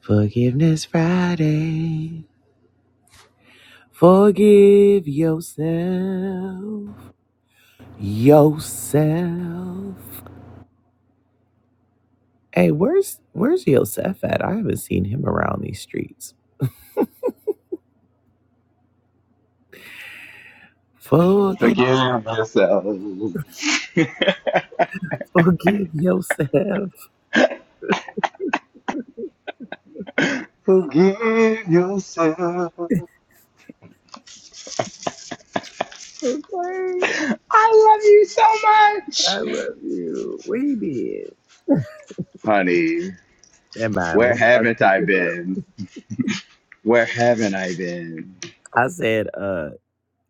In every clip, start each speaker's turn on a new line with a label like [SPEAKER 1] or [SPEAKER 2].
[SPEAKER 1] Forgiveness Friday. Forgive yourself. Yourself. Hey, where's where's Yosef at? I haven't seen him around these streets. Forgive
[SPEAKER 2] Forgive yourself.
[SPEAKER 1] forgive yourself.
[SPEAKER 2] Forgive yourself.
[SPEAKER 1] Okay.
[SPEAKER 2] I love you so
[SPEAKER 1] I
[SPEAKER 2] much.
[SPEAKER 1] love you. Where you been?
[SPEAKER 2] Honey,
[SPEAKER 1] Never mind. Let
[SPEAKER 2] where
[SPEAKER 1] me not
[SPEAKER 2] haven't
[SPEAKER 1] speak
[SPEAKER 2] I
[SPEAKER 1] him up.
[SPEAKER 2] been? Where haven't I been?
[SPEAKER 1] I said, uh,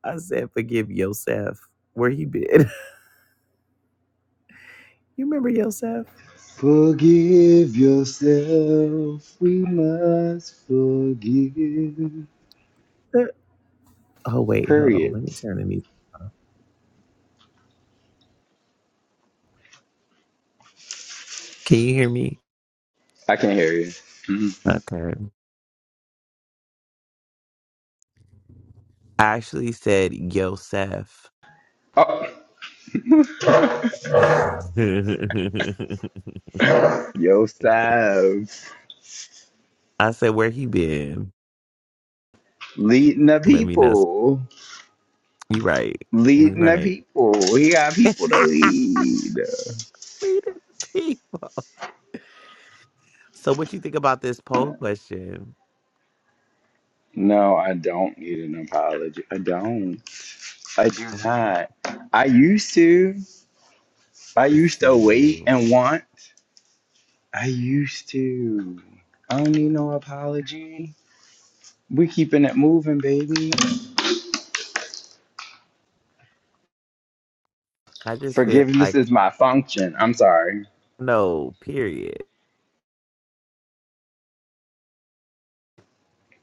[SPEAKER 1] I said, forgive Yosef. Where he been? you remember Yosef?
[SPEAKER 2] Forgive yourself. We must forgive.
[SPEAKER 1] The- Oh wait, hold on.
[SPEAKER 2] Period.
[SPEAKER 1] Let me turn the music. Can you hear me?
[SPEAKER 2] I can't hear you. Mhm.
[SPEAKER 1] Okay. I actually said Yosef.
[SPEAKER 2] Oh, yourself.
[SPEAKER 1] I said, where he been?
[SPEAKER 2] Leading the
[SPEAKER 1] Let me know.
[SPEAKER 2] people.
[SPEAKER 1] You right. You
[SPEAKER 2] Leading the
[SPEAKER 1] right.
[SPEAKER 2] people. We got people to lead.
[SPEAKER 1] Reading the people. So what you think about this poll question?
[SPEAKER 2] No, I don't need an apology. I don't. I do not. I used to. I
[SPEAKER 1] Let's
[SPEAKER 2] used
[SPEAKER 1] see.
[SPEAKER 2] to wait and want. I used to. I don't need no apology. We're keeping it moving, baby.
[SPEAKER 1] I just feel
[SPEAKER 2] Forgiveness
[SPEAKER 1] like
[SPEAKER 2] is my function. I'm sorry.
[SPEAKER 1] no, period.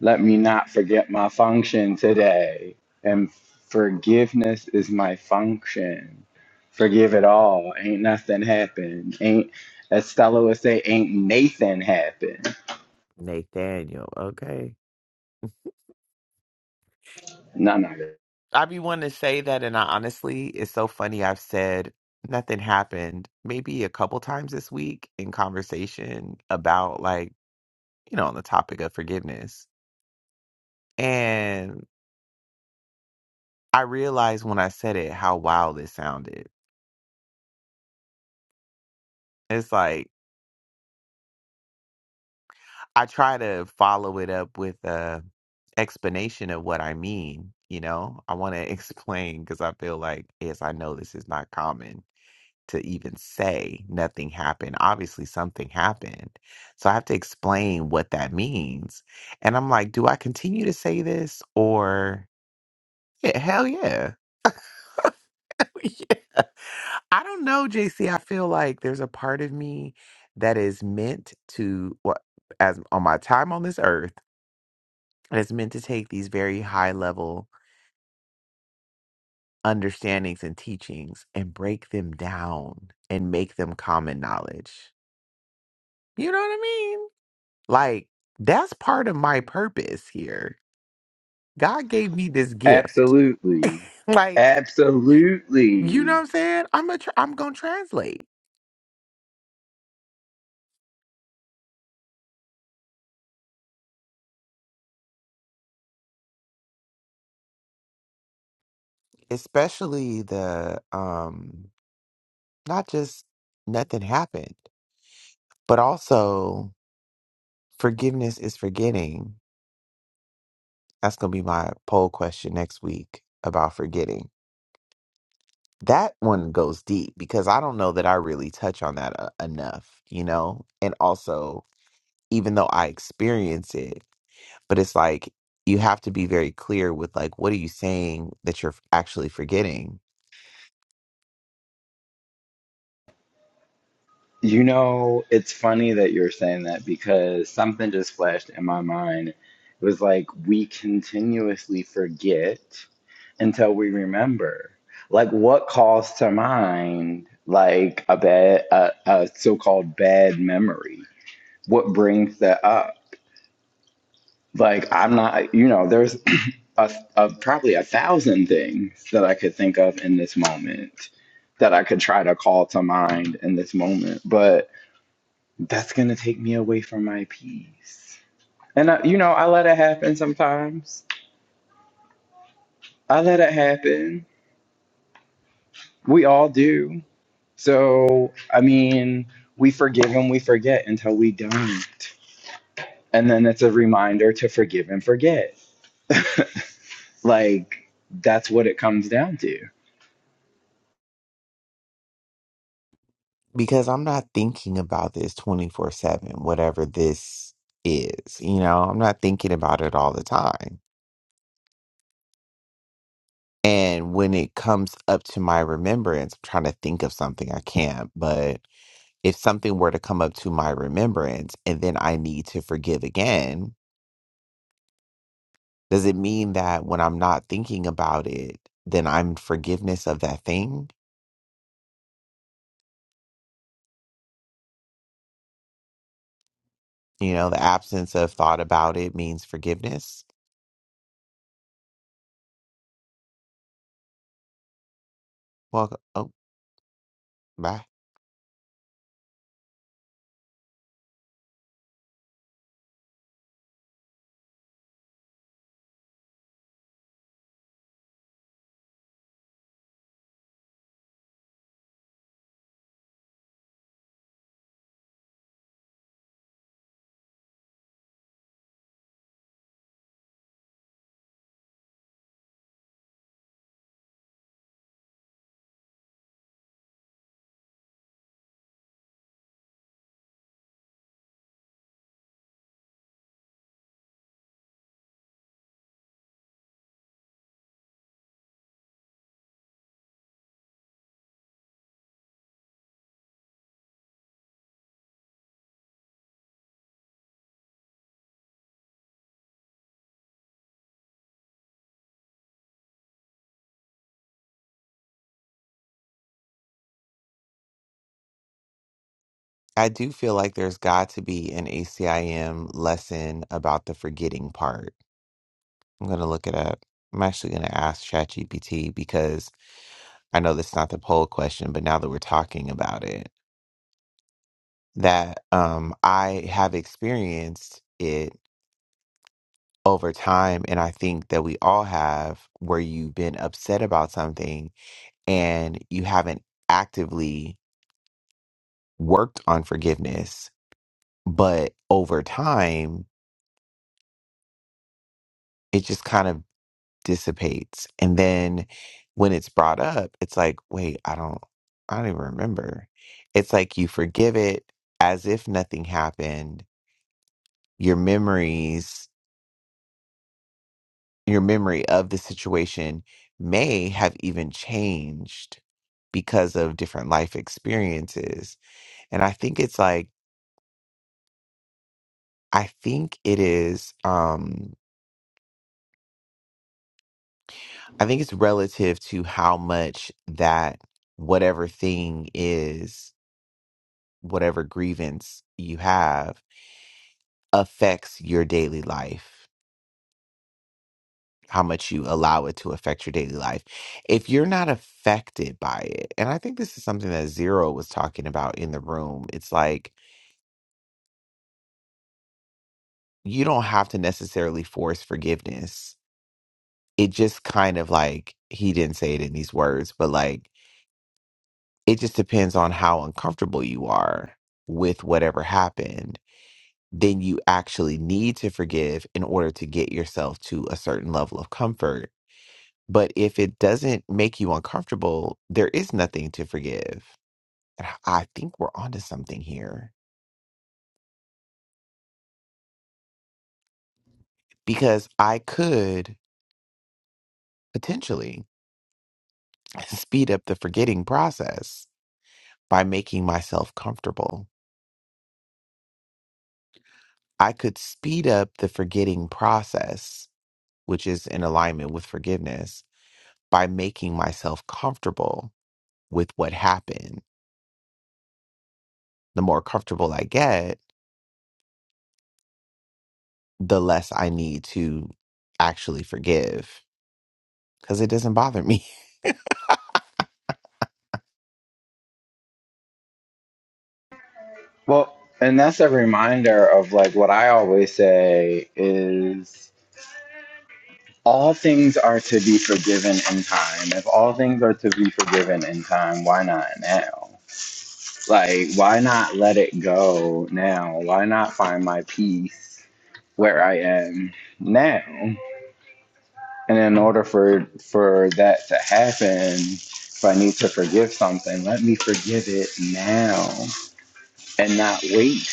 [SPEAKER 2] Let me not forget my function today. And forgiveness is my function. Forgive it all. Ain't nothing happened. Ain't, as Stella would say, ain't Nathan happened
[SPEAKER 1] Nathaniel, okay?
[SPEAKER 2] No, no. no.
[SPEAKER 1] I be wanting to say that, and I honestly, it's so funny. I've said nothing happened maybe a couple times this week in conversation about, like, you know, on the topic of forgiveness. And I realized when I said it how wild it sounded. It's like I try to follow it up with a explanation of what I mean. You know, I want to explain because I feel like, yes, I know this is not common to even say nothing happened. Obviously, something happened. So I have to explain what that means. And I'm like, do I continue to say this or yeah, hell yeah. yeah. I don't know, JC. I feel like there's a part of me that is meant to what as on my time on this earth, and it's meant to take these very high level understandings and teachings and break them down and make them common knowledge. You know what I mean? Like, that's part of my purpose here. God gave me this gift.
[SPEAKER 2] Absolutely.
[SPEAKER 1] Like, you know
[SPEAKER 2] Absolutely.
[SPEAKER 1] what I'm saying? I'm a tr I'm gonna translate. Especially the um not just nothing happened, but also forgiveness is forgetting. That's gonna be my poll question next week about forgetting. That one goes deep because I don't know that I really touch on that uh, enough, you know? And also, even though I experience it. but it's like you have to be very clear with like what are you saying that you're actually forgetting
[SPEAKER 2] You know, it's funny that you're saying that because something just flashed in my mind. It was like we continuously forget until we remember. Like what calls to mind like a bad a, a so-called bad memory? What brings that up? Like I'm not, you know, there's a, a probably a thousand things that I could think of in this moment that I could try to call to mind in this moment, but that's gonna take me away from my peace. And I, you know, I let it happen sometimes. I let it happen. We all do. So I mean, we forgive and we forget until we don't, and then it's a reminder to forgive and forget. Like that's what it comes down to.
[SPEAKER 1] because i'm not thinking about this 24/7 whatever this is you know i'm not thinking about it all the time and when it comes up to my remembrance i'm trying to think of something i can't but if something were to come up to my remembrance and then i need to forgive again does it mean that when i'm not thinking about it then i'm forgiveness of that thing You know, the absence of thought about it means forgiveness. Well, oh, bye. I do feel like there's got to be an ACIM lesson about the forgetting part. I'm going to look it up. I'm actually going to ask ChatGPT because I know that's not the poll question, but now that we're talking about it, that um, I have experienced it over time. And I think that we all have, where you've been upset about something and you haven't actively worked on forgiveness, but over time, it just kind of dissipates. And then when it's brought up, it's like, wait, I don't, I don't even remember. It's like you forgive it as if nothing happened. Your memories, your memory of the situation may have even changed because of different life experiences. And I think it's like, I think it is, um, I think it's relative to how much that whatever thing is, whatever grievance you have, affects your daily life, how much you allow it to affect your daily life. If you're not affected by it, and I think this is something that Zero was talking about in the room, it's like you don't have to necessarily force forgiveness. It just kind of like, he didn't say it in these words, but like, It just depends on how uncomfortable you are with whatever happened. Then you actually need to forgive in order to get yourself to a certain level of comfort. But if it doesn't make you uncomfortable, there is nothing to forgive. And I I think we're onto something here because I could potentially speed up the forgetting process by making myself comfortable. I could speed up the forgetting process, which is in alignment with forgiveness, by making myself comfortable with what happened. The more comfortable I get, the less I need to actually forgive because it doesn't bother me.
[SPEAKER 2] Well, and that's a reminder of like what I always say is all things are to be forgiven in time. If all things are to be forgiven in time, why not now? Like, why not let it go now? Why not find my peace where I am now? And in order for for that to happen, if I need to forgive something, let me forgive it now and not wait.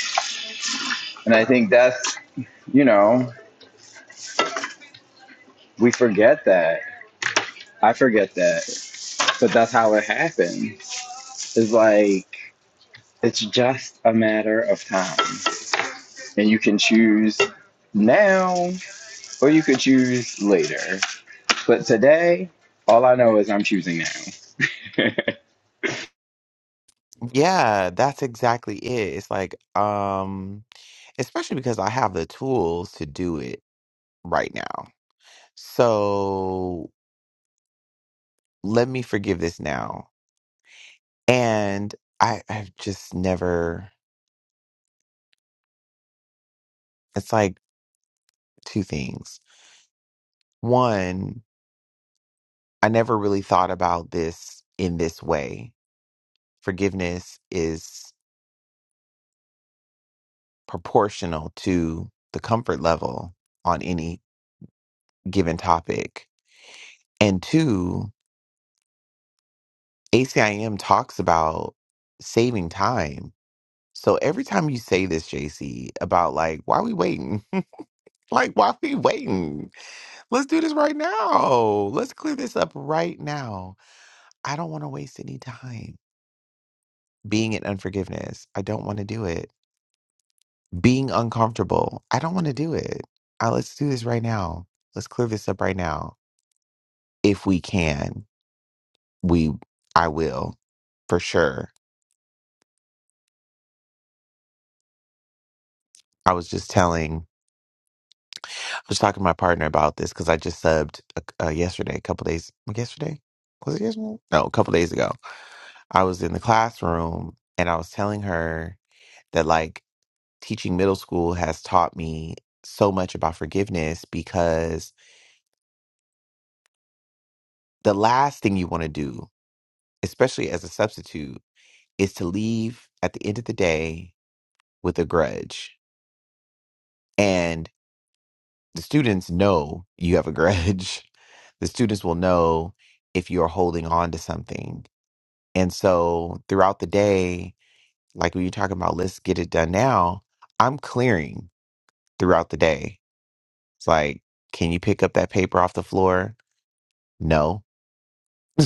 [SPEAKER 2] And I think that's you know We forget that. I forget that. But that's how it happened. It's like it's just a matter of time. And you can choose now or you could choose later. But today, all I know is I'm choosing now.
[SPEAKER 1] yeah, that's exactly it. It's like, um, especially because I have the tools to do it right now. So let me forgive this now. And I, I've just never, it's like two things. One, I never really thought about this in this way forgiveness is proportional to the comfort level on any given topic. And two, ACIM talks about saving time. So every time you say this, JC, about like, why we waiting? like, why we waiting? Let's do this right now. Let's clear this up right now. I don't want to waste any time being in unforgiveness. I don't want to do it. being uncomfortable. I don't want to do it. Uh, let's do this right now. Let's clear this up right now. If we can, we I will for sure. I was just telling, I was talking to my partner about this because I just subbed uh, uh, yesterday, a couple days, yesterday? Was it yesterday? No, a couple days ago. I was in the classroom and I was telling her that like teaching middle school has taught me so much about forgiveness because the last thing you want to do, especially as a substitute, is to leave at the end of the day with a grudge. And the students know you have a grudge. The students will know if you're holding on to something. And so throughout the day, like when you're talking about, let's get it done now, I'm clearing throughout the day. It's like, can you pick up that paper off the floor? No.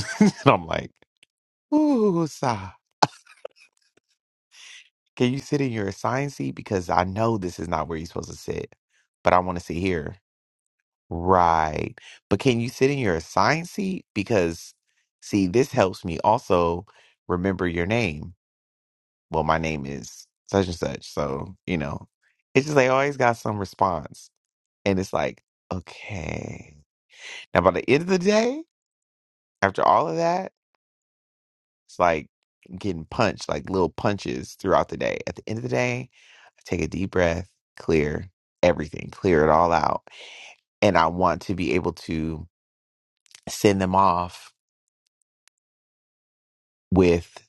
[SPEAKER 1] and I'm like, ooh, sigh. Can you sit in your assigned seat? Because I know this is not where you're supposed to sit, but I want to sit here Right. But can you sit in your assigned seat? Because, see, this helps me also remember your name. Well, my name is such and such. So, you know, it's just they always got some response. And it's like, okay. Now, by the end of the day, after all of that, it's like getting punched, like little punches throughout the day. At the end of the day, I take a deep breath, clear everything, clear it all out. And I want to be able to send them off with.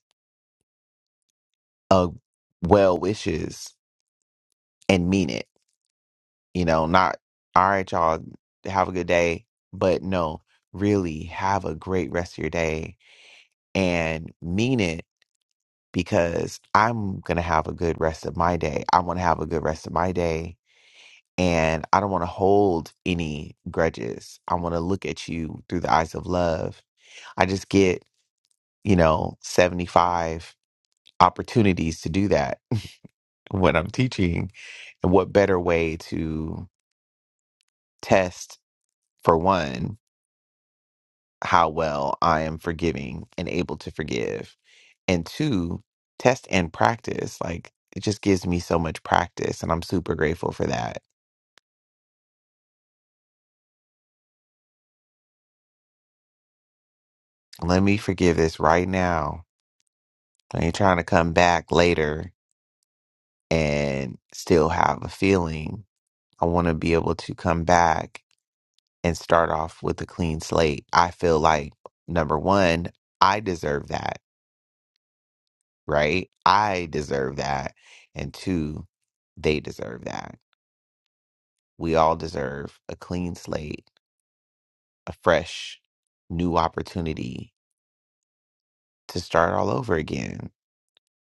[SPEAKER 1] uh well wishes and mean it you know not all right y'all have a good day but no really have a great rest of your day and mean it because i'm gonna have a good rest of my day i want to have a good rest of my day and i don't want to hold any grudges i want to look at you through the eyes of love i just get you know 75 opportunities to do that when i'm teaching and what better way to test for one how well I am forgiving and able to forgive, and two, test and practice. Like it just gives me so much practice, and I'm super grateful for that. Let me forgive this right now. I ain't trying to come back later and still have a feeling. I want to be able to come back and start off with a clean slate. I feel like number one, I deserve that right? I deserve that. And two, they deserve that. We all deserve a clean slate, a fresh, new opportunity to start all over again.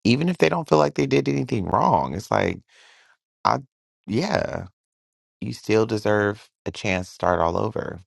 [SPEAKER 1] Even if they don't feel like they did anything wrong, it's like, I, yeah, you still deserve a chance to start all over.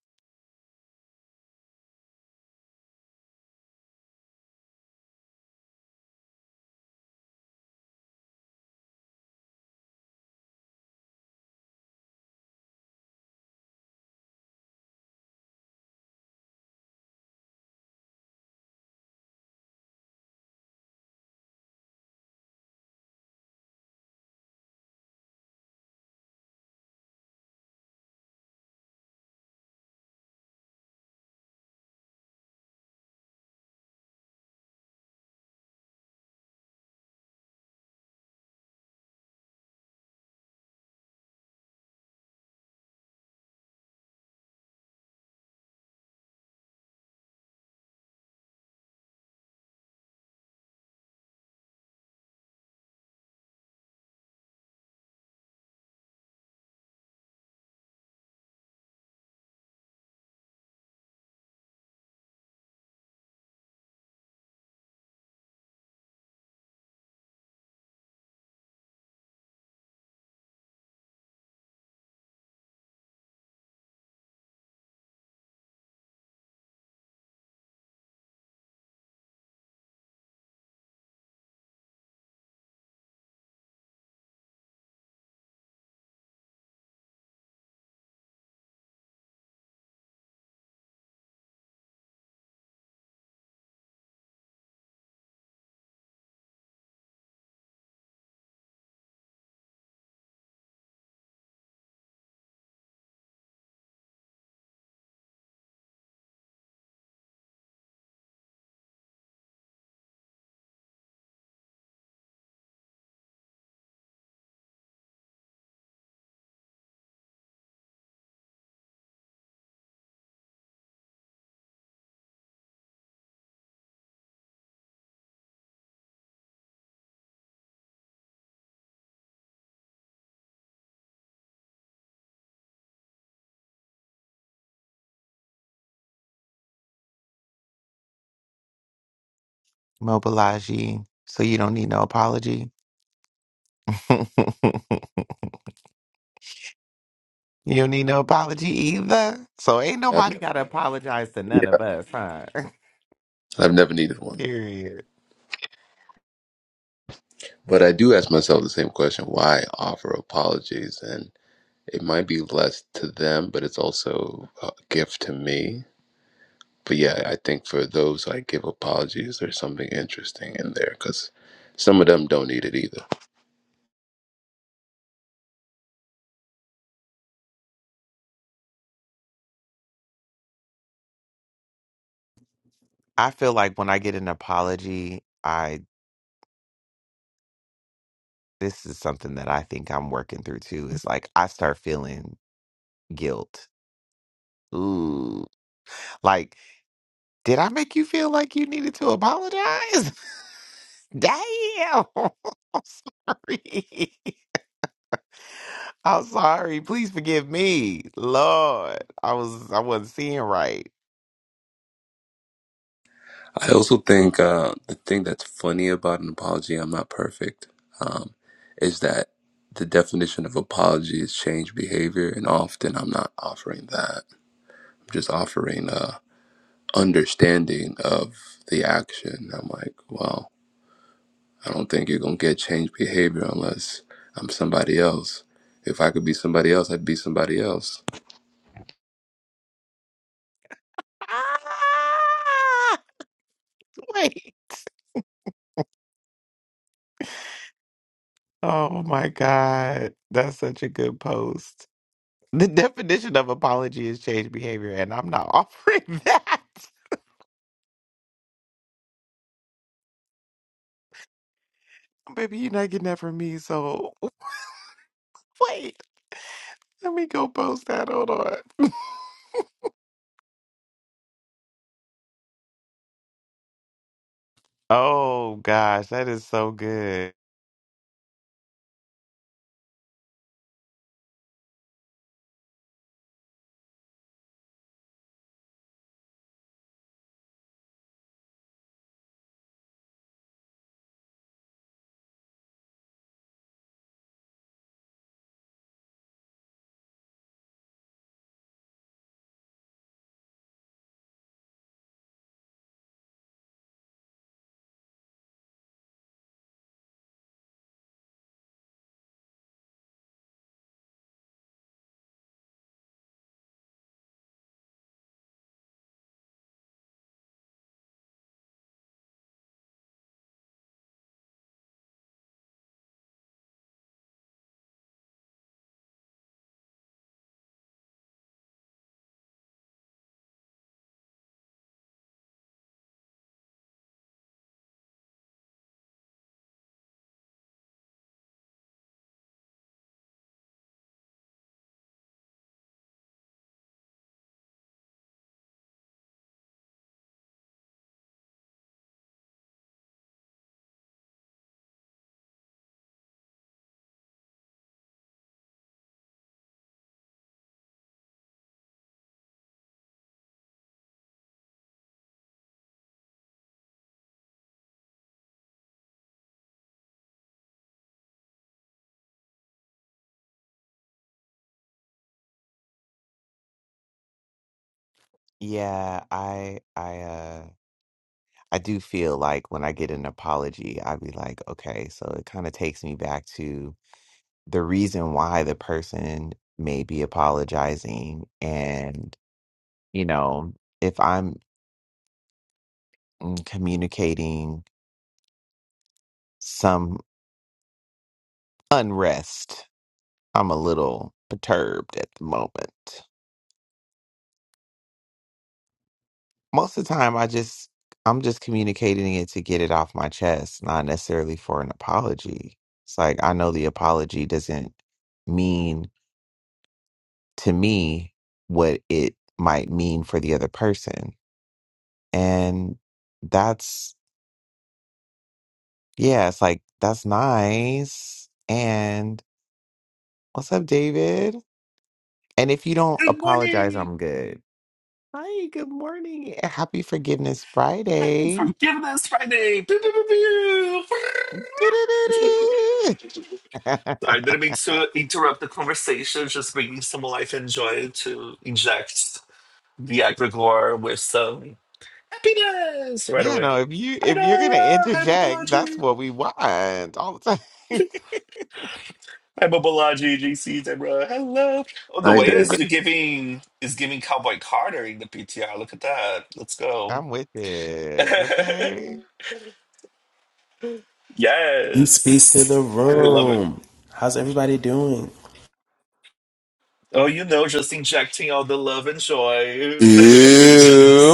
[SPEAKER 1] Mobilize ye, so you don't need no apology. you don't need no apology either. So ain't
[SPEAKER 3] I've,
[SPEAKER 1] nobody got to apologize to
[SPEAKER 3] yeah,
[SPEAKER 1] none of us, huh?
[SPEAKER 3] I've never needed one.
[SPEAKER 1] Period.
[SPEAKER 3] But I do ask myself the same question why offer apologies? And it might be less to them, but it's also a gift to me. But yeah, I think for those I give apologies, there's something interesting in there because some of them don't need it either.
[SPEAKER 1] I feel like when I get an apology, I this is something that I think I'm working through too. Is like I start feeling guilt. Ooh, like did I make you feel like you needed to apologize? Damn, I'm sorry. I'm sorry. Please forgive me, Lord. I was I wasn't seeing right.
[SPEAKER 3] I also think uh, the thing that's funny about an apology, I'm not perfect, um, is that the definition of apology is change behavior. And often I'm not offering that. I'm just offering. uh, understanding of the action. I'm like, well, I don't think you're gonna get changed behavior unless I'm somebody else. If I could be somebody else, I'd be somebody else.
[SPEAKER 1] Ah, wait. Oh my God, that's such a good post. The definition of apology is change behavior, and I'm not offering that. Baby, you're not getting that from me, so wait. Let me go post that. Hold on. Oh gosh, that is so good. Yeah, I I uh I do feel like when I get an apology, I'd be like, okay, so it kind of takes me back to the reason why the person may be apologizing. And, you know, if I'm mm, communicating unrest. I'm a little perturbed at the moment. Most of the time, I just I'm just communicating it to get it off my chest, not necessarily for an apology. It's like I know the apology doesn't mean to me what it might mean for the other person. And that's yeah, it's like that's nice. And what's up, David? And if you don't
[SPEAKER 4] Good
[SPEAKER 1] apologize,
[SPEAKER 4] morning
[SPEAKER 1] I'm good. Hi, good morning. Happy Forgiveness Friday.
[SPEAKER 4] from forgiveness Friday. Pew, pew, pew, pew.
[SPEAKER 1] Do-do-do-do.
[SPEAKER 4] Sorry, didn't mean to interrupt the conversation. Just bringing some life and joy to inject the egregore with some happiness right
[SPEAKER 1] Yeah,
[SPEAKER 4] away.
[SPEAKER 1] no, if you
[SPEAKER 4] Hi,
[SPEAKER 1] if you're gonna
[SPEAKER 4] Noah. Hi,
[SPEAKER 1] interject, that's
[SPEAKER 4] Bobology.
[SPEAKER 1] what we want all the time.
[SPEAKER 4] Hi, Bobology, JC, Deborah. Hello. Oh, the
[SPEAKER 3] Hi,
[SPEAKER 4] way is
[SPEAKER 3] David.
[SPEAKER 4] you're giving is giving Cowboy Carter in the PTR. Look at that. Let's go.
[SPEAKER 1] I'm with it. Okay.
[SPEAKER 5] Peace, peace
[SPEAKER 4] yes.
[SPEAKER 5] to the
[SPEAKER 4] I love it.
[SPEAKER 5] room. How's everybody doing?
[SPEAKER 4] Oh, you know, just injecting all the love and joy
[SPEAKER 5] Ew.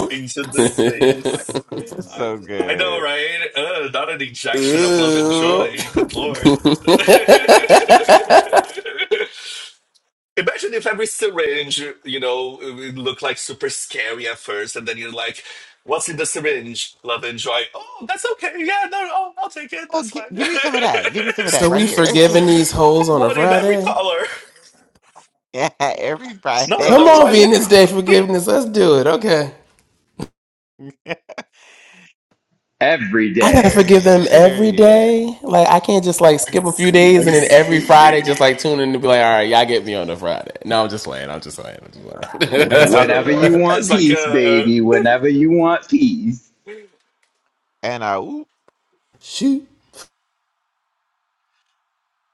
[SPEAKER 4] into this space. I
[SPEAKER 1] So
[SPEAKER 4] I know,
[SPEAKER 1] good.
[SPEAKER 4] right? Uh, not an injection of love and
[SPEAKER 5] Ew.
[SPEAKER 4] joy. Good lord. Imagine if every syringe, you know, it looked like super scary at first, and then you're like, "What's in the syringe? Love and joy." Oh, that's okay. Yeah, no, oh, I'll take it.
[SPEAKER 1] Oh,
[SPEAKER 4] That's
[SPEAKER 1] gi-
[SPEAKER 4] fine.
[SPEAKER 1] give me some of that. Give me some of that
[SPEAKER 5] So
[SPEAKER 4] I
[SPEAKER 1] right
[SPEAKER 5] we
[SPEAKER 1] here.
[SPEAKER 5] forgiving these hoes
[SPEAKER 4] have
[SPEAKER 5] on a
[SPEAKER 4] one in every
[SPEAKER 5] Friday?
[SPEAKER 4] color.
[SPEAKER 1] Yeah, every
[SPEAKER 4] Not
[SPEAKER 1] Friday.
[SPEAKER 4] on
[SPEAKER 5] Come
[SPEAKER 4] a
[SPEAKER 5] on,
[SPEAKER 4] Friday.
[SPEAKER 5] Venus Day forgiveness. Let's do it. Okay.
[SPEAKER 2] Every
[SPEAKER 5] I gotta
[SPEAKER 2] day.
[SPEAKER 5] forgive them every
[SPEAKER 1] Period.
[SPEAKER 5] day. Like I can't just like skip a few days
[SPEAKER 4] I'm
[SPEAKER 5] and then every Friday
[SPEAKER 4] screaming.
[SPEAKER 5] just like tune in and be like, all right, y'all get me on a Friday. No, I'm just playing. I'm just playing. I'm just playing.
[SPEAKER 2] Whenever you want
[SPEAKER 4] It's like
[SPEAKER 2] peace,
[SPEAKER 4] uh
[SPEAKER 2] baby. Whenever you want peace.
[SPEAKER 1] And uh ooh,
[SPEAKER 5] Shoot.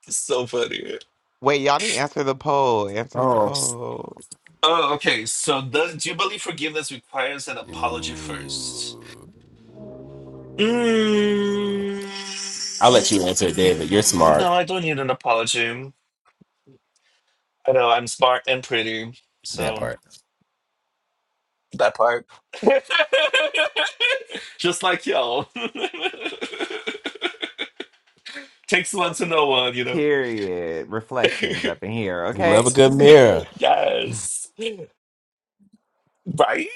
[SPEAKER 4] so funny.
[SPEAKER 1] wait, y'all didn't answer the poll. Answer the
[SPEAKER 5] Oh.
[SPEAKER 1] poll.
[SPEAKER 4] Oh, okay. So does, do you believe forgiveness requires an apology
[SPEAKER 5] Ooh.
[SPEAKER 4] first? Mm,
[SPEAKER 5] I'll let you answer it, David. You're
[SPEAKER 4] no,
[SPEAKER 5] smart.
[SPEAKER 4] I don't need an apology. I know I'm smart and pretty,
[SPEAKER 5] That
[SPEAKER 4] so
[SPEAKER 5] part.
[SPEAKER 4] that part. Just like y'all. Takes one to know one, you know.
[SPEAKER 1] Period. Reflections up in here,
[SPEAKER 5] We love a
[SPEAKER 1] okay?
[SPEAKER 5] good mirror.
[SPEAKER 4] yes. Right?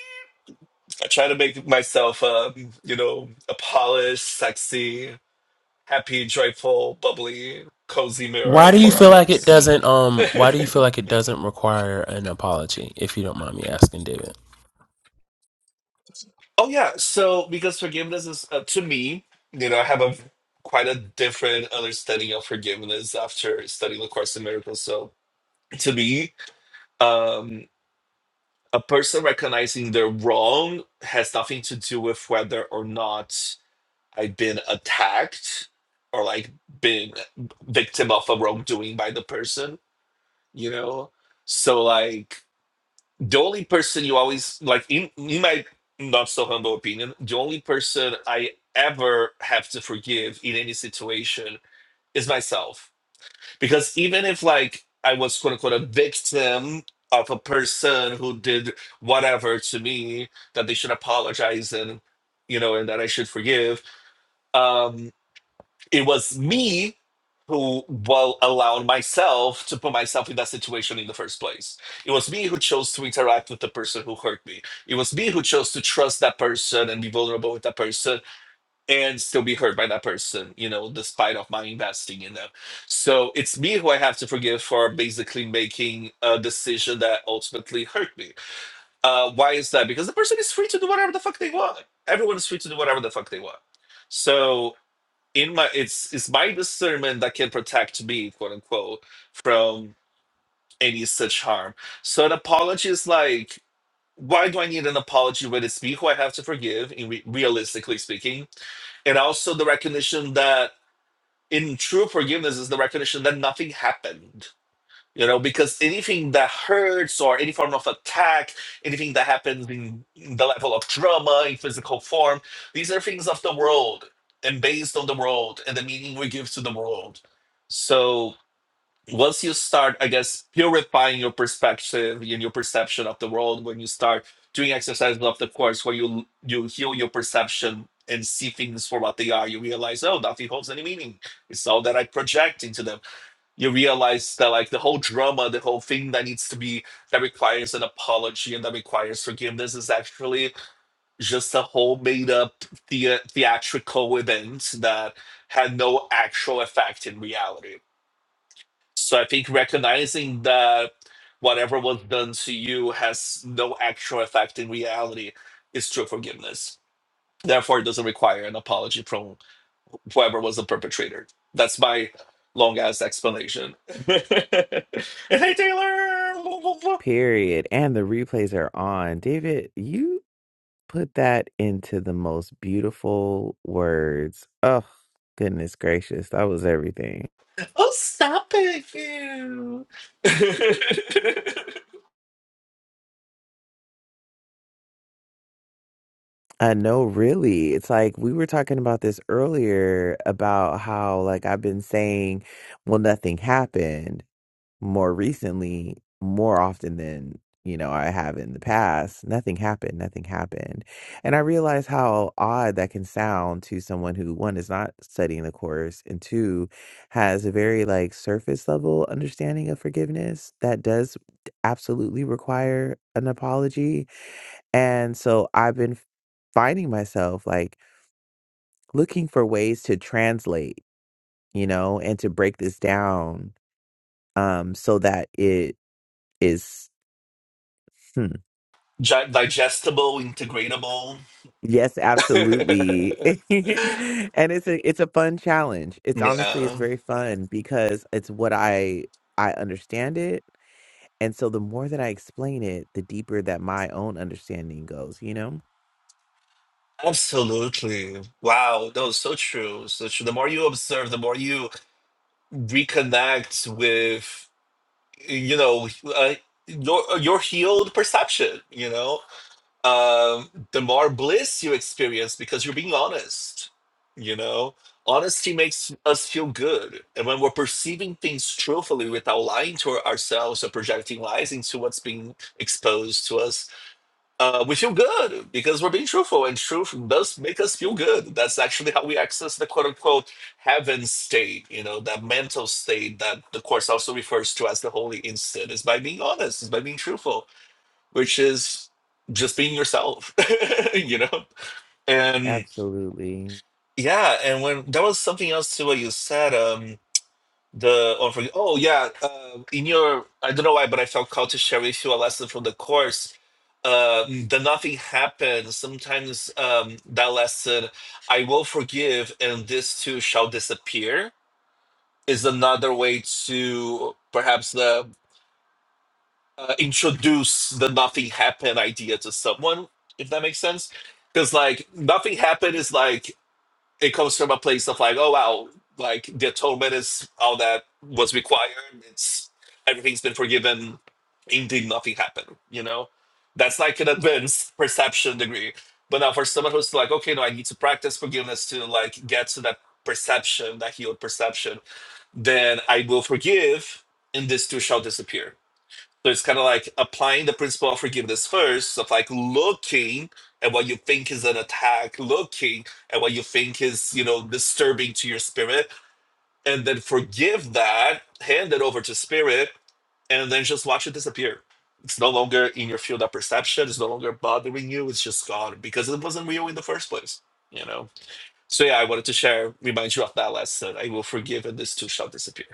[SPEAKER 4] I try to make myself, um, you know, a polished, sexy. happy, joyful, bubbly, cozy mirror
[SPEAKER 5] Why do you
[SPEAKER 4] for
[SPEAKER 5] Yes. feel like it
[SPEAKER 4] others.
[SPEAKER 5] doesn't um why do you
[SPEAKER 4] oh
[SPEAKER 5] feel like it doesn't require an apology, if you don't mind me asking, David?
[SPEAKER 4] yeah, so because forgiveness is uh, to me, you know, I have a quite a different understanding of forgiveness after studying the Course in Miracles. So to me, um, a person recognizing their wrong has nothing to do with whether or not I've been attacked or like been victim of a wrongdoing by the person. You know, so like the only person you always like in, in my not so humble opinion the only person i ever have to forgive in any situation is myself because even if like i was quote unquote a victim of a person who did whatever to me that they should apologize and you know and that i should forgive um it was me who well allowed myself to put myself in that situation in the first place. It was me who chose to interact with the person who hurt me. It was me who chose to trust that person and be vulnerable with that person and still be hurt by that person, you know, despite of my investing in them. So it's me who I have to forgive for basically making a decision that ultimately hurt me. Uh, why is that? Because the person is free to do whatever the fuck they want. Everyone is free to do whatever the fuck they want. So in my it's it's my discernment that can protect me quote unquote from any such harm so an apology is like why do i need an apology when it's me who i have to forgive in re- realistically speaking and also the recognition that in true forgiveness is the recognition that nothing happened you know, because anything that hurts or any form of attack, anything that happens in in the level of trauma in physical form, these are things of the world and based on the world and the meaning we give to the world. So once you start, I guess, purifying your perspective and your perception of the world, when you start doing exercises of the course where you you heal your perception and see things for what they are, you realize, oh, nothing holds any meaning. It's all that I project into them you realize that like the whole drama, the whole thing that needs to be that requires an apology and that requires forgiveness is actually just a whole made up the- theatrical event that had no actual effect in reality. So I think recognizing that whatever was done to you has no actual effect in reality is true forgiveness. Therefore, it doesn't require an apology from whoever was the perpetrator. That's my long ass explanation. hey Taylor,
[SPEAKER 1] Period. And the replays are on. David, you put that into the most beautiful words. Oh, goodness gracious. That was everything.
[SPEAKER 4] oh stop it, you.
[SPEAKER 1] I know, really. It's like we were talking about this earlier about how, like, I've been saying, well, nothing happened. more recently, more often than you know I have in the past, nothing happened, nothing happened. And I realized how odd that can sound to someone who one is not studying the course and two has a very like surface level understanding of forgiveness that does absolutely require an apology. And so I've been f- finding myself like looking for ways to translate, you know, and to break this down um so that it is
[SPEAKER 4] Gi- digestible, integratable.
[SPEAKER 1] Yes, absolutely. And it's a it's a fun challenge. It's honestly it's
[SPEAKER 4] yeah,
[SPEAKER 1] very fun because it's what I I understand it. And so the more that I explain it, the deeper that my own understanding goes, you know?
[SPEAKER 4] absolutely. Wow, no, so true, so true. The more you observe, the more you reconnect with, you know, uh, your your healed perception. You know, um, the more bliss you experience because you're being honest. You know, honesty makes us feel good. And when we're perceiving things truthfully without lying to ourselves or projecting lies into what's being exposed to us, uh, we feel good because we're being truthful. And truth does make us feel good. That's actually how we access the quote unquote heaven state, you know, that mental state that the Course also refers to as the holy instant, is by being honest, is by being truthful which is just being yourself, you know? And
[SPEAKER 1] Absolutely.
[SPEAKER 4] yeah, and when there was something else to what you said, um, the oh, for, oh yeah, uh, in your I don't know why, but I felt called to share with you a lesson from the course. Uh, the nothing happens. Sometimes um, that lesson, I will forgive, and this too shall disappear, is another way to perhaps uh, uh, introduce the nothing happened idea to someone, if that makes sense. Because like nothing happened is like it comes from a place of like, oh wow, like the atonement is all that was required. It's everything's been forgiven. Indeed, nothing happened. You know, that's like an advanced perception degree. But now for someone who's like, okay, no, I need to practice forgiveness to like get to that perception, that healed perception, then I will forgive, and this too shall disappear so it's kind of like applying the principle of forgiveness first, of like looking at what you think is an attack, looking at what you think is, you know, disturbing to your spirit, and then forgive that, hand it over to spirit, and then just watch it disappear. It's no longer in your field of perception. It's no longer bothering you. It's just gone because it wasn't real in the first place, you know? So, yeah, I wanted to share, remind you of that lesson. I will forgive and this too shall disappear.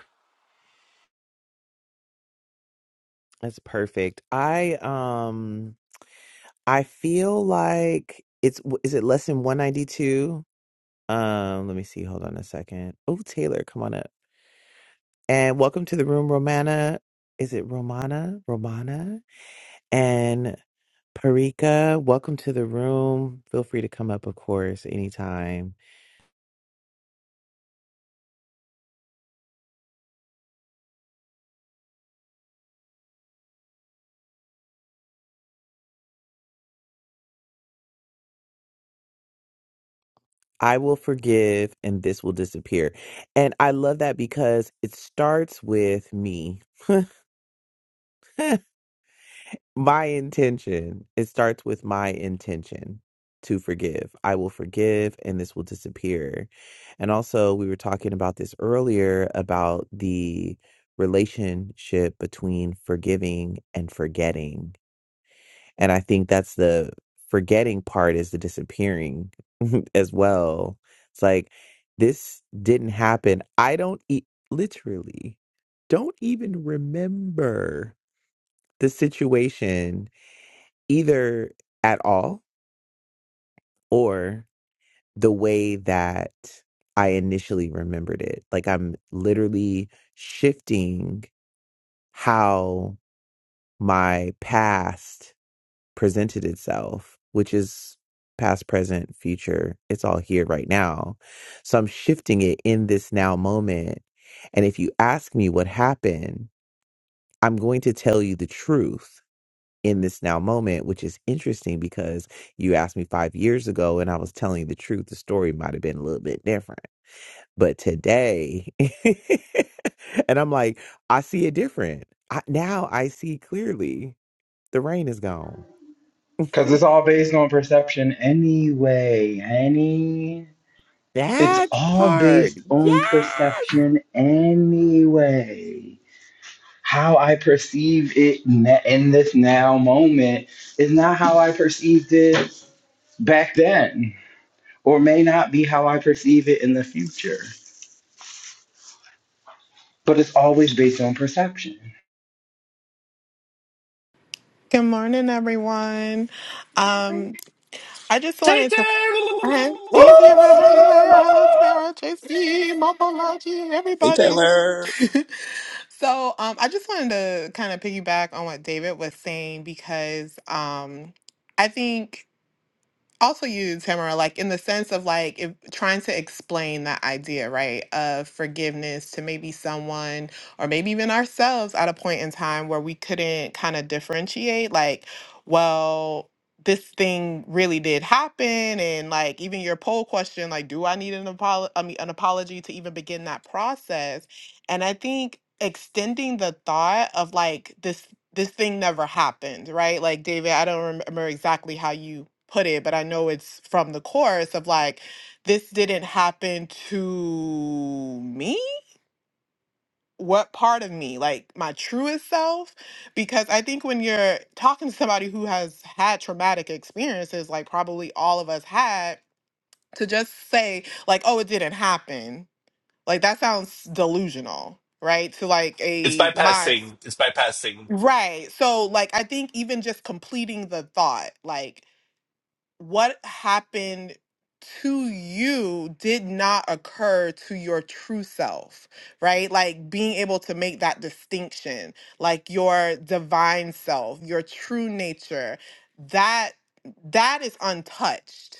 [SPEAKER 1] That's perfect. I um I feel like it's w- is it lesson 192? Um let me see. Hold on a second. Oh, Taylor, come on up. And welcome to the room, Romana. Is it Romana? Romana? And Parika, welcome to the room. Feel free to come up, of course, anytime. I will forgive and this will disappear. And I love that because it starts with me, my intention. It starts with my intention to forgive. I will forgive and this will disappear. And also, we were talking about this earlier about the relationship between forgiving and forgetting And I think that's the forgetting part is the disappearing as well. It's like this didn't happen. I don't e- literally don't even remember the situation either at all or the way that I initially remembered it. Like I'm literally shifting how my past presented itself, which is past, present, future. It's all here right now. So I'm shifting it in this now moment. And if you ask me what happened, I'm going to tell you the truth in this now moment, which is interesting because you asked me five years ago and I was telling you the truth. The story might have been a little bit different. But today, and I'm like, I see it different. I, now I see clearly the rain is gone.
[SPEAKER 2] Cause it's all based on perception anyway, honey. It's
[SPEAKER 1] That
[SPEAKER 2] all
[SPEAKER 1] part.
[SPEAKER 2] based on
[SPEAKER 1] Yes.
[SPEAKER 2] perception anyway. how I perceive it na- in this now moment is not how I perceived it back then, or may not be how I perceive it in the future. But it's always based on perception.
[SPEAKER 6] Good morning, everyone. Um, I just
[SPEAKER 4] Tay
[SPEAKER 6] wanted
[SPEAKER 4] Tay!
[SPEAKER 6] to thank Cynthia for having way. Hello, Tamara, Tracy, Mopology,
[SPEAKER 3] Hey
[SPEAKER 6] everybody.
[SPEAKER 3] Taylor.
[SPEAKER 6] so, um, I just wanted to kind of piggyback on what David was saying because, um, I think also use Tamara like in the sense of like if trying to explain that idea, right, of forgiveness to maybe someone or maybe even ourselves at a point in time where we couldn't kind of differentiate like, well, this thing really did happen and like even your poll question like do I need an apolo- I mean, an apology to even begin that process? And I think extending the thought of like this this thing never happened, right? Like David, I don't rem- remember exactly how you put it, but I know it's from the chorus of like this didn't happen to me. What part of me, like my truest self? Because I think when you're talking to somebody who has had traumatic experiences, like probably all of us had, to just say, like, oh, it didn't happen like that sounds delusional, right? To like
[SPEAKER 4] It's
[SPEAKER 6] a mind.
[SPEAKER 4] bypassing. It's bypassing.
[SPEAKER 6] Right. So like I think even just completing the thought, like what happened to you did not occur to your true self, right? Like being able to make that distinction, like your divine self, your true nature, that that is untouched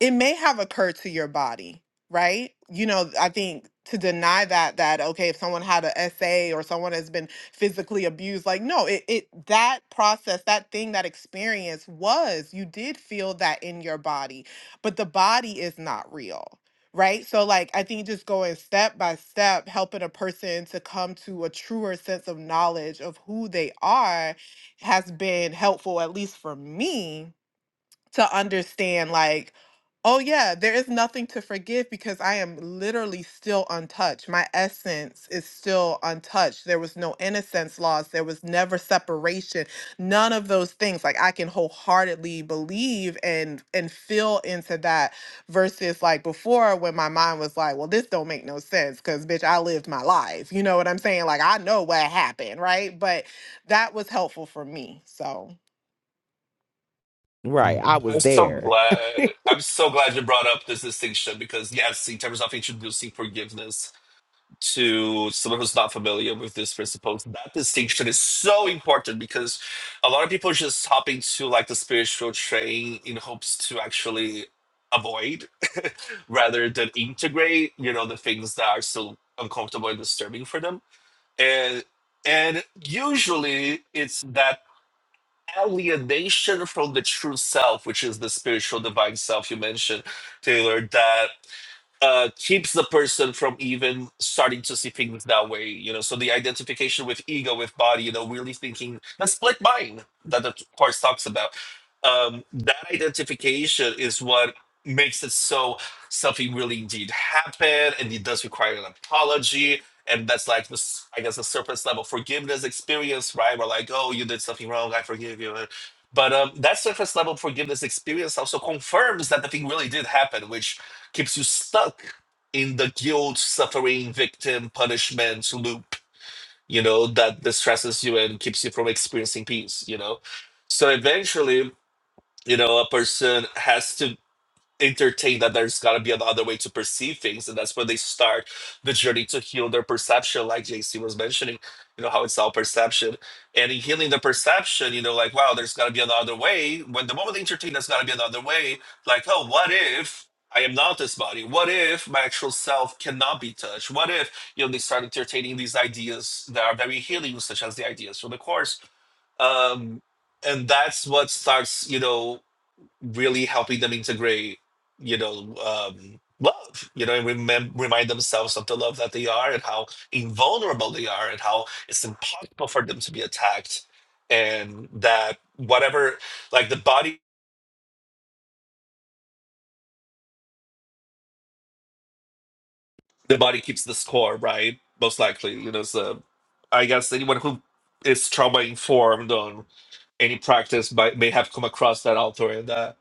[SPEAKER 6] it may have occurred to your body, right? You know, I think to deny that that okay, if someone had an SA or someone has been physically abused, like no, it, it that process, that thing, that experience was you did feel that in your body, but the body is not real. Right. So, like, I think just going step by step, helping a person to come to a truer sense of knowledge of who they are has been helpful, at least for me to understand like oh yeah there is nothing to forgive because i am literally still untouched my essence is still untouched there was no innocence lost there was never separation none of those things like i can wholeheartedly believe and and feel into that versus like before when my mind was like well this don't make no sense because bitch i lived my life you know what i'm saying like i know what happened right but that was helpful for me so
[SPEAKER 1] Right. I
[SPEAKER 4] I'm
[SPEAKER 1] was
[SPEAKER 4] so
[SPEAKER 1] there.
[SPEAKER 4] glad. I'm so glad you brought up this distinction because yes, in terms of introducing forgiveness to someone who's not familiar with this principle, that distinction is so important because a lot of people just hop into like the spiritual train in hopes to actually avoid rather than integrate. You know the things that are still uncomfortable and disturbing for them, and and usually it's that alienation from the true self, which is the spiritual divine self you mentioned, Taylor, that uh, keeps the person from even starting to see things that way, you know. So the identification with ego, with body, you know, really thinking that's like mine that the course talks about. Um, that identification is what makes it so something really indeed happen, and it does require an apology. And that's like this, I guess, the surface level forgiveness experience, right? We're like, oh, you did something wrong, I forgive you. But um, that surface level forgiveness experience also confirms that the thing really did happen, which keeps you stuck in the guilt, suffering, victim, punishment loop, you know, that distresses you and keeps you from experiencing peace, you know. So eventually, you know, a person has to entertained that there's got to be another way to perceive things and that's where they start the journey to heal their perception like jc was mentioning you know how it's all perception and in healing the perception you know like wow there's got to be another way when the moment they entertain there's got to be another way like oh what if i am not this body what if my actual self cannot be touched what if you know they start entertaining these ideas that are very healing such as the ideas from the course um and that's what starts you know really helping them integrate, you know, um, love, you know, and remem- remind themselves of the love that they are and how invulnerable they are and how it's impossible for them to be attacked. And that whatever, like the body, the body keeps the score, right? Most likely, you know, so I guess anyone who is trauma informed on any practice might, may have come across that author and that,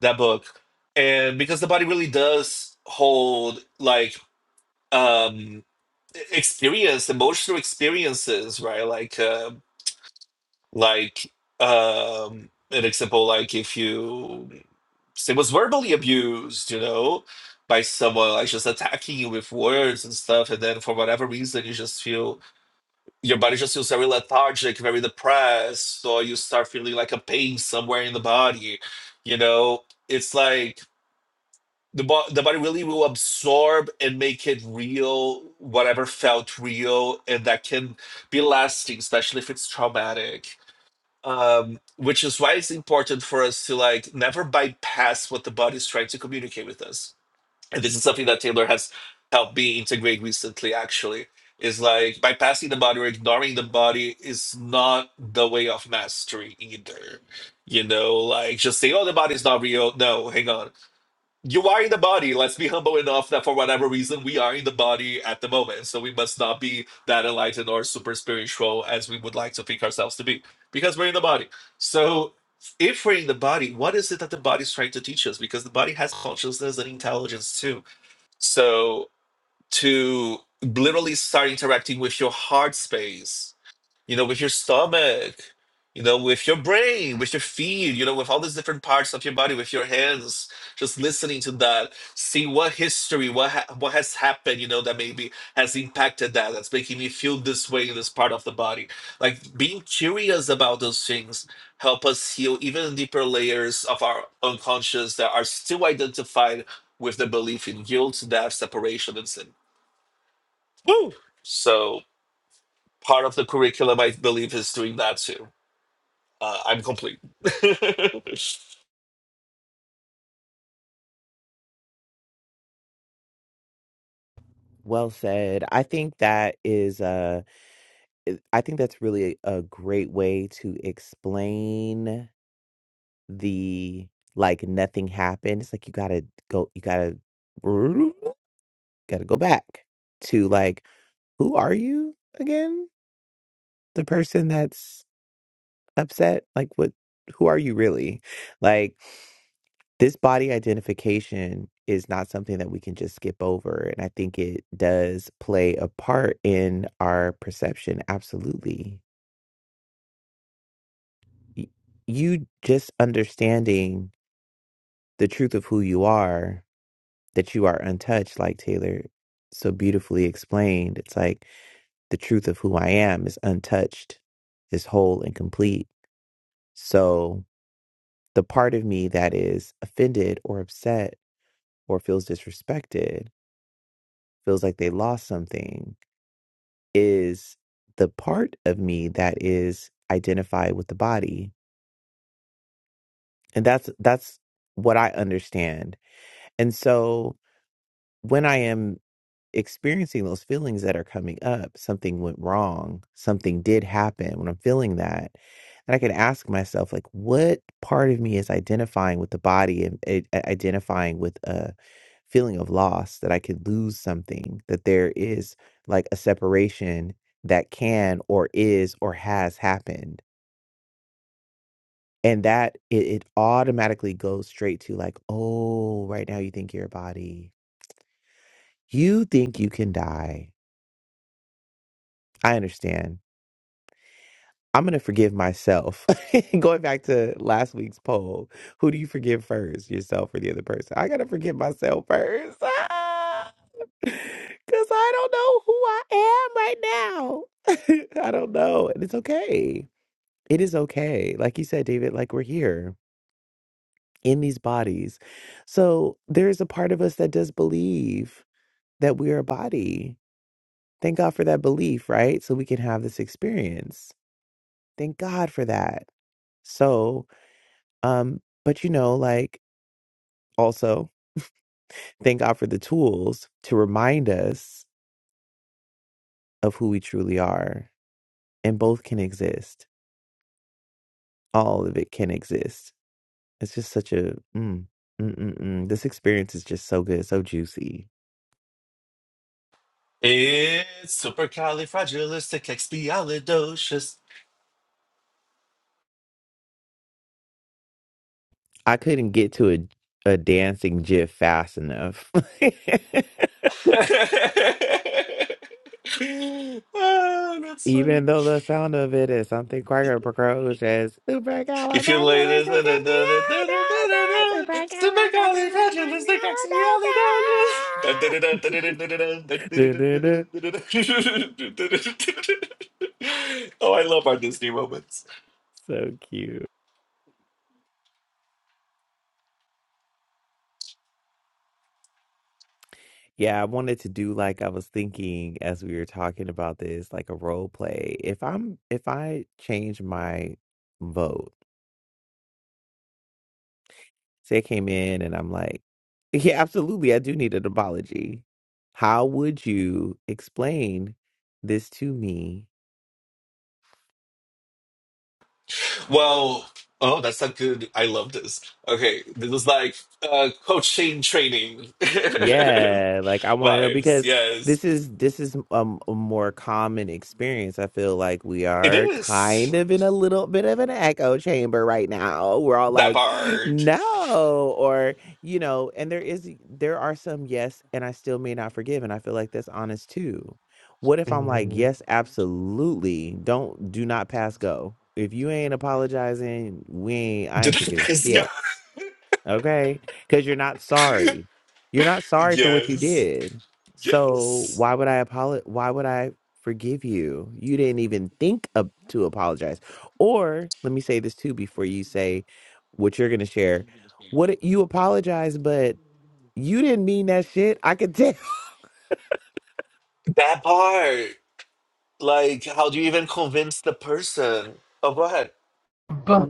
[SPEAKER 4] that book. And because the body really does hold like um experience emotional experiences right like uh like um an example like if you say was verbally abused you know by someone like just attacking you with words and stuff and then for whatever reason you just feel your body just feels very lethargic very depressed or you start feeling like a pain somewhere in the body you know it's like the, bo- the body really will absorb and make it real whatever felt real and that can be lasting especially if it's traumatic um, which is why it's important for us to like never bypass what the body is trying to communicate with us and this is something that taylor has helped me integrate recently actually is like bypassing the body or ignoring the body is not the way of mastery either you know like just say oh the body's not real no hang on you are in the body. Let's be humble enough that for whatever reason, we are in the body at the moment. So we must not be that enlightened or super spiritual as we would like to think ourselves to be because we're in the body. So if we're in the body, what is it that the body's trying to teach us? Because the body has consciousness and intelligence too. So to literally start interacting with your heart space you know, with your stomach, you know, with your brain, with your feet, you know, with all these different parts of your body, with your hands, just listening to that, see what history, what ha- what has happened, you know, that maybe has impacted that, that's making me feel this way in this part of the body. Like being curious about those things help us heal even deeper layers of our unconscious that are still identified with the belief in guilt, death, separation, and sin. Woo! So part of the curriculum, I believe, is doing that too. Uh, I'm complete. it's
[SPEAKER 1] Well said. I think that is uh I I think that's really a great way to explain the like nothing happened. It's like you gotta go you gotta gotta go back to like who are you again? The person that's upset? Like what who are you really? Like this body identification is not something that we can just skip over. And I think it does play a part in our perception. Absolutely. Y- You just understanding the truth of who you are, that you are untouched, like Taylor so beautifully explained. It's like the truth of who I am is untouched, is whole and complete. So the part of me that is offended or upset or feels disrespected feels like they lost something is the part of me that is identified with the body and that's that's what i understand and so when i am experiencing those feelings that are coming up. Something went wrong. Something did happen when I'm feeling that. And I can ask myself, like, what part of me is identifying with the body and i- i- identifying with a feeling of loss that I could lose something, that there is like a separation that can or is or has happened. And that it, it automatically goes straight to like, oh, right now you think you're a body. You think you can die. I understand I'm going to forgive myself. Going back to last week's poll, who do you forgive first, yourself or the other person? I got to forgive myself first. Because I don't know who I am right now. I don't know. And it's okay. It is okay. Like you said, David, like we're here in these bodies. So there is a part of us that does believe that we're a body. Thank God for that belief, right? So we can have this experience. Thank God for that. So Um, but you know, like also thank God for the tools to remind us of who we truly are, and both can exist. All of it can exist. It's just such a mm, mm, mm, mm. this experience is just so good, so juicy.
[SPEAKER 4] supercalifragilisticexpialidocious.
[SPEAKER 1] I couldn't get to a a dancing gif fast enough.
[SPEAKER 4] ah, that's funny.
[SPEAKER 1] Even though the sound of it is something Cracker approaches as
[SPEAKER 4] If you lay
[SPEAKER 1] supercalifragilisticexpialidocious,
[SPEAKER 4] this,
[SPEAKER 1] supercalifragilisticexpialidocious.
[SPEAKER 4] supercalifragilisticexpialidocious.
[SPEAKER 1] Du-du-du.
[SPEAKER 4] Oh, I love our Disney moments.
[SPEAKER 1] So cute. Yeah, I wanted to do like I was thinking as we were talking about this, like a role play. If I'm if I change my vote, say I came in and I'm like, yeah, absolutely, I do need an apology. How would you explain this to me?
[SPEAKER 4] Well, oh, that's not good. I love this. Okay, this is like uh, coaching training
[SPEAKER 1] Yeah, like I want to know
[SPEAKER 4] vibes.
[SPEAKER 1] because
[SPEAKER 4] Yes,
[SPEAKER 1] this is this is um, a more common experience. I feel like we
[SPEAKER 4] it
[SPEAKER 1] are
[SPEAKER 4] is
[SPEAKER 1] kind of in a little bit of an echo chamber right now. We're all
[SPEAKER 4] that
[SPEAKER 1] like,
[SPEAKER 4] part.
[SPEAKER 1] no, or you know, and there is there are some yes, and I still may not forgive, and I feel like that's honest too. What if I'm like,
[SPEAKER 4] Mhm.
[SPEAKER 1] yes, absolutely, don't do not pass go. If you ain't apologizing, we ain't, I ain't
[SPEAKER 4] Did
[SPEAKER 1] forgiving
[SPEAKER 4] I guys know?
[SPEAKER 1] shit. Okay? Because you're not sorry. You're not sorry for what you
[SPEAKER 4] Yes,
[SPEAKER 1] did. So
[SPEAKER 4] yes,
[SPEAKER 1] why would I apologize? Why would I forgive you? You didn't even think of, to apologize. Or let me say this too before you say what you're going to share. What it- you apologize, but you didn't mean that shit. I could tell.
[SPEAKER 4] that part. Like, how do you even convince the person of what?
[SPEAKER 5] But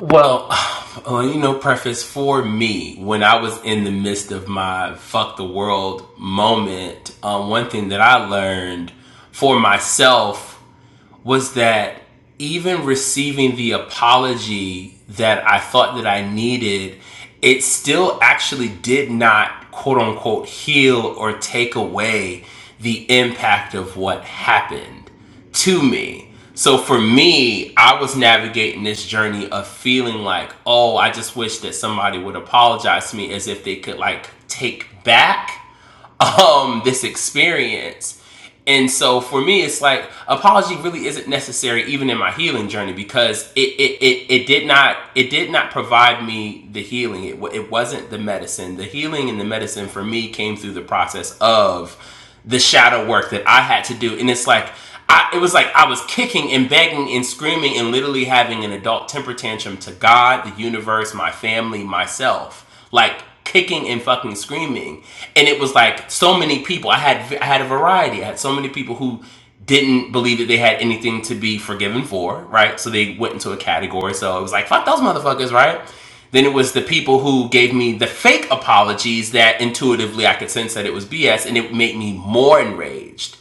[SPEAKER 5] Well, well, you know, preface for me, when I was in the midst of my fuck the world moment, um, one thing that I learned for myself was that even receiving the apology that I thought that I needed, it still actually did not quote unquote heal or take away the impact of what happened to me. So for me, I was navigating this journey of feeling like, oh, I just wish that somebody would apologize to me as if they could like take back um, this experience. And so for me, it's like apology really isn't necessary even in my healing journey because it it, it, it did not it did not provide me the healing. It, it wasn't the medicine. The healing and the medicine for me came through the process of the shadow work that I had to do. And it's like, I, it was like I was kicking and begging and screaming and literally having an adult temper tantrum to God, the universe, my family, myself. Like kicking and fucking screaming. And it was like so many people. I had I had a variety. I had so many people who didn't believe that they had anything to be forgiven for, right? So they went into a category. So it was like, fuck those motherfuckers, right? Then it was the people who gave me the fake apologies that intuitively I could sense that it was BS and it made me more enraged.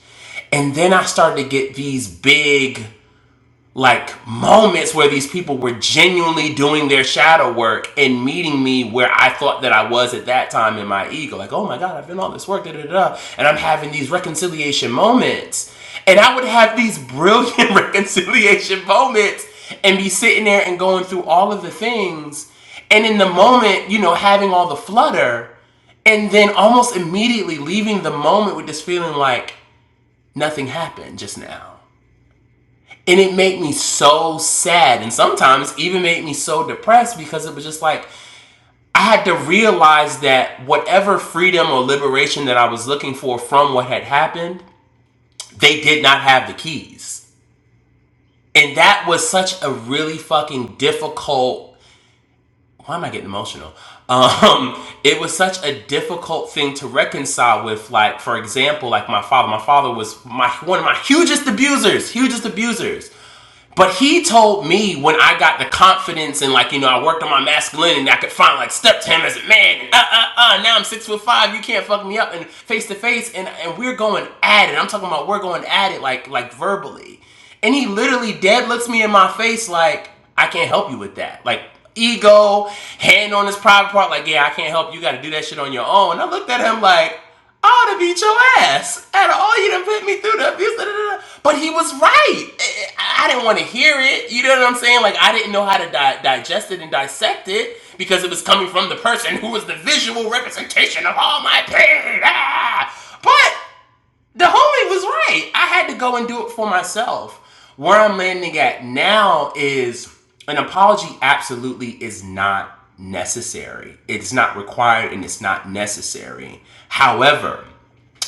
[SPEAKER 5] And then I started to get these big like moments where these people were genuinely doing their shadow work and meeting me where I thought that I was at that time in my ego. Like, oh my God, I've done all this work, da da da, and I'm having these reconciliation moments. And I would have these brilliant reconciliation moments and be sitting there and going through all of the things. And in the moment, you know, having all the flutter, and then almost immediately leaving the moment with this feeling like nothing happened just now and it made me so sad and sometimes even made me so depressed because it was just like i had to realize that whatever freedom or liberation that i was looking for from what had happened they did not have the keys and that was such a really fucking difficult why am i getting emotional um it was such a difficult thing to reconcile with like for example like my father my father was my one of my hugest abusers hugest abusers But he told me when I got the confidence and like you know I worked on my masculinity and I could finally like step to him as a man. And, uh uh uh. Now I'm six foot five. You can't fuck me up and face to face and and we're going at it. I'm talking about we're going at it like like verbally. And he literally dead looks me in my face like I can't help you with that. Like ego, hand on his private part. Like yeah, I can't help you. You Got to do that shit on your own. And I looked at him like I ought to beat your ass. And all you done put me through the abuse. da, da, da, But he was right. I, I didn't want to hear it. You know what I'm saying? Like, I didn't know how to di- digest it and dissect it because it was coming from the person who was the visual representation of all my pain. Ah! But the homie was right. I had to go and do it for myself. Where I'm landing at now is an apology absolutely is not necessary. It's not required and it's not necessary. However,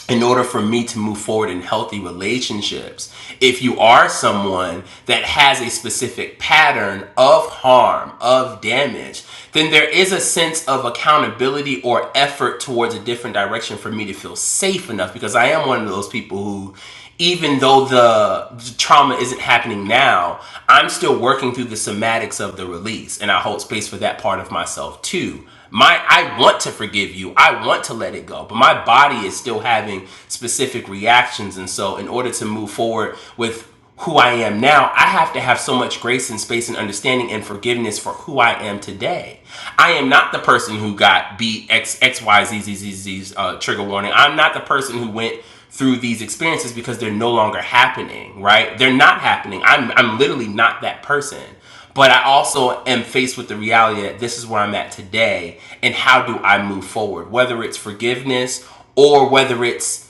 [SPEAKER 5] in order for me to move forward in healthy relationships. If you are someone that has a specific pattern of harm, of damage, then there is a sense of accountability or effort towards a different direction for me to feel safe enough because I am one of those people who even though the trauma isn't happening now, I'm still working through the somatics of the release and I hold space for that part of myself too my i want to forgive you i want to let it go but my body is still having specific reactions and so in order to move forward with who i am now i have to have so much grace and space and understanding and forgiveness for who i am today i am not the person who got beat x x y z z z z uh, trigger warning i'm not the person who went through these experiences because they're no longer happening right they're not happening i'm i'm literally not that person but I also am faced with the reality that this is where I'm at today and how do I move forward, whether it's forgiveness or whether it's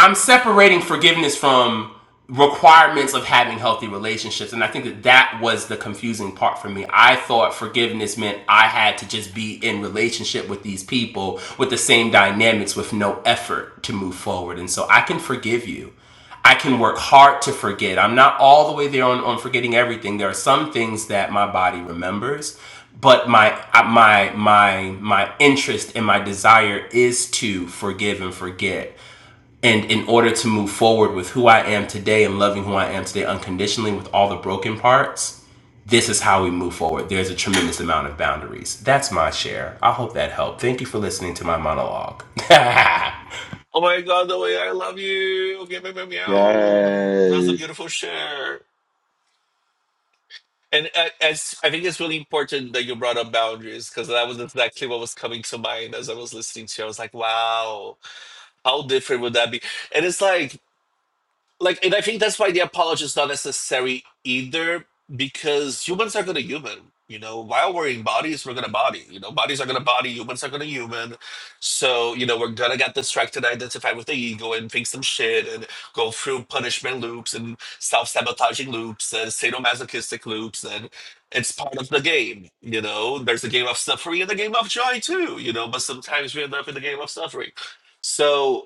[SPEAKER 5] I'm separating forgiveness from requirements of having healthy relationships and i think that that was the confusing part for me i thought forgiveness meant i had to just be in relationship with these people with the same dynamics with no effort to move forward and so i can forgive you i can work hard to forget i'm not all the way there on, on forgetting everything there are some things that my body remembers but my uh, my my my interest and my desire is to forgive and forget and in order to move forward with who I am today and loving who I am today unconditionally with all the broken parts, this is how we move forward. There's a tremendous amount of boundaries. That's my share. I hope that helped. Thank you for listening to my monologue. and
[SPEAKER 4] Oh my god, the way I love you. Okay, meow, meow, meow. That's a
[SPEAKER 2] Yes.
[SPEAKER 4] beautiful share. And uh, as I think it's really important that you brought up boundaries because that was exactly what was coming to mind as I was listening to you. I was like, wow, how different would that be? And it's like like and i think that's why the apology is not necessary either because humans are gonna human you know while we're in bodies we're gonna body you know bodies are gonna body humans are gonna human so you know we're gonna get distracted identify with the ego and think some shit and go through punishment loops and self-sabotaging loops and sadomasochistic loops and it's part of the game you know there's a game of suffering and a game of joy too you know but sometimes we end up in the game of suffering so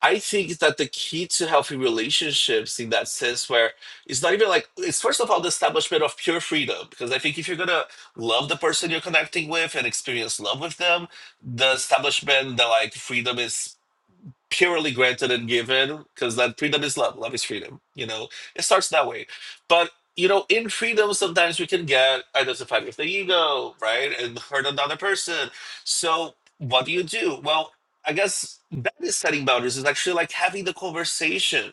[SPEAKER 4] I think that the key to healthy relationships in that sense where it's not even like it's first of all the establishment of pure freedom because I think if you're gonna love the person you're connecting with and experience love with them, the establishment that like freedom is purely granted and given because that freedom is love love is freedom you know it starts that way but you know in freedom sometimes we can get identified with the ego right and hurt another person so what do you do well i guess that is setting boundaries is actually like having the conversation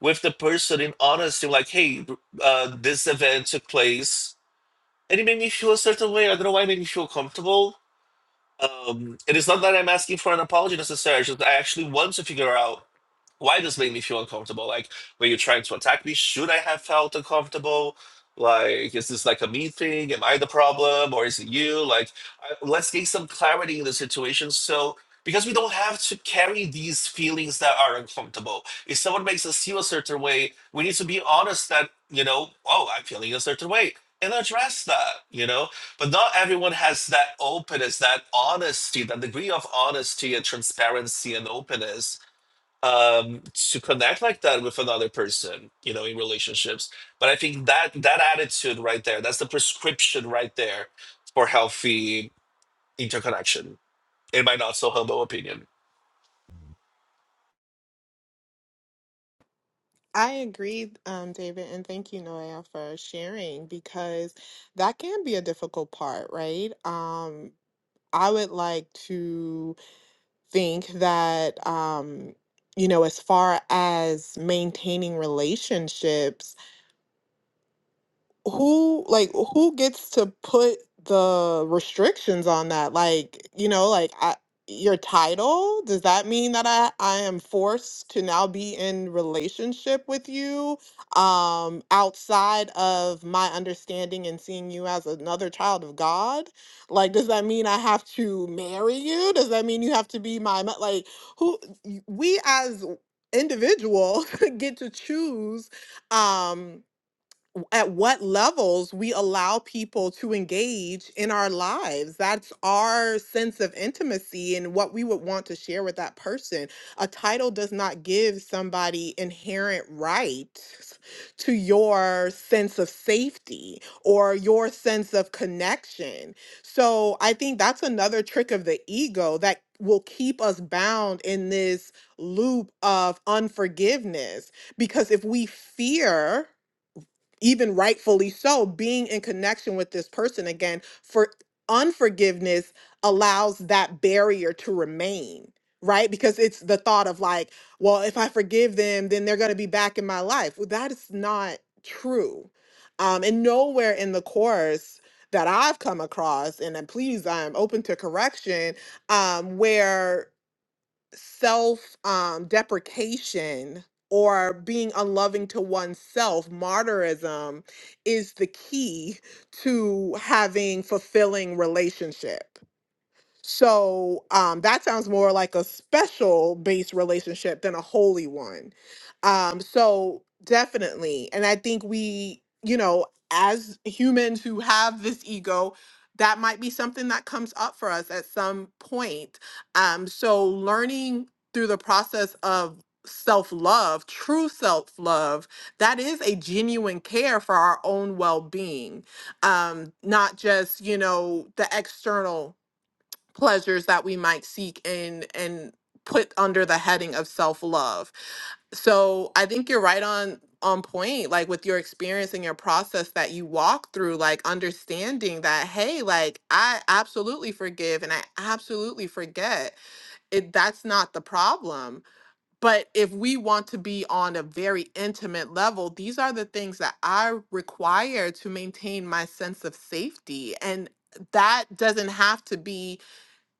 [SPEAKER 4] with the person in honesty like hey uh, this event took place and it made me feel a certain way i don't know why it made me feel comfortable um, it is not that I'm asking for an apology necessarily. It's just I actually want to figure out why does make me feel uncomfortable? Like, were you trying to attack me? Should I have felt uncomfortable? Like, is this like a me thing? Am I the problem or is it you? Like, I, let's gain some clarity in the situation. So, because we don't have to carry these feelings that are uncomfortable. If someone makes us feel a certain way, we need to be honest that, you know, oh, I'm feeling a certain way and address that, you know? But not everyone has that openness, that honesty, that degree of honesty and transparency and openness um to connect like that with another person you know in relationships but i think that that attitude right there that's the prescription right there for healthy interconnection in my not so humble opinion
[SPEAKER 6] I agree, um, David, and thank you, Noelle, for sharing because that can be a difficult part, right? Um, I would like to think that, um, you know, as far as maintaining relationships, who like who gets to put the restrictions on that like you know like I, your title does that mean that i i am forced to now be in relationship with you um outside of my understanding and seeing you as another child of god like does that mean i have to marry you does that mean you have to be my mo- like who y- we as individuals get to choose um at what levels we allow people to engage in our lives. That's our sense of intimacy and what we would want to share with that person. A title does not give somebody inherent rights to your sense of safety or your sense of connection. So I think that's another trick of the ego that will keep us bound in this loop of unforgiveness because if we fear even rightfully so, being in connection with this person again. For unforgiveness allows that barrier to remain, right? Because it's the thought of like, well, if I forgive them, then they're going to be back in my life. Well, that is not true. Um, and nowhere in the course that I've come across, and then please, I'm open to correction, um, where self um, deprecation or being unloving to oneself, martyrism is the key to having fulfilling relationship. So um, that sounds more like a special based relationship than a holy one. Um, so definitely. And I think we, you know, as humans who have this ego, that might be something that comes up for us at some point. Um, so learning through the process of self love, true self love, that is a genuine care for our own well being, um, not just, you know, the external pleasures that we might seek and and put under the heading of self-love so i think you're right on on point like with your experience and your process that you walk through like understanding that hey like i absolutely forgive and i absolutely forget it that's not the problem but if we want to be on a very intimate level these are the things that i require to maintain my sense of safety and that doesn't have to be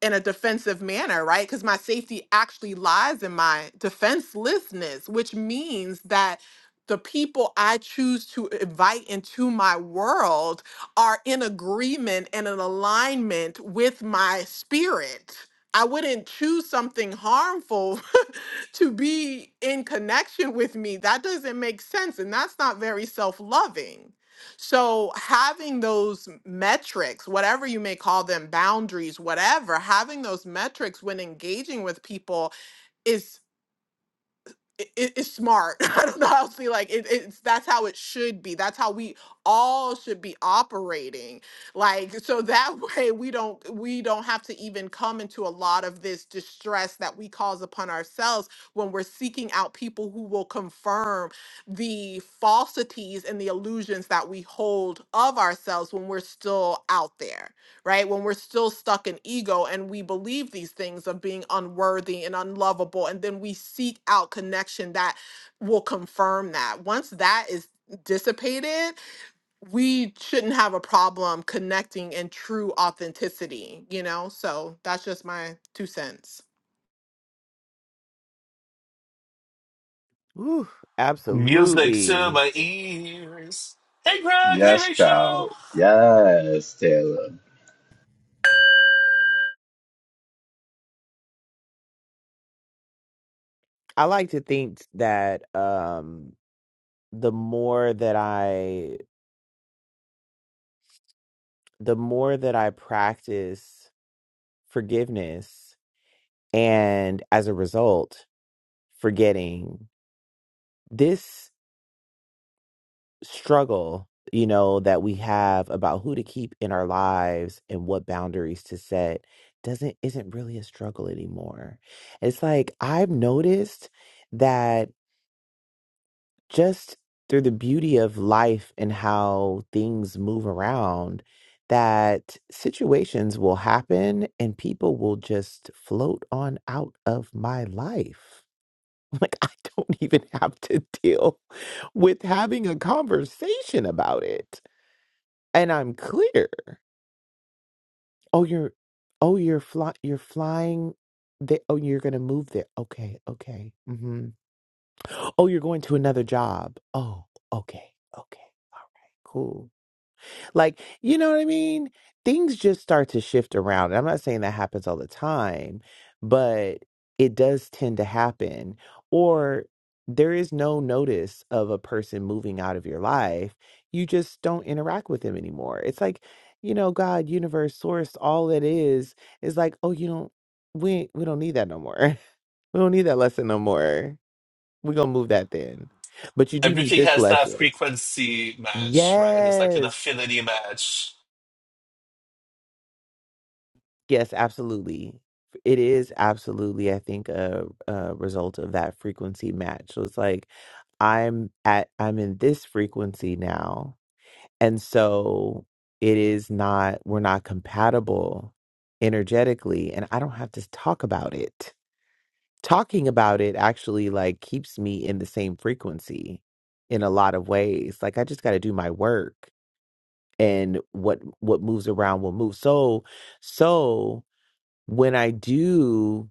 [SPEAKER 6] in a defensive manner, right? Because my safety actually lies in my defenselessness, which means that the people I choose to invite into my world are in agreement and in alignment with my spirit. I wouldn't choose something harmful to be in connection with me. That doesn't make sense. And that's not very self loving. So, having those metrics, whatever you may call them, boundaries, whatever, having those metrics when engaging with people is it, it- it's smart. I don't know how to say like it, it's that's how it should be. That's how we all should be operating. Like so that way we don't we don't have to even come into a lot of this distress that we cause upon ourselves when we're seeking out people who will confirm the falsities and the illusions that we hold of ourselves when we're still out there right? When we're still stuck in ego and we believe these things of being unworthy and unlovable, and then we seek out connection that will confirm that. Once that is dissipated, we shouldn't have a problem connecting in true authenticity, you know? So that's just my two cents.
[SPEAKER 1] Whew,
[SPEAKER 4] music to
[SPEAKER 1] absolutely.
[SPEAKER 4] my ears hey greg hey
[SPEAKER 2] Yes,
[SPEAKER 4] rachel
[SPEAKER 2] child. Yes, Taylor.
[SPEAKER 1] I like to think that um, the more that I, the more that I practice forgiveness, and as a result forgetting this struggle you know that we have about who to keep in our lives and what boundaries to set doesn't isn't really a struggle anymore it's like i've noticed that just through the beauty of life and how things move around that situations will happen and people will just float on out of my life Like, I don't even have to deal with having a conversation about it. And I'm clear. Oh, you're, oh, you're fly, you're flying. The, oh, you're going to move there. Okay. Okay. hmm Oh, you're going to another job. Oh, okay. Okay. All right. Cool. Like, you know what I mean? Things just start to shift around. I'm not saying that happens all the time, but it does tend to happen. Or there is no notice of a person moving out of your life. You just don't interact with them anymore. It's like, you know, God, universe, source, all it is is like, oh, you don't we we don't need that no more. We don't need that lesson no more. We're gonna move that then. But you do need
[SPEAKER 4] everything
[SPEAKER 1] this
[SPEAKER 4] has that
[SPEAKER 1] lesson.
[SPEAKER 4] frequency match right it's like an
[SPEAKER 1] Yes.
[SPEAKER 4] affinity match
[SPEAKER 1] Yes, absolutely. It is absolutely, I think, a, a result of that frequency match. So it's like I'm at I'm in this frequency now. And so it is not we're not compatible energetically and I don't have to talk about it. Talking about it actually like keeps me in the same frequency in a lot of ways. Like I just got to do my work and what what moves around will move. So so when I do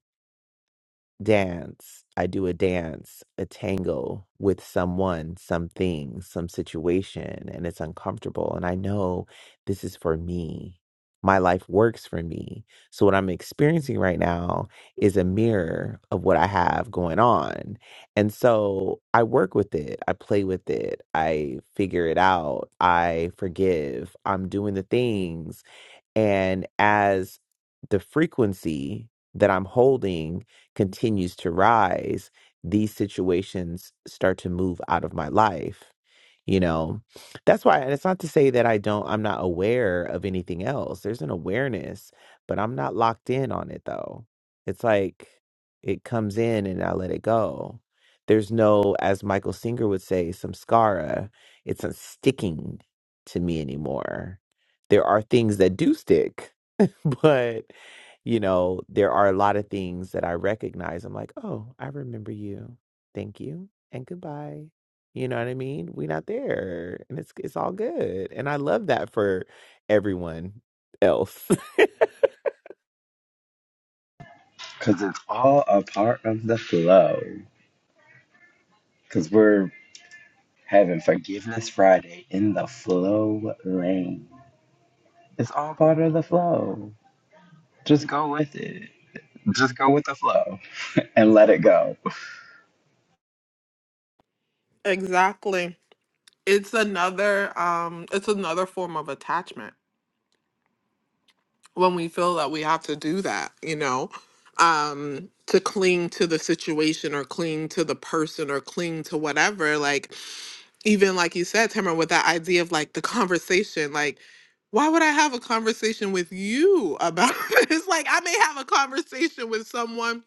[SPEAKER 1] dance, I do a dance, a tango with someone, something, some situation, and it's uncomfortable. And I know this is for me. My life works for me. So, what I'm experiencing right now is a mirror of what I have going on. And so, I work with it, I play with it, I figure it out, I forgive, I'm doing the things and as the frequency that I'm holding continues to rise, these situations start to move out of my life. You know, that's why, and it's not to say that I don't, I'm not aware of anything else. There's an awareness, but I'm not locked in on it though. It's like it comes in and I let it go. There's no, as Michael Singer would say, samskara, it's not sticking to me anymore there are things that do stick, but you know, there are a lot of things that I recognize. I'm like, oh, I remember you. Thank you and goodbye. You know what I mean? We're not there, and it's it's all good. And I love that for everyone else.
[SPEAKER 2] Because it's all a part of the flow. Because we're having Forgiveness Friday in the flow lane. It's all part of the flow. Just go with it. Just go with the flow. and let it go.
[SPEAKER 6] Exactly. It's another um it's another form of attachment when we feel that we have to do that, you know, um, to cling to the situation or cling to the person or cling to whatever. Like, even like you said, Tamara, with that idea of like the conversation, like, why would I have a conversation with you about this? Like, I may have a conversation with someone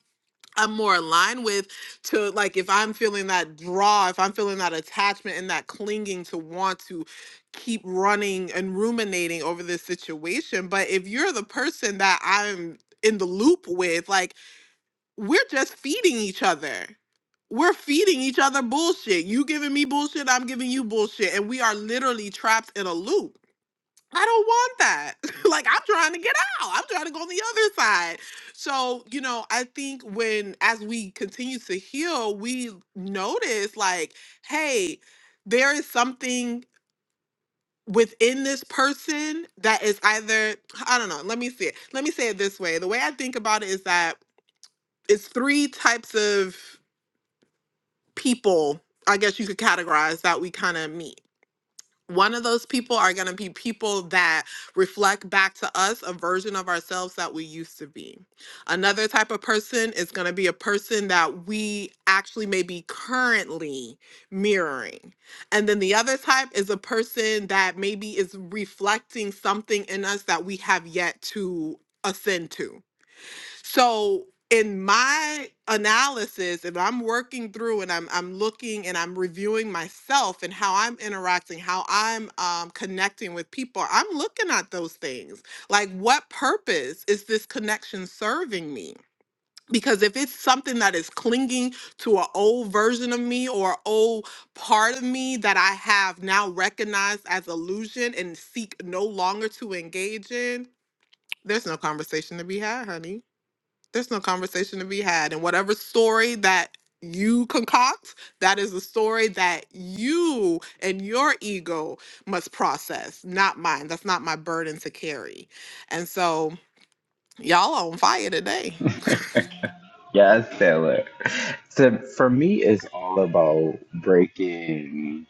[SPEAKER 6] I'm more aligned with to like if I'm feeling that draw, if I'm feeling that attachment and that clinging to want to keep running and ruminating over this situation. But if you're the person that I'm in the loop with, like we're just feeding each other. We're feeding each other bullshit. You giving me bullshit, I'm giving you bullshit. And we are literally trapped in a loop. I don't want that. like I'm trying to get out. I'm trying to go on the other side. So, you know, I think when as we continue to heal, we notice like, hey, there is something within this person that is either I don't know, let me see it. Let me say it this way. The way I think about it is that it's three types of people, I guess you could categorize that we kind of meet. one of those people are going to be people that reflect back to us a version of ourselves that we used to be. Another type of person is going to be a person that we actually may be currently mirroring. And then the other type is a person that maybe is reflecting something in us that we have yet to ascend to. So in my analysis, if I'm working through and I'm I'm looking and I'm reviewing myself and how I'm interacting, how I'm um, connecting with people, I'm looking at those things. Like, what purpose is this connection serving me? Because if it's something that is clinging to an old version of me or an old part of me that I have now recognized as illusion and seek no longer to engage in, there's no conversation to be had, honey there's no conversation to be had. And whatever story that you concoct, that is a story that you and your ego must process, not mine. That's not my burden to carry. And so, y'all are on fire today.
[SPEAKER 2] Yes, Taylor. So for me, it's all about breaking.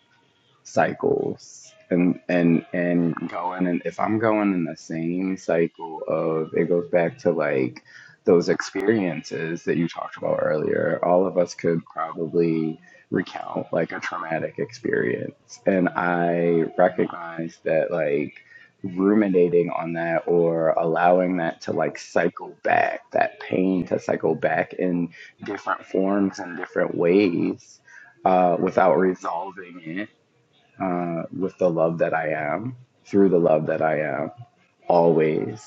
[SPEAKER 2] cycles and and and going and if I'm going in the same cycle of it goes back to like those experiences that you talked about earlier, all of us could probably recount like a traumatic experience. And I recognize that like ruminating on that or allowing that to like cycle back, that pain to cycle back in different forms and different ways uh, without resolving it uh, with the love that I am, through the love that I am, always.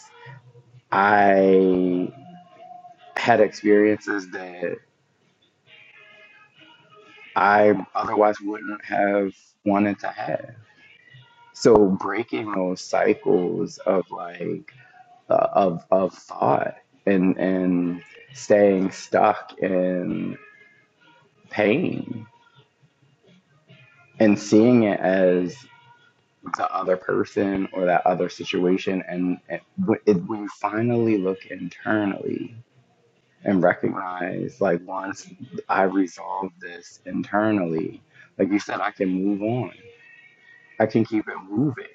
[SPEAKER 2] I had experiences that I otherwise wouldn't have wanted to have. So breaking those cycles of like uh, of of thought and and staying stuck in pain and seeing it as the other person or that other situation and, and it, when you finally look internally and recognize like once I resolve this internally, like you said, I can move on. I can keep it moving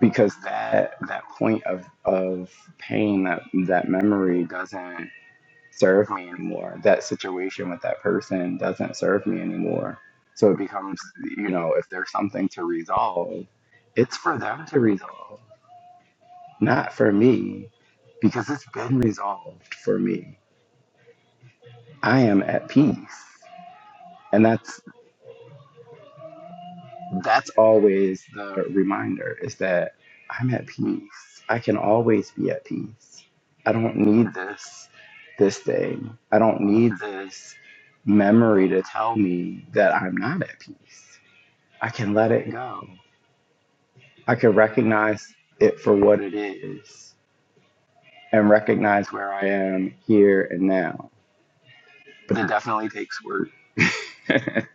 [SPEAKER 2] because that that point of of pain that that memory doesn't serve me anymore. That situation with that person doesn't serve me anymore. So it becomes you know if there's something to resolve, it's for them to resolve, not for me, because it's been resolved for me. I am at peace and that's that's always the reminder is that I'm at peace. I can always be at peace. I don't need this this thing. I don't need this memory to tell me that I'm not at peace. I can let it go. I can recognize it for what it is and recognize where I am here and now. But it definitely takes work.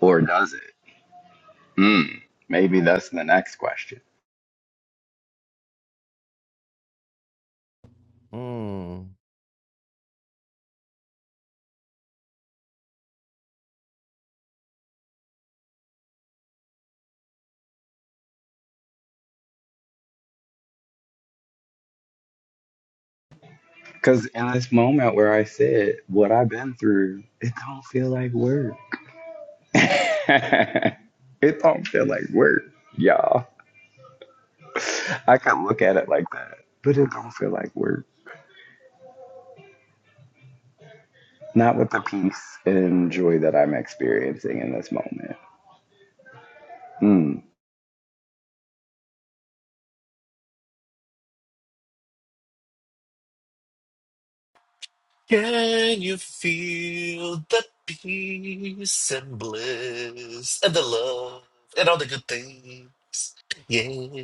[SPEAKER 2] or does it? Hmm. maybe that's the next question.
[SPEAKER 1] mm.
[SPEAKER 2] Because in this moment where I said what I've been through, it don't feel like work. it don't feel like work, y'all. I could look at it like that, but it don't feel like work. Not with the peace and joy that I'm experiencing in this moment. Mm,
[SPEAKER 4] Can you feel the peace and bliss and the love and all the good things? Yeah,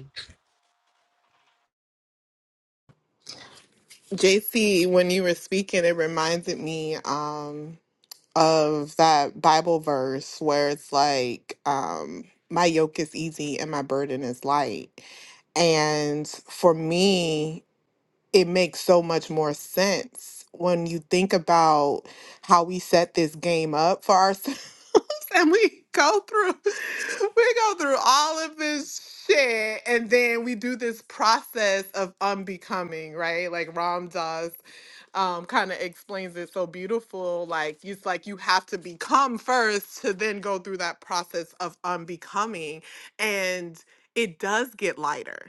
[SPEAKER 6] JC, when you were speaking, it reminded me um, of that Bible verse where it's like, um, my yoke is easy and my burden is light. And for me, it makes so much more sense when you think about how we set this game up for ourselves and we go through we go through all of this shit and then we do this process of unbecoming right like ram does um, kind of explains it so beautiful like it's like you have to become first to then go through that process of unbecoming and it does get lighter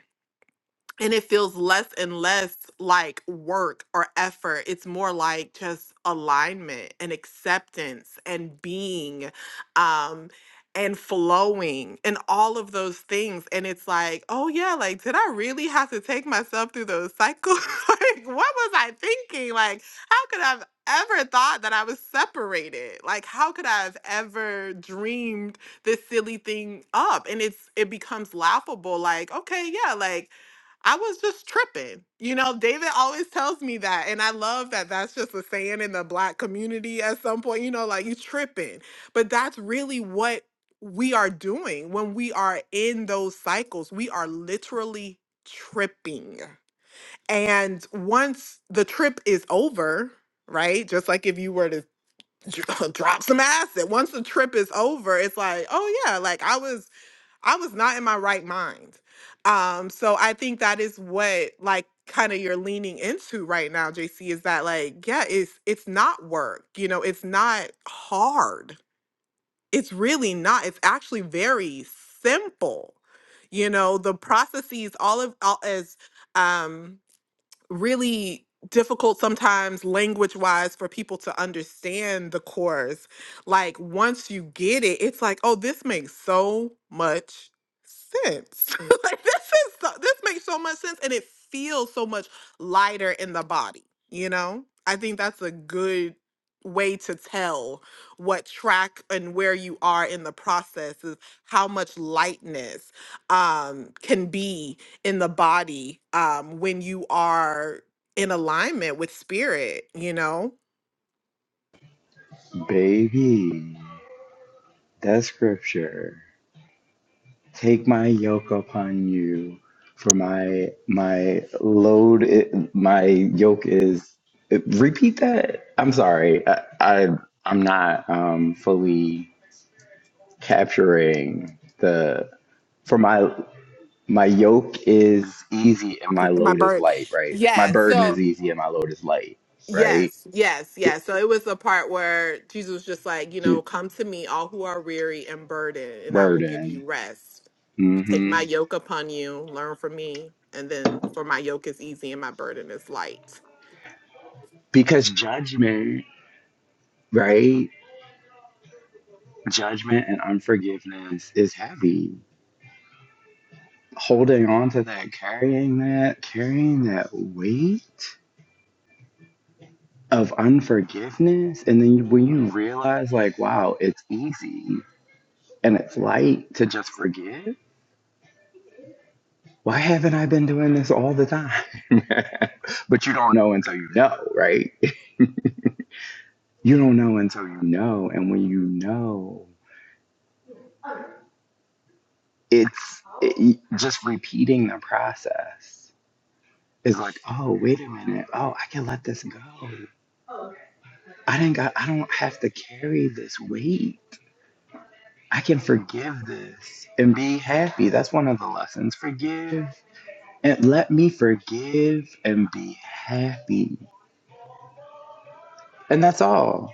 [SPEAKER 6] and it feels less and less like work or effort. It's more like just alignment and acceptance and being um and flowing and all of those things. And it's like, oh yeah, like did I really have to take myself through those cycles? like what was I thinking? Like how could I have ever thought that I was separated? Like how could I have ever dreamed this silly thing up? And it's it becomes laughable like, okay, yeah, like I was just tripping. You know, David always tells me that. And I love that that's just a saying in the black community at some point, you know, like you tripping. But that's really what we are doing when we are in those cycles. We are literally tripping. And once the trip is over, right? Just like if you were to dr- drop some acid, once the trip is over, it's like, oh yeah, like I was I was not in my right mind. Um, so I think that is what like kind of you're leaning into right now, JC, is that like, yeah, it's it's not work, you know, it's not hard. It's really not. It's actually very simple. You know, the processes, all of all as um really difficult sometimes language wise for people to understand the chorus. Like once you get it, it's like, oh, this makes so much sense. Mm. like this is so, this makes so much sense and it feels so much lighter in the body, you know? I think that's a good way to tell what track and where you are in the process is how much lightness um can be in the body um when you are in alignment with spirit you know
[SPEAKER 2] baby, that's scripture. Take my yoke upon you, for my my load, i my yoke is. Repeat that. I'm sorry. I, I I'm not um fully capturing the. For my my yoke is easy and my
[SPEAKER 6] my
[SPEAKER 2] load is
[SPEAKER 6] bird
[SPEAKER 2] light. Right. My
[SPEAKER 6] yeah
[SPEAKER 2] burden is
[SPEAKER 6] so
[SPEAKER 2] easy and my load is light. Right.
[SPEAKER 6] yes yes
[SPEAKER 2] Y-
[SPEAKER 6] yes so it was the part where jesus was just like you
[SPEAKER 2] j-
[SPEAKER 6] know come to me all who are weary and burdened and i will give you
[SPEAKER 2] Burden.
[SPEAKER 6] rest take
[SPEAKER 2] Mm-hmm.
[SPEAKER 6] my yoke upon you learn from me and then for my yoke is easy and my burden is light
[SPEAKER 2] Because judgment. Right. Judgment and unforgiveness is heavy holding on to that, carrying that, carrying that weight of unforgiveness. And then when you realize, like, wow, it's easy and it's light to just forgive. Why haven't I been doing this all the time? but you don't know until you know, right? You don't know until you know. And when you know, it's it, just repeating the process is like, oh, wait a minute. Oh, I can let this go. I didn't got I don't have to carry this weight. I can forgive this and be happy. That's one of the lessons. Forgive and let me forgive and be happy. And that's all.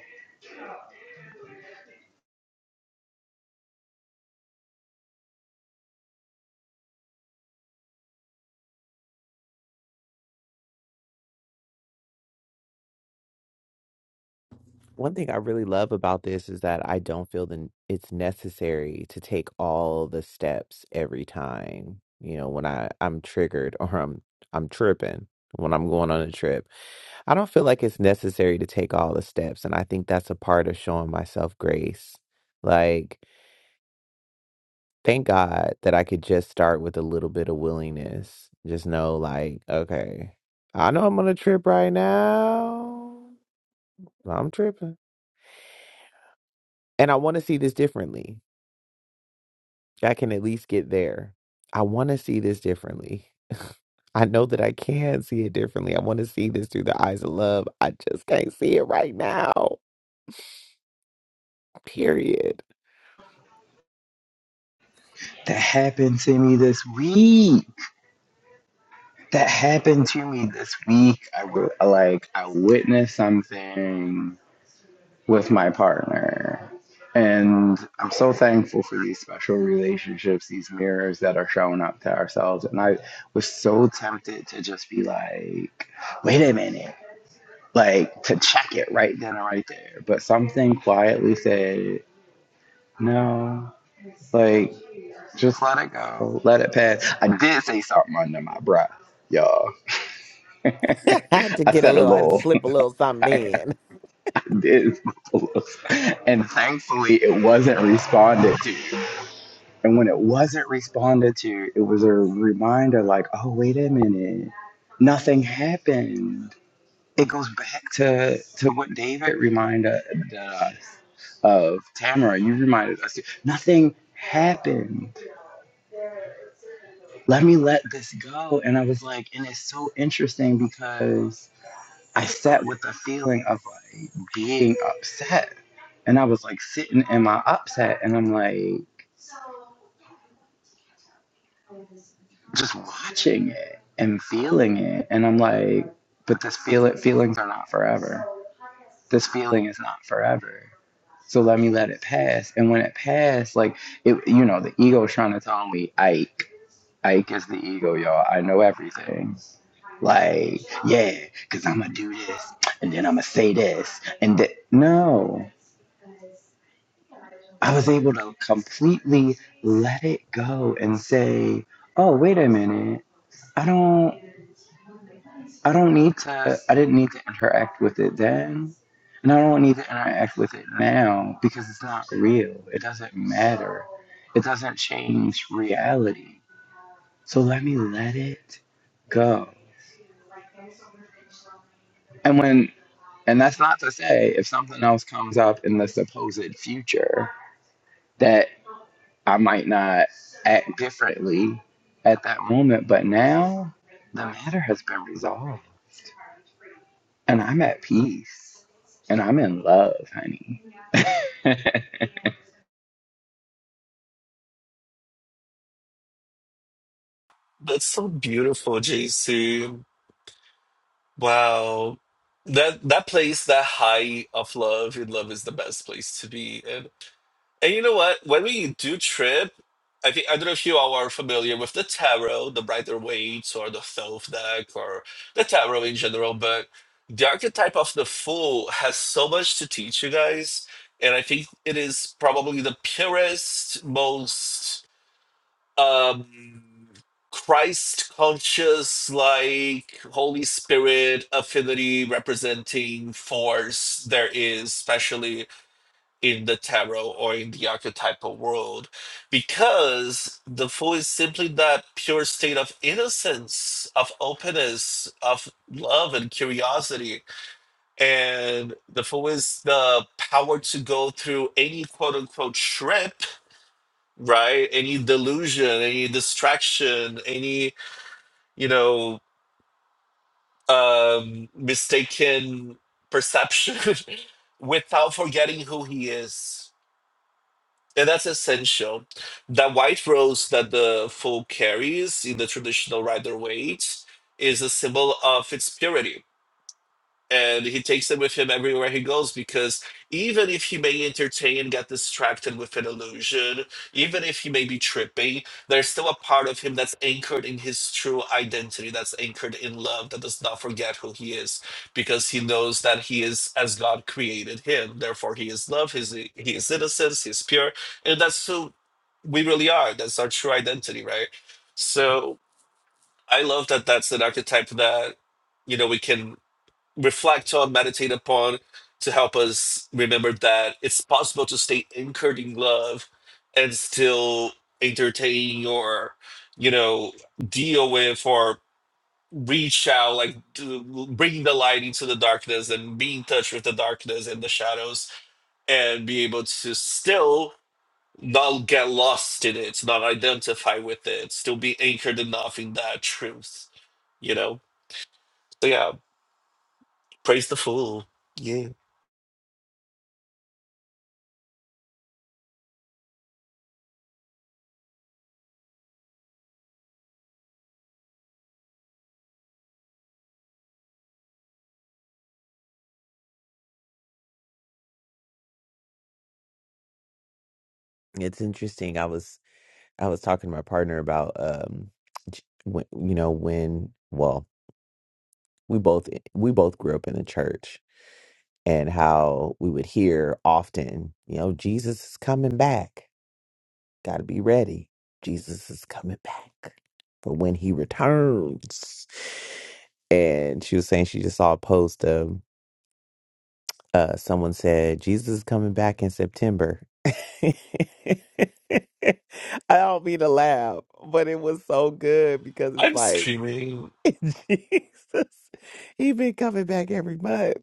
[SPEAKER 1] One thing I really love about this is that I don't feel that it's necessary to take all the steps every time. You know, when I I'm triggered or I'm I'm tripping when I'm going on a trip I don't feel like it's necessary to take all the steps. And I think that's a part of showing myself grace. Like, thank God that I could just start with a little bit of willingness. Just know, like, okay, I know I'm on a trip right now. I'm tripping. And I want to see this differently. I can at least get there. I want to see this differently. I know that I can see it differently. I want to see this through the eyes of love. I just can't see it right now. Period.
[SPEAKER 2] That happened to me this week. That happened to me this week. I like I witnessed something with my partner. And I'm so thankful for these special relationships, these mirrors that are showing up to ourselves. And I was so tempted to just be like, wait a minute, like to check it right then and right there. But something quietly said, no, like just let it go, let it pass. I did say something under my breath, y'all.
[SPEAKER 1] I had to
[SPEAKER 2] I
[SPEAKER 1] get a
[SPEAKER 2] said a
[SPEAKER 1] little, I had to
[SPEAKER 2] little.
[SPEAKER 1] slip a little something in.
[SPEAKER 2] did. and thankfully, it wasn't responded to. And when it wasn't responded to, it was a reminder like, oh, wait a minute, nothing happened. It goes back to, to what David reminded us of. Tamara, you reminded us, too. nothing happened. Let me let this go. And I was like, and it's so interesting because I sat with the feeling of being upset. And I was like sitting in my upset and I'm like just watching it and feeling it. And I'm like, but this feel it feelings are not forever. This feeling is not forever. So let me let it pass. And when it passed, like it you know, the ego is trying to tell me Ike. Ike is the ego, y'all. I know everything. Like, yeah, because I'm going to do this, and then I'm going to say this, and th- no. I was able to completely let it go and say, "Oh, wait a minute. I don't I don't need to I didn't need to interact with it then, and I don't need to interact with it now because it's not real. It doesn't matter. It doesn't change reality. So let me let it go." And when and that's not to say if something else comes up in the supposed future that." I might not act differently at that moment, but now the matter has been resolved and I'm at peace and I'm in love, honey.
[SPEAKER 4] that's so beautiful, JC. Wow, that that place, that high of love, and love is the best place to be. And you know what? When we do trip, I think I don't know if you all are familiar with the tarot, the Rider Waite, or the Thoth deck, or the tarot in general. But the archetype of the Fool has so much to teach you guys, and I think it is probably the purest, most um, Christ conscious, like Holy Spirit affinity representing force there is, especially in the tarot or in the archetypal world because the fool is simply that pure state of innocence of openness of love and curiosity and the fool is the power to go through any quote unquote trip right any delusion any distraction any you know um mistaken perception without forgetting who he is And that's essential. That white rose that the foal carries in the traditional rider weight is a symbol of its purity and he takes them with him everywhere he goes because even if he may entertain and get distracted with an illusion, even if he may be tripping, there's still a part of him that's anchored in his true identity, that's anchored in love, that does not forget who he is because he knows that he is as God created him. Therefore, he is love, he's, he is innocence, he's pure, and that's who we really are. That's our true identity, right? So I love that that's an archetype that you know we can reflect on, meditate upon to help us remember that it's possible to stay anchored in love and still entertain or, you know, deal with or reach out, like to bring the light into the darkness and be in touch with the darkness and the shadows and be able to still not get lost in it, not identify with it, still be anchored enough in that truth, you know? So yeah, praise the fool. Yeah.
[SPEAKER 1] It's interesting. I was, I was talking to my partner about, um, j- when, you know, when, well, we both, eh, we both grew up in the church and how we would hear often, you know, Jesus is coming back. Got to be ready. Jesus is coming back for when he returns. And she was saying she just saw a post. of. Uh, someone said Jesus is coming back in September. I don't mean to laugh, but it was so good because it's
[SPEAKER 4] I'm
[SPEAKER 1] like
[SPEAKER 4] screaming
[SPEAKER 1] Jesus, he been coming back every month,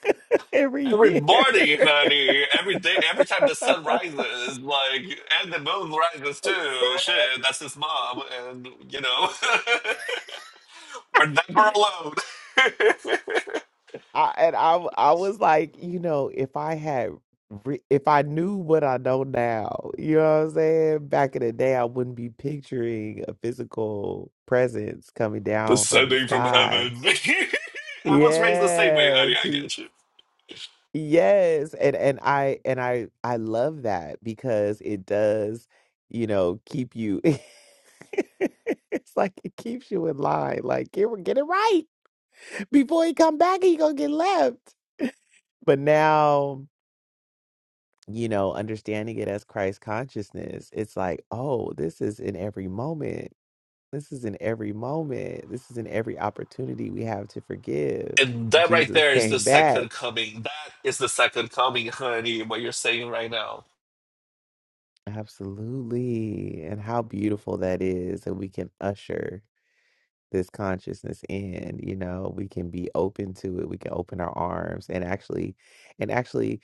[SPEAKER 1] every
[SPEAKER 4] every
[SPEAKER 1] year.
[SPEAKER 4] morning, honey. Every day, every time the sun rises, like, and the moon rises too. Shit, that's his mom, and you know, we're never alone.
[SPEAKER 1] I and I w- I was like, you know, if I had re- if I knew what I know now, you know what I'm saying? Back in the day, I wouldn't be picturing a physical presence coming down from the
[SPEAKER 4] Descending from
[SPEAKER 1] sky.
[SPEAKER 4] heaven. I was raised the same way,
[SPEAKER 1] Yeah,
[SPEAKER 4] honey. I
[SPEAKER 1] to
[SPEAKER 4] get you.
[SPEAKER 1] yes, and and I and I I love that because it does, you know, keep you. It's like it keeps you in line. Like get get it right before he come back, he gonna get left. But now, you know, understanding it as Christ consciousness, it's like, oh, this is in every moment. This is in every moment. This is in every opportunity we have to forgive.
[SPEAKER 4] And that right
[SPEAKER 1] Jesus
[SPEAKER 4] there is the
[SPEAKER 1] came back.
[SPEAKER 4] second coming. That is the second coming, honey. What you're saying right now.
[SPEAKER 1] Absolutely. And how beautiful that is that we can usher. this consciousness in you know we can be open to it we can open our arms and actually and actually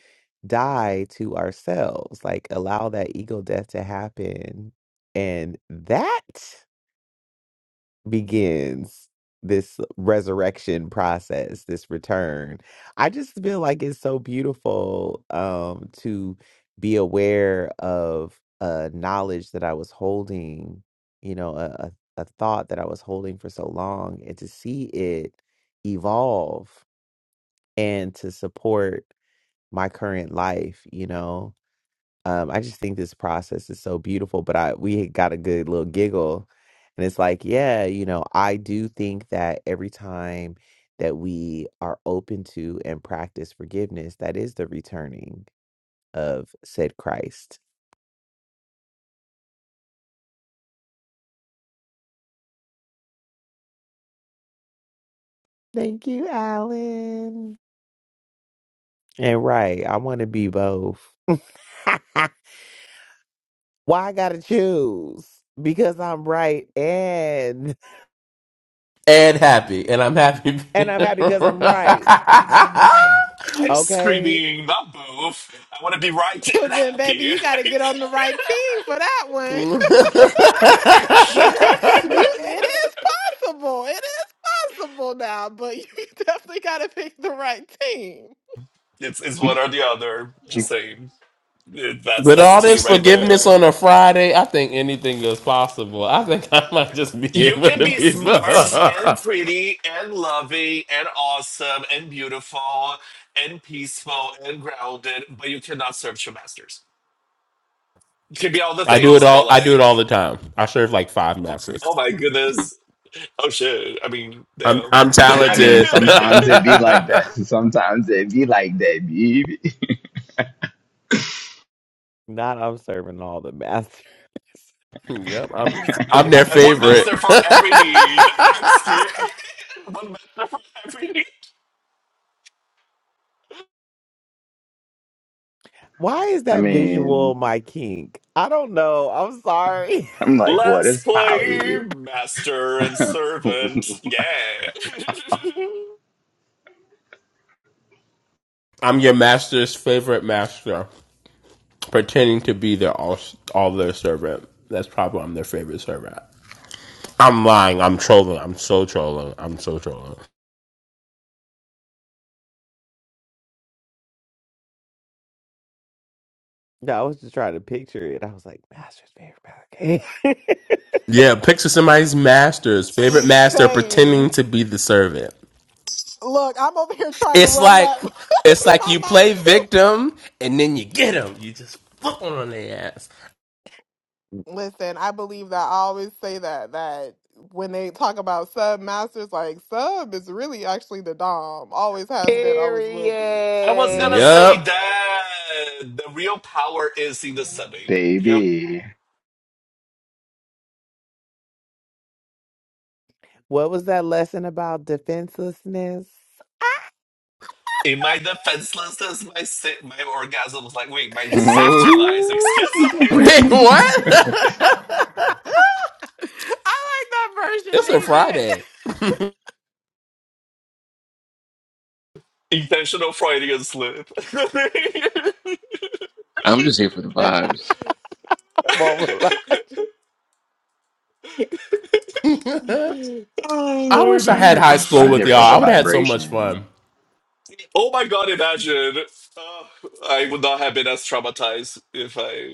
[SPEAKER 1] die to ourselves like allow that ego death to happen and that begins this resurrection process, this return. I just feel like it's so beautiful um, to be aware of a knowledge that I was holding, you know, a, a, a thought that I was holding for so long, and to see it evolve and to support my current life, you know um, I just think this process is so beautiful, but I we had got a good little giggle. And it's like, yeah, you know, I do think that every time that we are open to and practice forgiveness, that is the returning of said Christ. Thank you, Alan. And right, I want to be both. Why I gotta choose? Because I'm right and
[SPEAKER 5] happy. And I'm happy.
[SPEAKER 1] and I'm happy because I'm right.
[SPEAKER 4] I'm
[SPEAKER 1] Okay.
[SPEAKER 4] screaming, not both. I want to be right and
[SPEAKER 6] then baby
[SPEAKER 4] happy.
[SPEAKER 6] you got to get on the right team for that one you
[SPEAKER 4] Shit.
[SPEAKER 6] got you it is possible. It is possible now, but you definitely gotta pick the right team.
[SPEAKER 4] It's it's one or the other. Just
[SPEAKER 2] You-
[SPEAKER 4] saying. It- That's
[SPEAKER 5] With
[SPEAKER 4] that's
[SPEAKER 5] all
[SPEAKER 4] tea
[SPEAKER 5] this
[SPEAKER 4] right there.
[SPEAKER 5] forgiveness on a Friday, I think anything is possible. I think I might just be
[SPEAKER 4] You
[SPEAKER 5] able
[SPEAKER 4] can
[SPEAKER 5] to
[SPEAKER 4] be
[SPEAKER 5] be.
[SPEAKER 4] smart and pretty and loving and awesome and beautiful and peaceful and grounded, but you cannot serve two masters. You can be all the
[SPEAKER 5] I do it
[SPEAKER 4] things, but
[SPEAKER 5] all. I do it
[SPEAKER 4] like,
[SPEAKER 5] all the time. I serve like five masters.
[SPEAKER 4] oh my goodness, oh shit. I mean,
[SPEAKER 5] I'm
[SPEAKER 4] damn.
[SPEAKER 5] I'm
[SPEAKER 2] I mean,
[SPEAKER 5] talented.
[SPEAKER 2] sometimes
[SPEAKER 4] I
[SPEAKER 2] it be like that. Sometimes it be like that, baby.
[SPEAKER 1] Not I'm serving all the masters.
[SPEAKER 5] yep, I'm I'm
[SPEAKER 4] I
[SPEAKER 5] their
[SPEAKER 4] have one
[SPEAKER 5] favorite.
[SPEAKER 4] master for every need. I'm scared. One master for every need.
[SPEAKER 1] Why is
[SPEAKER 2] I
[SPEAKER 1] that
[SPEAKER 2] mean,
[SPEAKER 1] visual my kink? I don't know. I'm sorry.
[SPEAKER 2] I'm like, what
[SPEAKER 4] Let's
[SPEAKER 2] is
[SPEAKER 4] play
[SPEAKER 2] poly,
[SPEAKER 4] master and servant. Yeah.
[SPEAKER 5] I'm your master's favorite master, pretending to be their all all their servant. That's probably why I'm their favorite servant. I'm lying. I'm trolling. I'm so trolling. I'm so trolling.
[SPEAKER 1] No, I was just trying to picture it. I was like, Master's favorite Ballet Game."
[SPEAKER 5] Yeah, picture somebody's master's favorite master
[SPEAKER 6] Same.
[SPEAKER 5] pretending to be the servant.
[SPEAKER 6] Look, I'm over here trying to
[SPEAKER 5] It's
[SPEAKER 6] run
[SPEAKER 5] like
[SPEAKER 6] that
[SPEAKER 5] it's
[SPEAKER 6] through
[SPEAKER 5] like
[SPEAKER 6] my
[SPEAKER 5] you
[SPEAKER 6] mind
[SPEAKER 5] play
[SPEAKER 6] too.
[SPEAKER 5] victim and then you get them. You just flip 'em on their ass.
[SPEAKER 6] Listen, I believe that I always say that that when they talk about sub masters, like sub is really actually the dom. Always has been, always will be.
[SPEAKER 4] I was gonna
[SPEAKER 1] Period.
[SPEAKER 5] Yep.
[SPEAKER 4] say that the real power is in the subbing. Yep.
[SPEAKER 2] baby?
[SPEAKER 1] What was that lesson about defenselessness?
[SPEAKER 4] In my defenselessness, my sa- my orgasm was like, wait, my
[SPEAKER 2] I'm
[SPEAKER 4] safety lies. Excuse me.
[SPEAKER 5] Wait, what?
[SPEAKER 6] I
[SPEAKER 5] it's a
[SPEAKER 6] like that,
[SPEAKER 5] Friday.
[SPEAKER 4] Intentional Freudian slip.
[SPEAKER 3] I'm just here for the vibes.
[SPEAKER 1] Mama, lied.
[SPEAKER 4] oh
[SPEAKER 5] I wish I
[SPEAKER 4] lordy.
[SPEAKER 5] had high school with
[SPEAKER 2] here
[SPEAKER 5] y'all.
[SPEAKER 2] for the
[SPEAKER 5] I would have had so much
[SPEAKER 2] vibration.
[SPEAKER 5] fun.
[SPEAKER 4] Oh my god, imagine. Oh, I would not have been as traumatized if I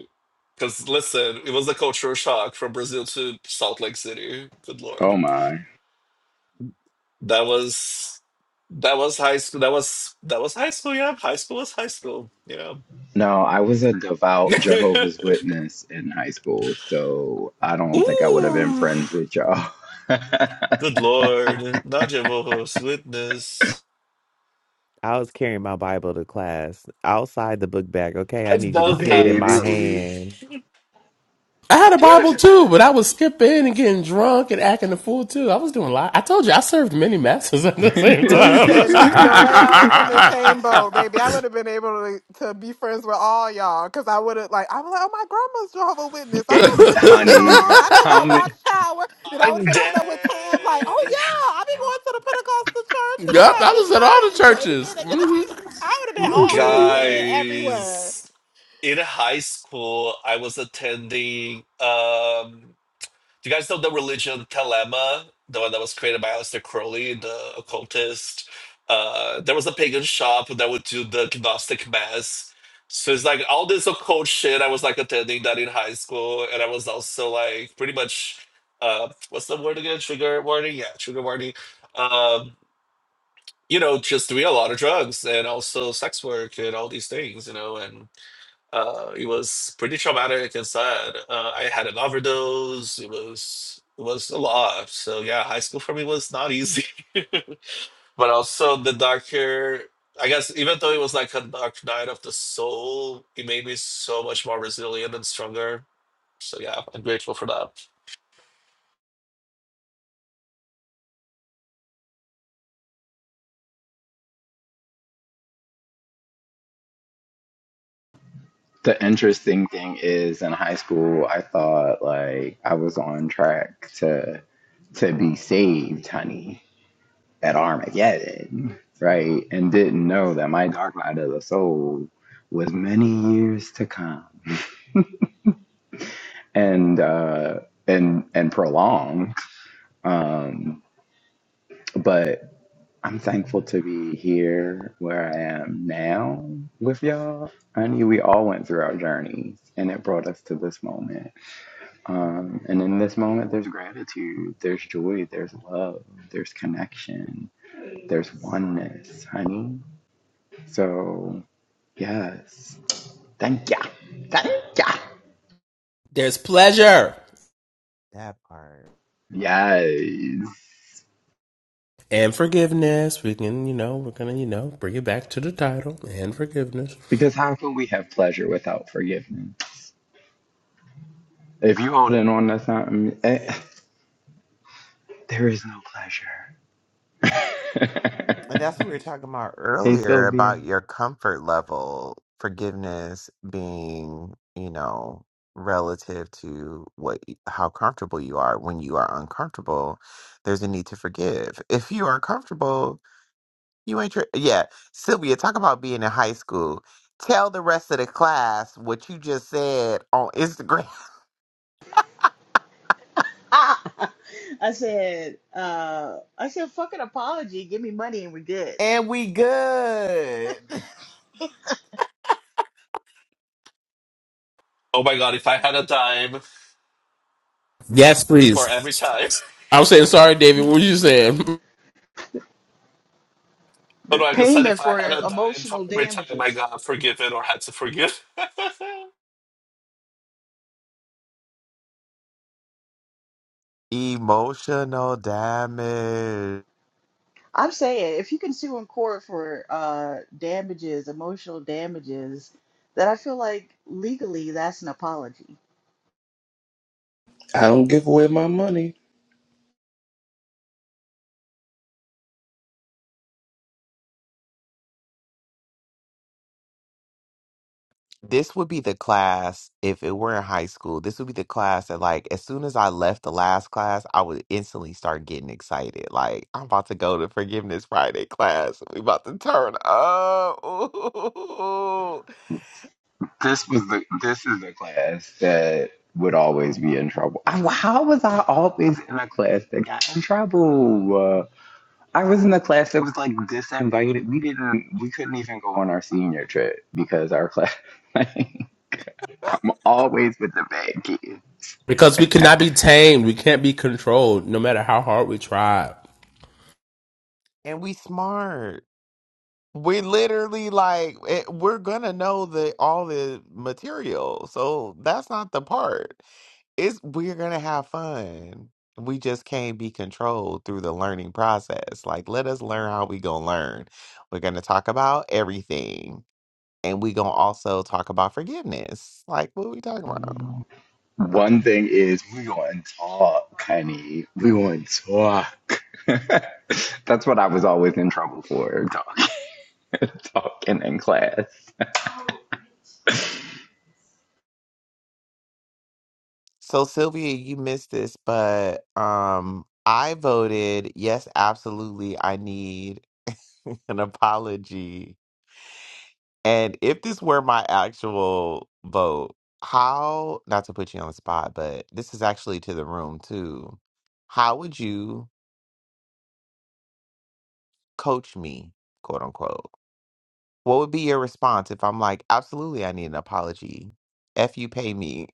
[SPEAKER 4] Because listen, it was a cultural shock from Brazil to Salt Lake City. Good
[SPEAKER 2] Oh
[SPEAKER 4] lord,
[SPEAKER 2] my.
[SPEAKER 4] that was that was high school. That was that was high school. Yeah, high school was high school. Yeah.
[SPEAKER 2] No, I was a devout Jehovah's Witness in high school, so I don't think I would have been
[SPEAKER 4] Ooh,
[SPEAKER 2] friends with y'all.
[SPEAKER 4] good lord, Nadia Vojos, witness.
[SPEAKER 1] I was carrying my Bible to class outside the book bag. Okay, I
[SPEAKER 4] I've
[SPEAKER 1] need you to
[SPEAKER 4] done
[SPEAKER 1] see it in my
[SPEAKER 4] that.
[SPEAKER 2] Baby.
[SPEAKER 1] hand.
[SPEAKER 5] I had a Bible too, but I was skipping and getting drunk and acting a fool too. I was doing a lot. I told you I served many masters at the same time.
[SPEAKER 6] Listen, no way I was in the same boat, baby. I would have been able to, to be friends with all y'all because I would have, like, I was like, oh, my grandma's Jehovah Witness. I
[SPEAKER 2] Get,
[SPEAKER 6] go to the Kingdom
[SPEAKER 2] Honey,
[SPEAKER 6] Hall. I know
[SPEAKER 2] how
[SPEAKER 6] about
[SPEAKER 2] many?
[SPEAKER 6] Watchtower. and I would have
[SPEAKER 4] I'm
[SPEAKER 6] been over there with Tam, like, oh,
[SPEAKER 4] dead,
[SPEAKER 6] yeah, I be going to the Pentecostal church and the
[SPEAKER 5] yep, I
[SPEAKER 6] Baptist
[SPEAKER 5] was at
[SPEAKER 6] church
[SPEAKER 5] all the
[SPEAKER 6] and
[SPEAKER 5] churches.
[SPEAKER 6] David. And, you know, I would have been all,
[SPEAKER 5] Mhm.
[SPEAKER 6] listen, everywhere.
[SPEAKER 4] guys. In high school, I was attending. Um, Do you guys know the religion of Telema, the one that was created by Aleister Crowley, the occultist? Uh, there was a pagan shop that would do the Gnostic Mass. So it's like all this occult shit. I was like attending that in high school, and I was also like pretty much, uh, what's the word again? Trigger warning? Yeah, trigger warning. Um, you know, just doing a lot of drugs and also sex work and all these things, you know, and uh, it was pretty traumatic and sad. Uh, I had an overdose. It was it was a lot. So yeah, high school for me was not easy. but also the doctor, I guess even though it was like a dark night of the soul, it made me so much more resilient and stronger. So yeah, I'm grateful for that.
[SPEAKER 2] The interesting thing is in high school, I thought like I was on track to to be saved, honey, at Armageddon, right? And didn't know that my dark night of the soul was many years to come. and uh, and and prolong. Um, but I'm thankful to be here where I am now with y'all. I knew we all went through our journeys, and it brought us to this moment. Um, and in this moment, there's gratitude, there's joy, there's love, there's connection, there's oneness, honey. So yes, thank ya, thank ya.
[SPEAKER 5] There's pleasure.
[SPEAKER 1] That part.
[SPEAKER 2] Yes.
[SPEAKER 5] and forgiveness. We can, you know, we're gonna, you know, bring it back to the title and forgiveness.
[SPEAKER 2] Because how can we have pleasure without forgiveness? If you hold in on, that's not me. Eh, there is no pleasure.
[SPEAKER 1] And that's what we were talking about
[SPEAKER 2] hey,
[SPEAKER 1] earlier
[SPEAKER 2] Sylvia.
[SPEAKER 1] about your comfort level, forgiveness being, you know, relative to what how comfortable you are. When you are uncomfortable, there's a need to forgive. If you are comfortable, you ain't your yeah. Sylvia, talk about being in high school. Tell the rest of the class what you just said on Instagram.
[SPEAKER 7] I said, uh, I said, fuck an apology. Give me money and we're good.
[SPEAKER 1] And we good.
[SPEAKER 4] Oh my god, if I had a dime
[SPEAKER 5] Yes,
[SPEAKER 4] for every
[SPEAKER 5] please.
[SPEAKER 4] time.
[SPEAKER 5] i was saying sorry, David. What were you saying?
[SPEAKER 4] Oh no, I just said
[SPEAKER 7] Payment
[SPEAKER 4] if I had
[SPEAKER 7] for
[SPEAKER 4] a dime for
[SPEAKER 7] emotional
[SPEAKER 4] every time I
[SPEAKER 7] damages.
[SPEAKER 4] got forgiven or had to forgive.
[SPEAKER 1] Emotional damage.
[SPEAKER 7] I'm saying, if you can sue in court for uh, damages, emotional damages, then I feel like legally that's an apology.
[SPEAKER 3] I don't give away my money.
[SPEAKER 1] This would be the class if it were in high school. This would be the class that, like, as soon as I left the last class, I would instantly start getting excited. Like, I'm about to go to Forgiveness Friday class. We about to turn up. Ooh.
[SPEAKER 2] This was the this is the class that would always be in trouble. I, how was I always in a class that got in trouble? Uh, I was in a class that was like disinvited. We didn't. We couldn't even go on our senior trip because our class. I'm always with the bad kids.
[SPEAKER 5] Because we cannot be tamed. We can't be controlled, no matter how hard we try.
[SPEAKER 1] And we smart. We literally like it, we're gonna know the all the material. So that's not the part. it's we're gonna have fun. We just can't be controlled through the learning process. Like, let us learn how we gonna learn. We're gonna talk about everything, and we gonna also talk about forgiveness. Like, what we talking about?
[SPEAKER 2] One thing is we want to talk, honey. We want to talk. That's what I was always in trouble for, talking, talking in class.
[SPEAKER 1] So, Sylvia, you missed this, but um, I voted yes, absolutely. I need an apology And if this were my actual vote, how, not to put you on the spot, but this is actually to the room too. How would you coach me, quote unquote? What would be your response if I'm like, absolutely, I need an apology? F you pay me.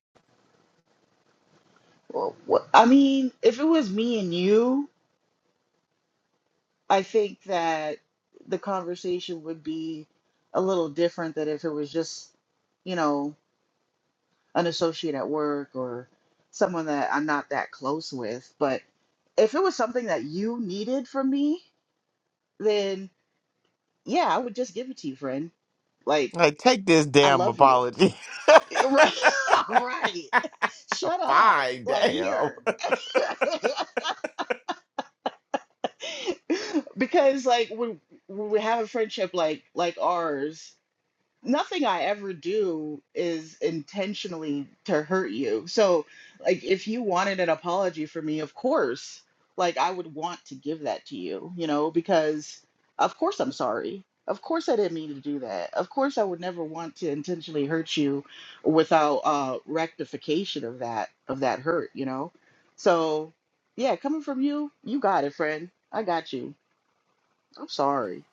[SPEAKER 7] Well, what, I mean, if it was me and you, I think that the conversation would be a little different than if it was just, you know. an associate at work or someone that I'm not that close with. But if it was something that you needed from me, then yeah, I would just give it to you, friend. Like,
[SPEAKER 1] Like, take this
[SPEAKER 7] I
[SPEAKER 1] damn
[SPEAKER 7] love you.
[SPEAKER 1] apology.
[SPEAKER 7] Right. right. Shut up.
[SPEAKER 1] Fine,
[SPEAKER 7] Like,
[SPEAKER 1] damn.
[SPEAKER 7] here. because like when, when we have a friendship like like ours nothing I ever do is intentionally to hurt you. So, like, if you wanted an apology from me, of course, like, I would want to give that to you, you know, because of course I'm sorry. Of course I didn't mean to do that. Of course I would never want to intentionally hurt you without uh, rectification of that of that hurt, you know. So, yeah, coming from you, you got it, friend. I got you. I'm sorry.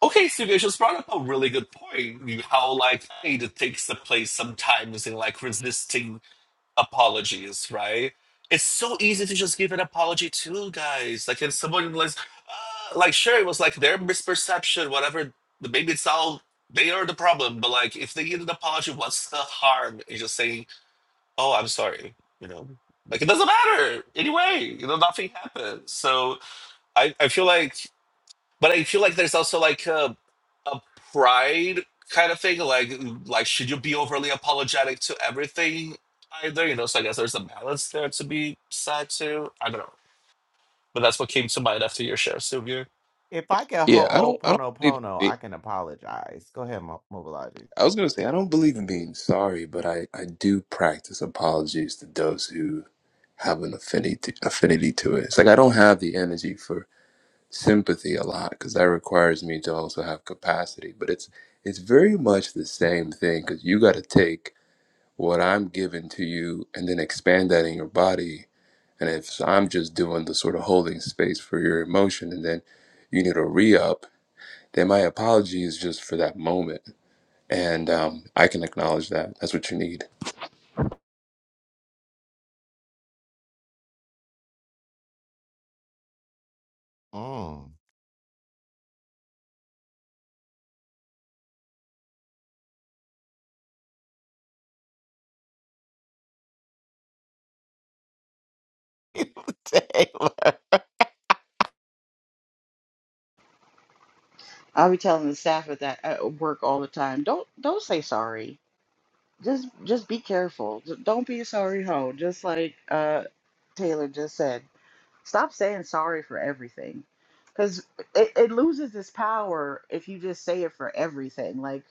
[SPEAKER 4] Okay, so you just brought up a really good point. you- How like hate it takes the place sometimes in like resisting apologies, right? It's so easy to just give an apology too, guys. Like, if someone was uh, like, sure, it was like their misperception, whatever. Maybe it's all they are the problem, but like, if they get an apology, what's the harm in just saying, "Oh, I'm sorry," you know? Like, it doesn't matter anyway. You know, nothing happened. So I, I feel like but I feel like there's also like a, a pride kind of thing. Like, like should you be overly apologetic to everything either? You know, so I guess there's a balance there to be sad to. I don't know, but that's what came to mind after your share, Sylvia.
[SPEAKER 1] If I can
[SPEAKER 3] Yeah, I don't. I don't believe. In
[SPEAKER 1] ho'oponopono,
[SPEAKER 3] being,
[SPEAKER 1] I can apologize. Go ahead, Mo- Mobilizer.
[SPEAKER 3] I was gonna say I don't believe in being sorry, but I I do practice apologies to those who have an affinity affinity to it. It's like I don't have the energy for. sympathy a lot because that requires me to also have capacity but it's it's very much the same thing because you got to take what i'm giving to you and then expand that in your body and if i'm just doing the sort of holding space for your emotion and then you need a re-up then my apology is just for that moment and um, i can acknowledge that that's what you need
[SPEAKER 1] Mm.
[SPEAKER 7] I'll be telling the staff at that at work all the time. Don't don't say sorry. Just just be careful. D- Don't be a sorry hoe. Just like uh, Taylor just said, stop saying sorry for everything, because it, it loses its power if you just say it for everything. Like,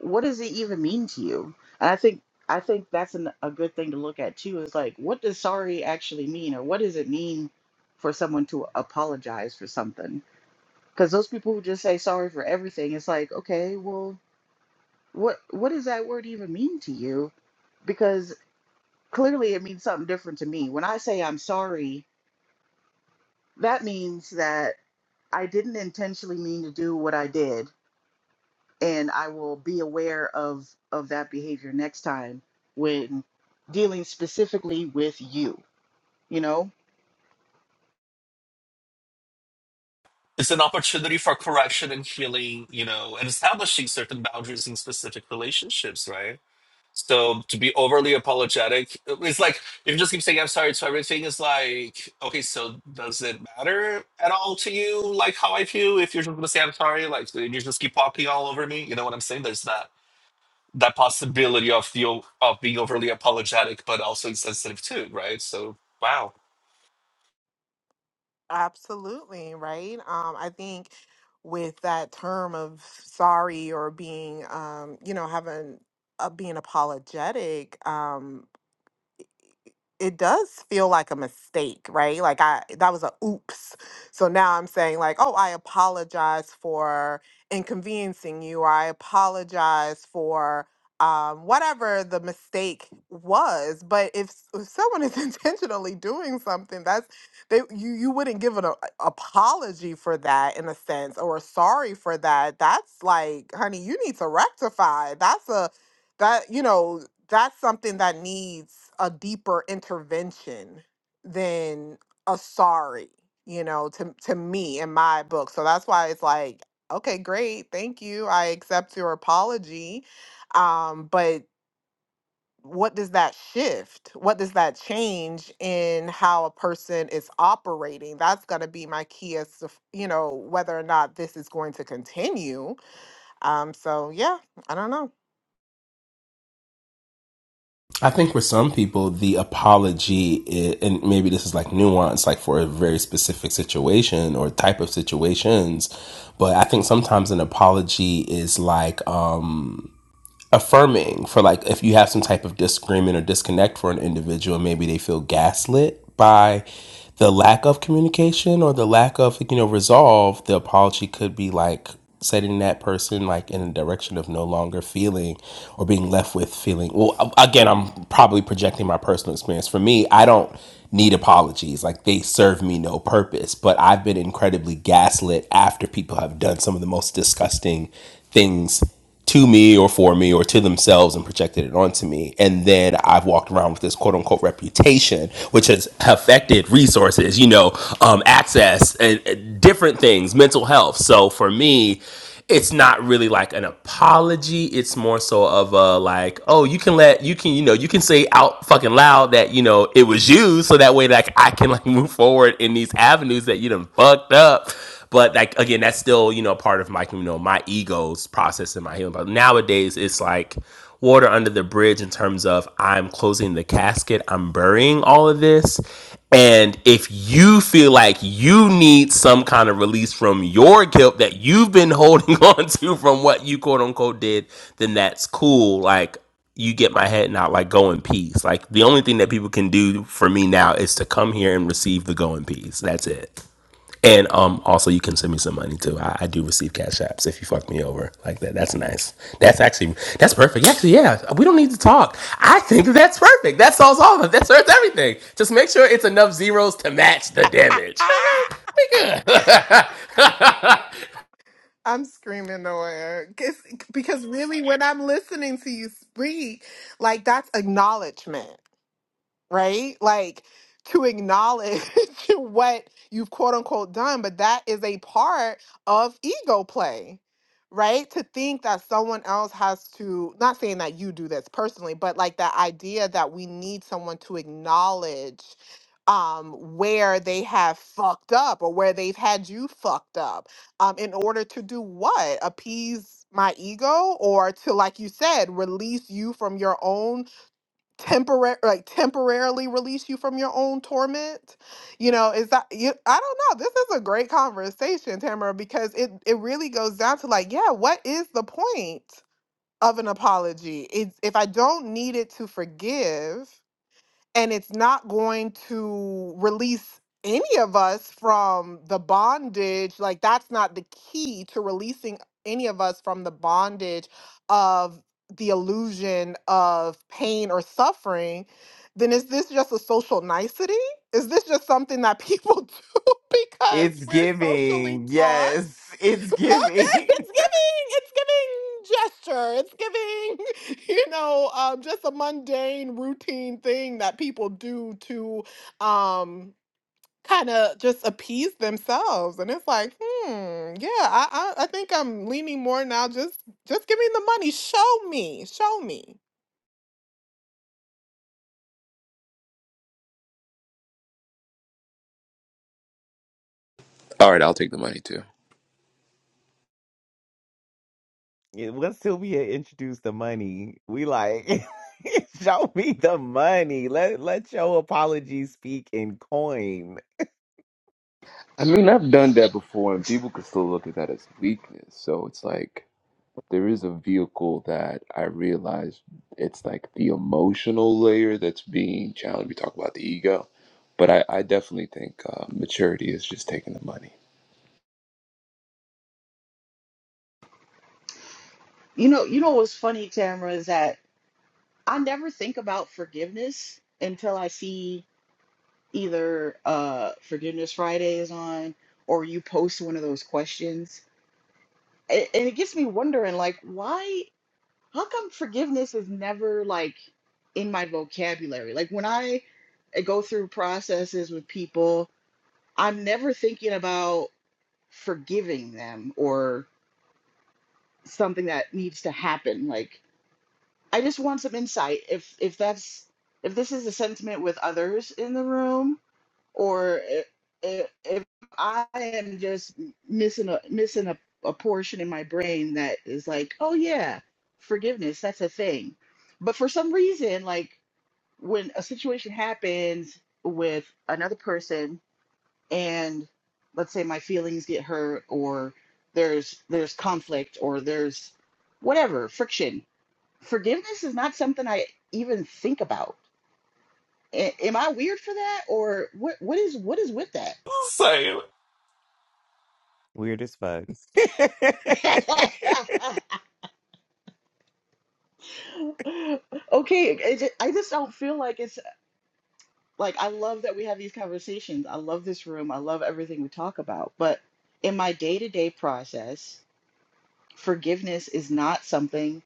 [SPEAKER 7] what does it even mean to you? And I think I think that's an, a good thing to look at too. Is like, what does sorry actually mean, or what does it mean for someone to apologize for something? Because those people who just say sorry for everything, it's like, okay, well, what what does that word even mean to you? Because clearly it means something different to me. When I say I'm sorry, that means that I didn't intentionally mean to do what I did, and I will be aware of of that behavior next time when dealing specifically with you. You know,
[SPEAKER 4] It's an opportunity for correction and healing, you know, and establishing certain boundaries in specific relationships, right? So to be overly apologetic, it's like if you just keep saying I'm sorry to everything, it's like, okay, so does it matter at all to you, like how I feel? If you're just gonna say I'm sorry, like and you just keep walking all over me, you know what I'm saying? There's that that possibility of the o- of being overly apologetic, but also insensitive too, right? So wow,
[SPEAKER 6] Absolutely, right? Um, I think with that term of sorry or being, um, you know, having uh, being apologetic, um, it does feel like a mistake, right? Like I that was a oops. So now I'm saying like, oh, I apologize for inconveniencing you, or I apologize for um, whatever the mistake was. But if, s- if someone is intentionally doing something, that's they you you wouldn't give an a, apology for that in a sense, or a sorry for that. That's like, honey, you need to rectify. That's a that you know that's something that needs a deeper intervention than a sorry you know to to me in my book so that's why it's like okay great thank you i accept your apology um but what does that shift what does that change in how a person is operating that's going to be my key as to f- you know whether or not this is going to continue um so yeah i don't know
[SPEAKER 5] I think for some people, the apology, i and maybe this is like nuance, like for a very specific situation or type of situations, but I think sometimes an apology is like, um, affirming for like if you have some type of disagreement or disconnect for an individual maybe they feel gaslit by the lack of communication or the lack of you know resolve the apology could be like setting that person like in a direction of no longer feeling or being left with feeling well again i'm probably projecting my personal experience for me i don't need apologies like they serve me no purpose but i've been incredibly gaslit after people have done some of the most disgusting things to me or for me or to themselves and projected it onto me. And then I've walked around with this quote unquote reputation, which has affected resources, you know, um, access and, and different things, mental health. So for me, it's not really like an apology. It's more so of a like, oh, you can let you can you know you can say out fucking loud that you know it was you, so that way like I can like move forward in these avenues that you done fucked up but like again, that's still you know part of my you know my ego's process and my healing. But nowadays, it's like water under the bridge in terms of I'm closing the casket, I'm burying all of this. And if you feel like you need some kind of release from your guilt that you've been holding on to from what you quote unquote did, then that's cool. Like you get my head out, like go in peace. Like the only thing that people can do for me now is to come here and receive the go in peace. That's it. And um, also, you can send me some money too. I, I do receive cash apps if you fuck me over like that. That's nice. That's actually that's perfect. Actually, yeah, we don't need to talk. I think that's perfect. That solves all of it. That serves everything. Just make sure it's enough zeros to match the damage.
[SPEAKER 1] Taylor.
[SPEAKER 5] Okay, we good.
[SPEAKER 6] I'm screaming the word 'Cause- because really, when I'm listening to you speak, like that's acknowledgement right? Like to acknowledge what you've quote unquote done, but that is a part of ego play, right? To think that someone else has to, not saying that you do this personally, but like that idea that we need someone to acknowledge um where they have fucked up or where they've had you fucked up um in order to do what appease my ego or to like you said release you from your own temporary like temporarily release you from your own torment you know is that you i don't know this is a great conversation tamara because it it really goes down to like yeah what is the point of an apology it's if i don't need it to forgive and it's not going to release any of us from the bondage like that's not the key to releasing any of us from the bondage of the illusion of pain or suffering then is this just a social nicety is this just something that people do because
[SPEAKER 1] It's
[SPEAKER 6] we're socially
[SPEAKER 1] giving.
[SPEAKER 6] taught
[SPEAKER 1] Yes, it's
[SPEAKER 6] okay, it's
[SPEAKER 1] giving.
[SPEAKER 6] giving, it's giving gesture. It's giving, you know, um, just a mundane routine thing that people do to um kind of just appease themselves. And it's like, hmm, yeah, I, I I think I'm leaning more now. Just just give me the money. Show me. Show me.
[SPEAKER 3] all right i'll take the money too
[SPEAKER 1] Yeah, Once Sylvia introduced the money, we like show me the money. Let let your apology speak in coin.
[SPEAKER 3] i mean i've done that before and people could still look at that as weakness so it's like there is a vehicle that I realize it's like the emotional layer that's being challenged. We talk about the ego, but I, I definitely think uh, maturity is just taking the money.
[SPEAKER 7] you know, you know what's funny, Tamara, is that I never think about forgiveness until I see either uh Forgiveness Friday is on or you post one of those questions. And, and it gets me wondering like why how come forgiveness is never like in my vocabulary? Like when I go through processes with people, I'm never thinking about forgiving them or something that needs to happen. Like I just want some insight if if that's if this is a sentiment with others in the room or i- i- if I am just missing a missing a, a portion in my brain that is like, oh yeah, forgiveness, that's a thing. But for some reason, like when a situation happens with another person and let's say my feelings get hurt or there's there's conflict or there's whatever, friction. Forgiveness is not something I even think about. A- am I weird for that or what what is what is with that?
[SPEAKER 4] so
[SPEAKER 1] Weird as fuck.
[SPEAKER 7] okay, it, ju- I just don't feel like it's like I love that we have these conversations. I love this room. I love everything we talk about. But in my day to day process, forgiveness is not something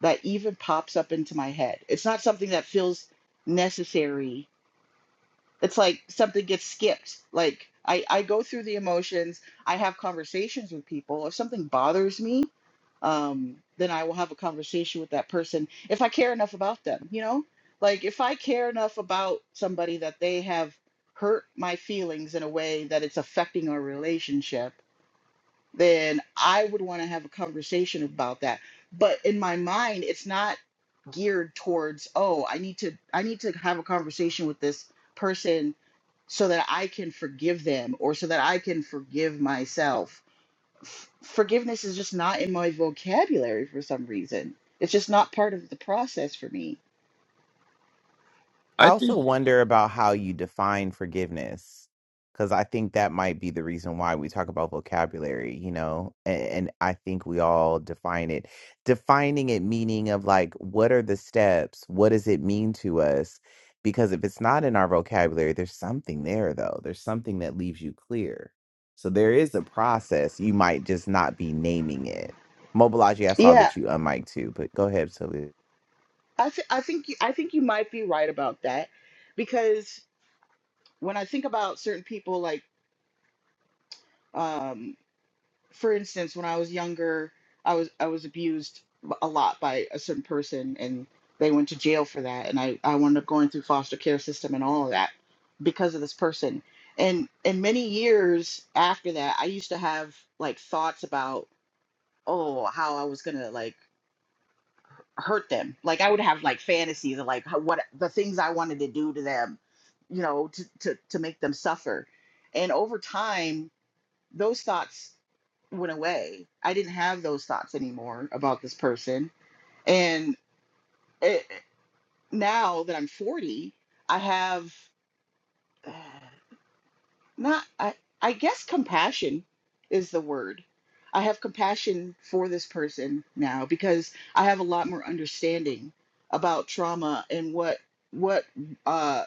[SPEAKER 7] that even pops up into my head. It's not something that feels necessary. It's like something gets skipped. Like I, I go through the emotions, I have conversations with people. If something bothers me, um, then I will have a conversation with that person if I care enough about them, you know? Like if I care enough about somebody that they have hurt my feelings in a way that it's affecting our relationship, then I would want to have a conversation about that. But in my mind, it's not geared towards, oh, I need to I need to have a conversation with this person so that I can forgive them or so that I can forgive myself f- forgiveness is just not in my vocabulary for some reason. It's just not part of the process for me.
[SPEAKER 1] I
[SPEAKER 3] I
[SPEAKER 1] also
[SPEAKER 3] think,
[SPEAKER 1] wonder about how you define forgiveness, because I think that might be the reason why we talk about vocabulary, you know, and, and I think we all define it. Defining it meaning of like, what are the steps? What does it mean to us? Because if it's not in our vocabulary, there's something there, though. There's something that leaves you clear. So there is a process. You might just not be naming it. Mobilize, I saw
[SPEAKER 7] Yeah,
[SPEAKER 1] that you unmiked too, but go ahead, Sylvia.
[SPEAKER 7] I th- I think you, I think you might be right about that because when I think about certain people, like um, for instance, when I was younger, I was I was abused b- a lot by a certain person, and they went to jail for that, and I I wound up going through foster care system and all of that because of this person. And and many years after that, I used to have like thoughts about. oh how i was gonna like hurt them like i would have like fantasies of like how, what the things i wanted to do to them you know to, to to make them suffer and over time those thoughts went away i didn't have those thoughts anymore about this person and it, now that i'm 40 i have not I, I guess compassion is the word. I have compassion for this person now because I have a lot more understanding about trauma and what what uh,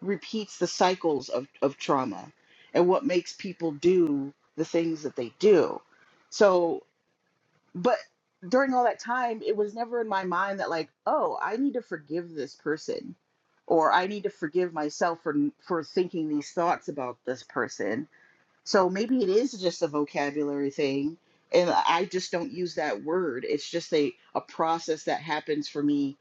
[SPEAKER 7] repeats the cycles of, of trauma and what makes people do the things that they do. So, but during all that time, it was never in my mind that like, oh, I need to forgive this person or I need to forgive myself for for thinking these thoughts about this person so maybe it is just a vocabulary thing, and I just don't use that word. It's just a, a process that happens for me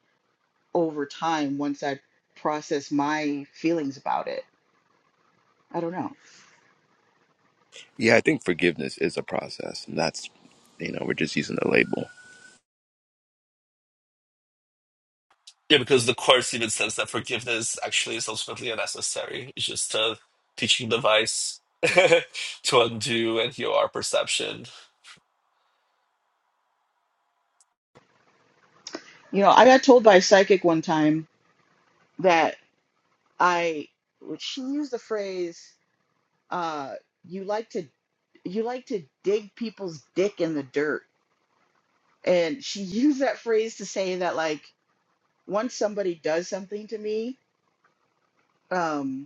[SPEAKER 7] over time once I process my feelings about it. I don't know.
[SPEAKER 3] yeah, I think forgiveness is a process, and that's you know we're just using the label.
[SPEAKER 4] yeah, because the course even says that forgiveness actually is ultimately unnecessary. It's just a teaching device to undo and heal our perception
[SPEAKER 7] You know, I got told by a psychic one time that I, she used the phrase, uh, you like to you like to dig people's dick in the dirt. And she used that phrase to say that like once somebody does something to me, um,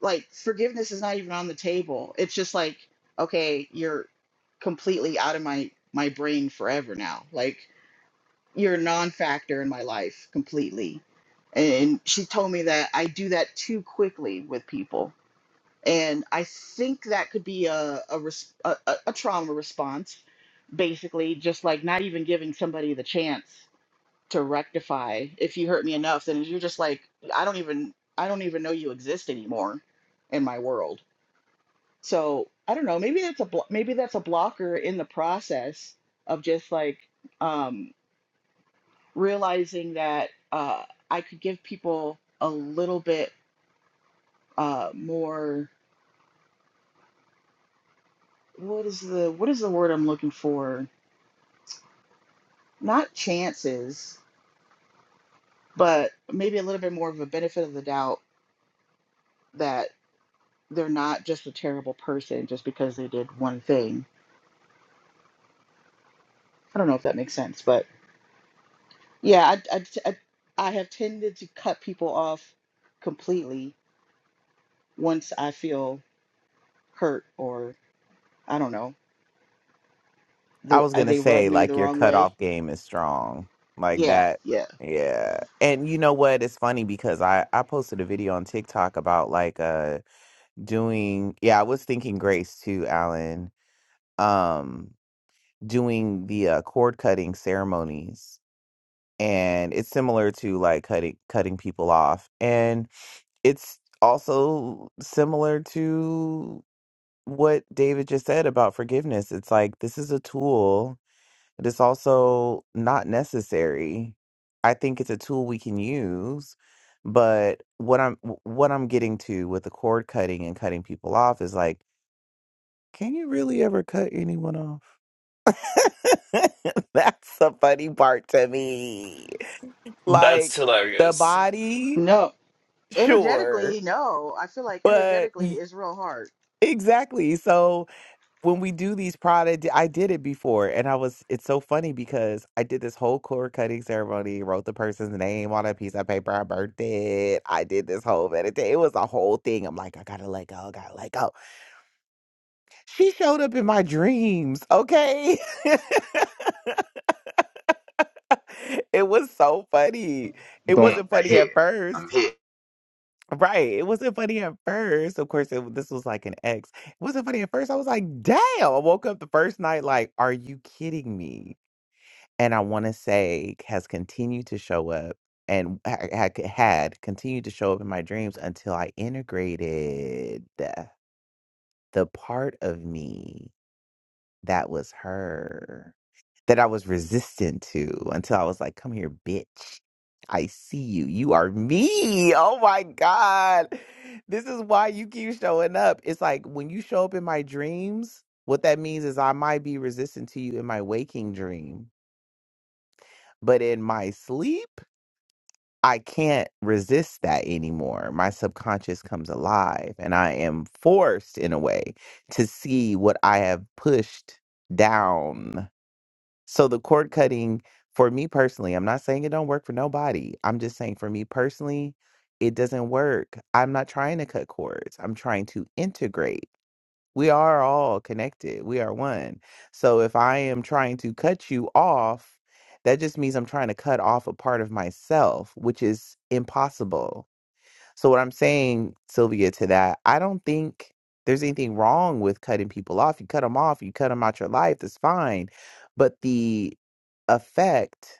[SPEAKER 7] like forgiveness is not even on the table. It's just like, okay, you're completely out of my my brain forever now. Like you're a non-factor in my life completely. And she told me that I do that too quickly with people. And I think that could be a a, res- a, a a trauma response, basically, just like not even giving somebody the chance to rectify. If you hurt me enough, then you're just like, I don't even I don't even know you exist anymore in my world so I don't know. Maybe that's a blo- maybe that's a blocker in the process of just like um, realizing that uh, I could give people a little bit uh, more. What is the what is the word I'm looking for? Not chances, but maybe a little bit more of a benefit of the doubt that they're not just a terrible person just because they did one thing. I don't know if that makes sense, but yeah, I I, I I have tended to cut people off completely once I feel hurt or I don't know,
[SPEAKER 1] I
[SPEAKER 7] the,
[SPEAKER 1] was
[SPEAKER 7] uh,
[SPEAKER 1] gonna
[SPEAKER 7] they rub
[SPEAKER 1] say
[SPEAKER 7] me the
[SPEAKER 1] like your
[SPEAKER 7] wrong way.
[SPEAKER 1] cutoff game is strong. Like
[SPEAKER 7] Yeah,
[SPEAKER 1] that.
[SPEAKER 7] yeah.
[SPEAKER 1] Yeah. And you know what? It's funny because I I posted a video on TikTok about like uh doing yeah, I was thinking grace too, Alan. Um doing the uh, cord cutting ceremonies and it's similar to like cutting cutting people off and it's also similar to what David just said about forgiveness. It's like this is a tool it's also not necessary. I think it's a tool we can use, but what I'm what I'm getting to with the cord cutting and cutting people off is like, can you really ever cut anyone off? That's the funny part to me.
[SPEAKER 4] That's
[SPEAKER 1] Like the
[SPEAKER 4] hilarious.
[SPEAKER 1] body,
[SPEAKER 7] No,
[SPEAKER 1] sure,
[SPEAKER 7] energetically, no. I feel like
[SPEAKER 1] but
[SPEAKER 7] energetically
[SPEAKER 1] y-
[SPEAKER 7] is real hard.
[SPEAKER 1] exactly. So when we do these pride, I di- I did it before, and I was. It's so funny because I did this whole cord cutting ceremony, wrote the person's name on a piece of paper, I burnt it. I did this whole meditation. It was a whole thing. I'm like, I gotta let go, gotta let go. She showed up in my dreams. Okay, it was so funny. It
[SPEAKER 2] Boom,
[SPEAKER 1] wasn't
[SPEAKER 2] I
[SPEAKER 1] funny
[SPEAKER 2] hear.
[SPEAKER 1] at
[SPEAKER 2] I'm
[SPEAKER 1] first.
[SPEAKER 2] here.
[SPEAKER 1] Right, it wasn't funny at first. Of course, it, this was like an ex. It wasn't funny at first. I was like, "Damn!" I woke up the first night like, "Are you kidding me?" And I wanna say has continued to show up and ha had had continued to show up in my dreams until I integrated the part of me that was her, that I was resistant to until I was like, "Come here, bitch. I see you. You are me. Oh my God. This is why you keep showing up." It's like when you show up in my dreams, what that means is I might be resistant to you in my waking dream, but in my sleep. I can't resist that anymore. My subconscious comes alive, and I am forced, in a way, to see what I have pushed down. So, the cord cutting for me personally, I'm not saying it don't work for nobody. I'm just saying for me personally, it doesn't work. I'm not trying to cut cords, I'm trying to integrate. We are all connected. We are one. So if I am trying to cut you off, that just means I'm trying to cut off a part of myself, which is impossible. So what I'm saying, Sylvia, to that, I don't think there's anything wrong with cutting people off. You cut them off, you cut them out your life, that's fine. But the effect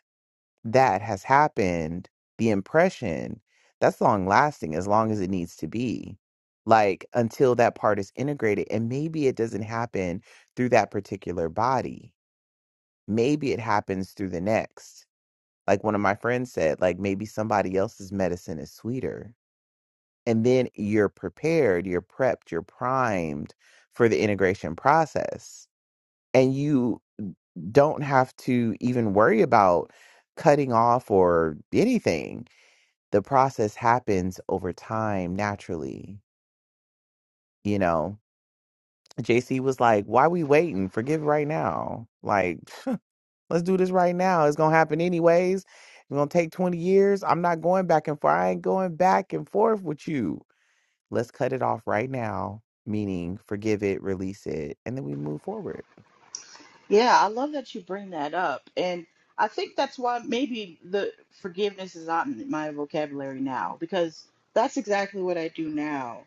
[SPEAKER 1] that has happened, the impression that's long lasting as long as it needs to be. Like until that part is integrated. And maybe it doesn't happen through that particular body. Maybe it happens through the next. Like one of my friends said, like maybe somebody else's medicine is sweeter. And then you're prepared, you're prepped, you're primed for the integration process. And you don't have to even worry about cutting off or anything the process happens over time naturally, you know. JC was like, Why we waiting? Forgive right now. Like, let's do this right now. It's gonna happen anyways. It's gonna take 20 years. I'm not going back and forth. I ain't going back and forth with you. Let's cut it off right now. Meaning forgive it, release it, and then we move forward.
[SPEAKER 7] Yeah, I love that you bring that up. And I think that's why maybe the forgiveness is not in my vocabulary now because that's exactly what I do now.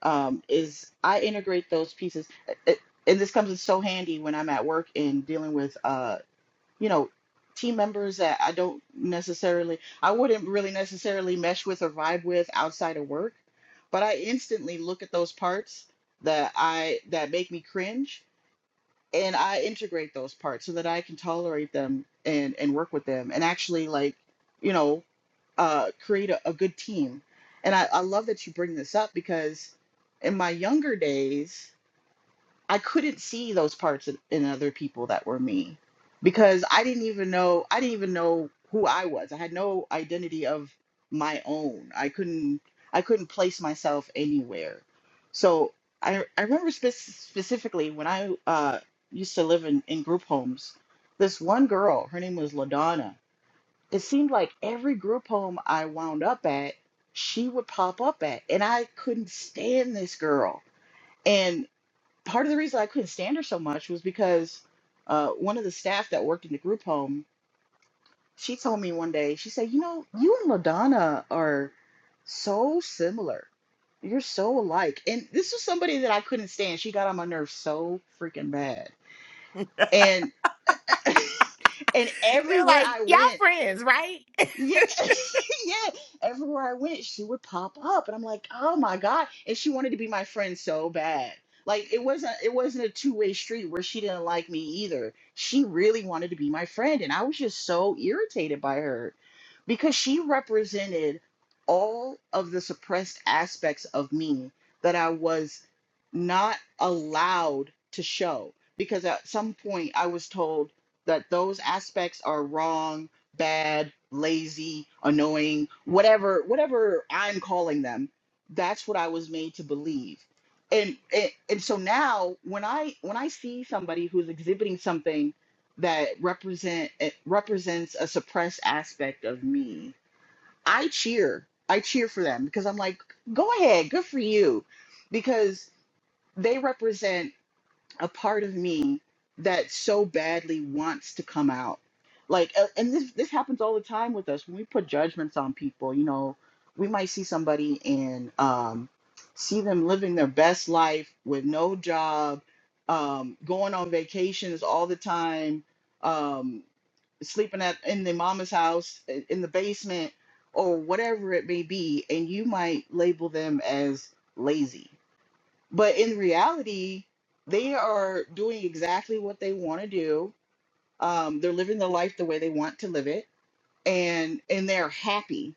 [SPEAKER 7] Um, is I integrate those pieces, Uh, uh, and this comes in so handy when I'm at work and dealing with uh, you know, team members that I don't necessarily, I wouldn't really necessarily mesh with or vibe with outside of work, but I instantly look at those parts that I that make me cringe and I integrate those parts so that I can tolerate them and and work with them and actually like, you know, uh create a, a good team. And I, I love that you bring this up because in my younger days, I couldn't see those parts in, in other people that were me because I didn't even know I didn't even know who I was. I had no identity of my own. I couldn't I couldn't place myself anywhere. So I I remember spe- specifically when I uh, used to live in, in group homes. This one girl, her name was Ladonna. It seemed like every group home I wound up at, she would pop up at, and I couldn't stand this girl part of the reason I couldn't stand her so much was because uh, one of the staff that worked in the group home, she told me one day, she said, "You know, you and LaDonna are so similar. You're so alike." And this was somebody that I couldn't stand. She got on my nerves so freaking bad. And and
[SPEAKER 1] They're
[SPEAKER 7] everywhere
[SPEAKER 1] like,
[SPEAKER 7] I
[SPEAKER 1] y'all
[SPEAKER 7] went.
[SPEAKER 1] friends, right?
[SPEAKER 7] Yeah, yeah. Everywhere I went, she would pop up, and I'm like, oh my God. And she wanted to be my friend so bad. Like it wasn't it wasn't a two-way street where she didn't like me either. She really wanted to be my friend, and I was just so irritated by her because she represented all of the suppressed aspects of me that I was not allowed to show. Because at some point I was told that those aspects are wrong bad, lazy, annoying, whatever whatever I'm calling them, that's what I was made to believe. And, and and so now when I when I see somebody who's exhibiting something that represent it represents a suppressed aspect of me, I cheer. I cheer for them because I'm like, go ahead, good for you. Because they represent a part of me that so badly wants to come out. Like, uh, and this this happens all the time with us when we put judgments on people. You know, we might see somebody and um, see them living their best life with no job, um, going on vacations all the time, um, sleeping at in their mama's house i- in the basement or whatever it may be, and you might label them as lazy but in reality, they are doing exactly what they want to do. Um, they're living their life the way they want to live it, and and they're happy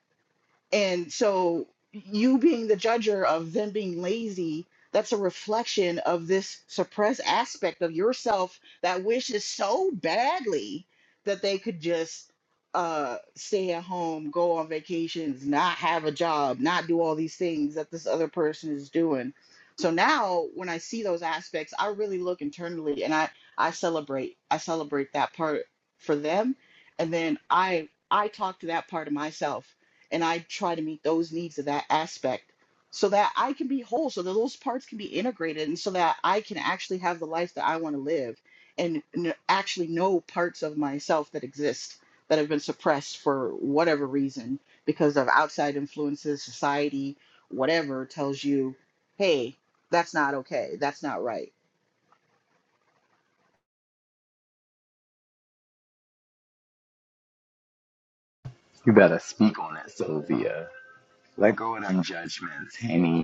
[SPEAKER 7] and so you being the judger of them being lazy, that's a reflection of this suppressed aspect of yourself that wishes so badly that they could just uh stay at home, go on vacations, not have a job, not do all these things that this other person is doing. So now when I see those aspects, I really look internally and I I celebrate. I celebrate that part for them and then I I talk to that part of myself and I try to meet those needs of that aspect so that I can be whole, so that those parts can be integrated, and so that I can actually have the life that I want to live and n- actually know parts of myself that exist that have been suppressed for whatever reason because of outside influences, society, whatever tells you, hey, that's not okay, that's not right.
[SPEAKER 2] You better speak on that, Sylvia. Let go of them judgments, honey.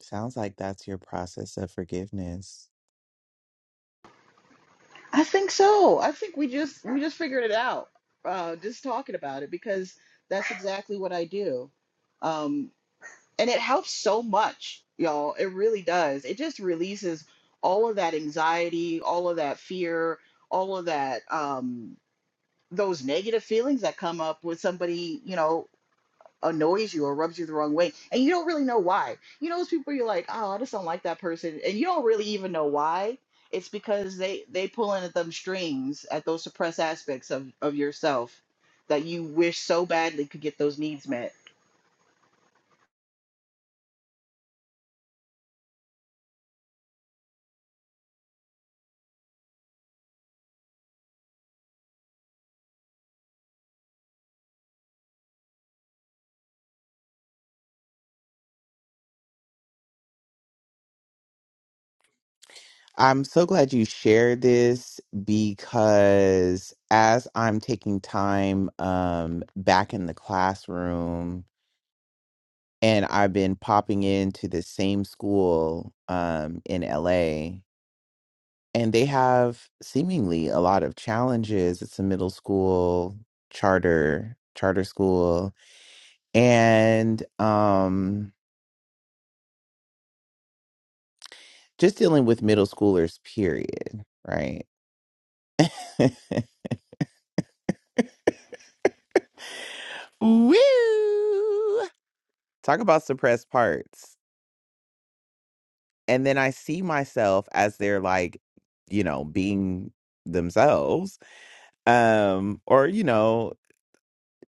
[SPEAKER 1] Sounds like that's your process of forgiveness.
[SPEAKER 7] I think so. I think we just we just figured it out uh, just talking about it because that's exactly what I do Um, and it helps so much y'all it really does it just releases all of that anxiety all of that fear all of that um those negative feelings that come up when somebody you know annoys you or rubs you the wrong way and you don't really know why you know those people you're like oh i just don't like that person and you don't really even know why it's because they they pulling at them strings at those suppressed aspects of of yourself that you wish so badly could get those needs met
[SPEAKER 1] I'm so glad you shared this because as I'm taking time um, back in the classroom, and I've been popping into the same school um, in LA, and they have seemingly a lot of challenges. It's a middle school charter charter school, and um, just dealing with middle schoolers, period. Right. Woo! Talk about suppressed parts. And then I see myself as they're like, you know, being themselves. Um, or, you know,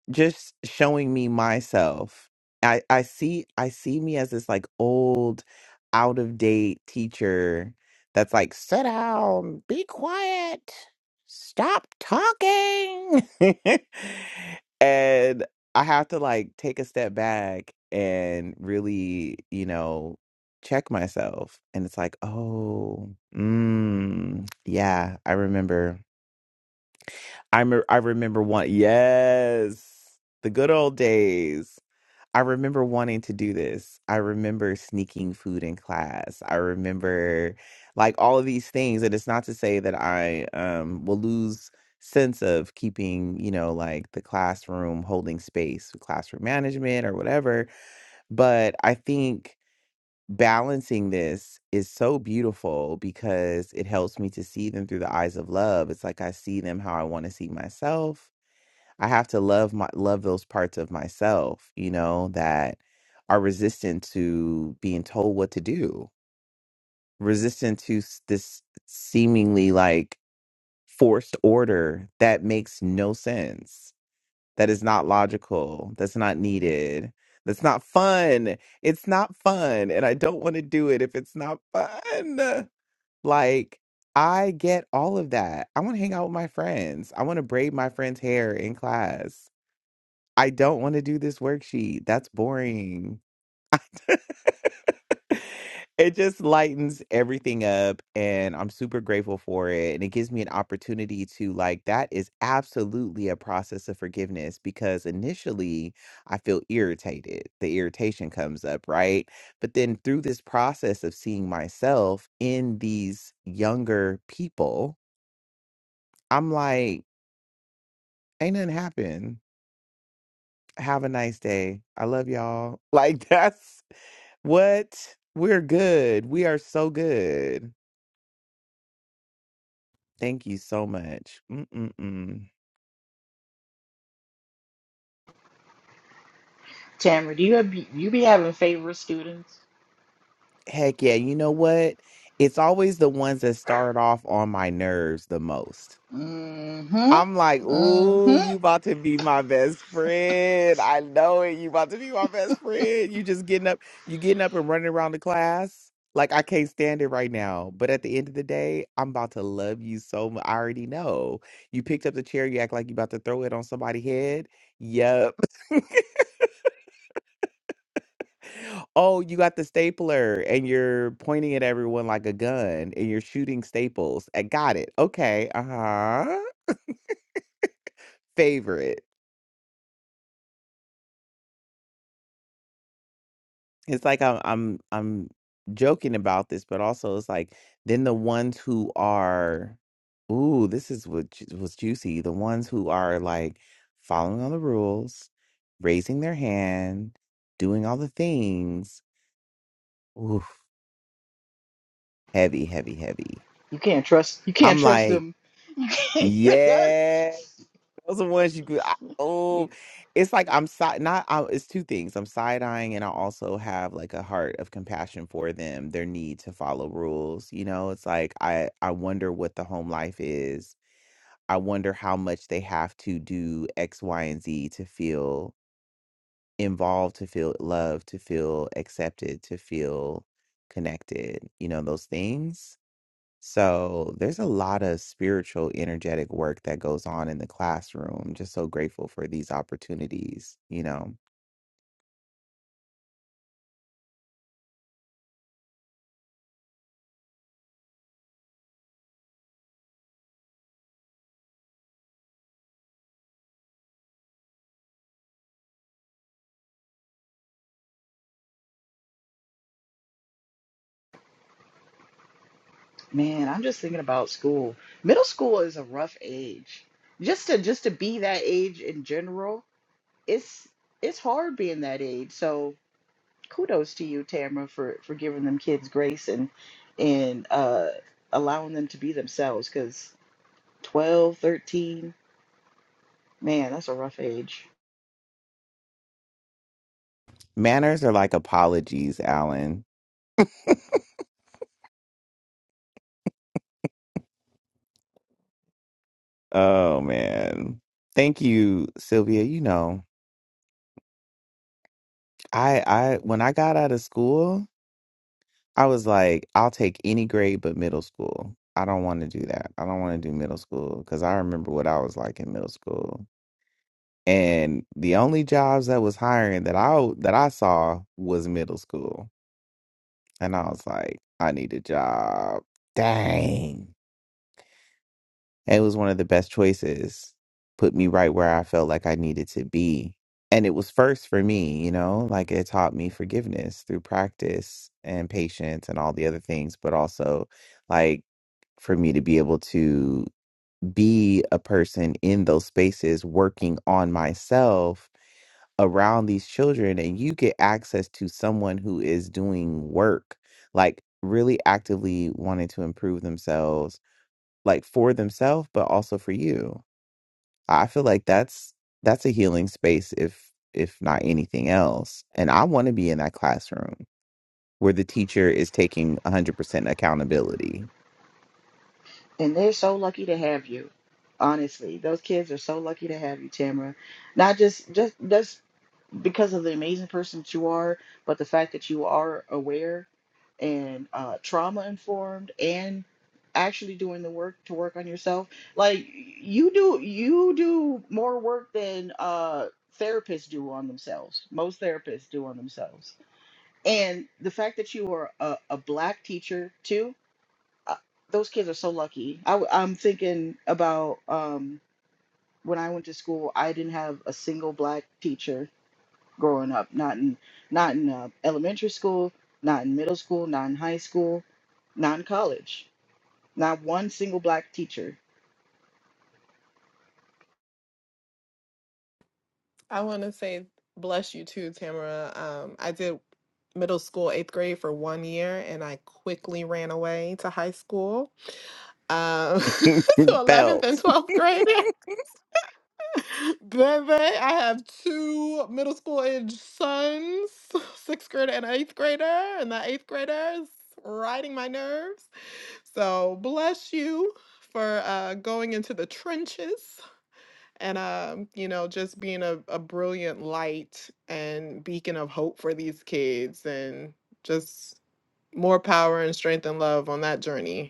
[SPEAKER 1] just showing me myself i i see i see me as this like old out of date teacher that's like sit down be quiet stop talking and i have to like take a step back and really you know check myself and it's like oh mm, yeah i remember I me- I remember one. Yes, the good old days. I remember wanting to do this. I remember sneaking food in class. I remember like all of these things. And it's not to say that I um will lose sense of keeping, you know, like the classroom holding space, classroom management or whatever. But I think balancing this is so beautiful because it helps me to see them through the eyes of love. It's like I see them how I want to see myself I have to love my love those parts of myself, you know, that are resistant to being told what to do, resistant to s- this seemingly like forced order that makes no sense, that is not logical, that's not needed, that's not fun. It's not fun, and I don't want to do it if it's not fun. Like I get all of that. I want to hang out with my friends. I want to braid my friend's hair in class. I don't want to do this worksheet. That's boring. it just lightens everything up and I'm super grateful for it and it gives me an opportunity to like that is absolutely a process of forgiveness because initially I feel irritated. The irritation comes up, right? But then through this process of seeing myself in these younger people, I'm like ain't nothing happened Have a nice day. I love y'all. Like that's what we're good. We are so good. Thank you so much. Mm-mm-mm.
[SPEAKER 7] Tamara, do you have, you be having favorite students?
[SPEAKER 1] Heck yeah. You know what? It's always the ones that start off on my nerves the most. I'm like,
[SPEAKER 7] Mm-hmm.
[SPEAKER 1] ooh,
[SPEAKER 7] Mm-hmm.
[SPEAKER 1] you about to be my best friend. I know it. You about to be my best friend. You just getting up, you getting up and running around the class. Like I can't stand it right now. But at the end of the day, I'm about to love you so much. I already know. You picked up the chair, you act like you about to throw it on somebody's head. Yep. Oh, you got the stapler and you're pointing at everyone like a gun and you're shooting staples. I got it. Okay. Uh-huh. Favorite. It's like I'm I'm I'm joking about this, but also it's like then the ones who are, ooh, this is what ju- was juicy. The ones who are like following all the rules, raising their hand, doing all the things. Oof, heavy, heavy, heavy.
[SPEAKER 7] You can't trust you can't
[SPEAKER 1] I'm
[SPEAKER 7] trust
[SPEAKER 1] like,
[SPEAKER 7] them. You can't trust
[SPEAKER 1] yeah. Those are ones you could. I, oh, it's like I'm side. Not. I, it's two things. I'm side eyeing, and I also have like a heart of compassion for them. Their need to follow rules. You know, it's like I. I wonder what the home life is. I wonder how much they have to do X, Y, and Z to feel involved, to feel loved, to feel accepted, to feel connected. You know, those things so there's a lot of spiritual, energetic work that goes on in the classroom. Just so grateful for these opportunities, you know.
[SPEAKER 7] Man, I'm just thinking about school. Middle school is a rough age. Just to just to be that age in general, it's it's hard being that age. So kudos to you, Tamara, for for giving them kids grace and and uh allowing them to be themselves because 12, 13, man, that's a rough age.
[SPEAKER 1] Manners are like apologies, Alan. Oh man. Thank you, Sylvia. You know, I I when I got out of school, I was like, I'll take any grade but middle school. I don't want to do that. I don't want to do middle school because I remember what I was like in middle school. And the only jobs that was hiring that I that I saw was middle school And I was like, I need a job. Dang. It was one of the best choices. Put me right where I felt like I needed to be. And it was first for me, you know, like it taught me forgiveness through practice and patience and all the other things, but also like for me to be able to be a person in those spaces working on myself around these children and you get access to someone who is doing work, like really actively wanting to improve themselves, like for themselves, but also for you. I feel like that's that's a healing space if if not anything else. And I want to be in that classroom where the teacher is taking 100% accountability.
[SPEAKER 7] And they're so lucky to have you. Honestly, those kids are so lucky to have you, Tamara. Not just just just because of the amazing person that you are, but the fact that you are aware and uh, trauma informed and actually doing the work to work on yourself. Like you do you do more work than uh therapists do on themselves. Most therapists do on themselves. And the fact that you are a, a black teacher too uh, those kids are so lucky. I, am thinking about um, when I went to school. I didn't have a single black teacher growing up. Not in not in uh, elementary school, not in middle school, not in high school, not in college. Not one single black teacher.
[SPEAKER 6] I wanna say bless you too, Tamara. Um I did middle school, eighth grade for one year and I quickly ran away to high school Um, so 11th
[SPEAKER 1] Belt.
[SPEAKER 6] and 12th grade. then they, I have two middle school age sons, sixth grader and eighth grader, and the eighth grader is riding my nerves. So bless you for uh, going into the trenches and um, you know just being a, a brilliant light and beacon of hope for these kids and just more power and strength and love on that journey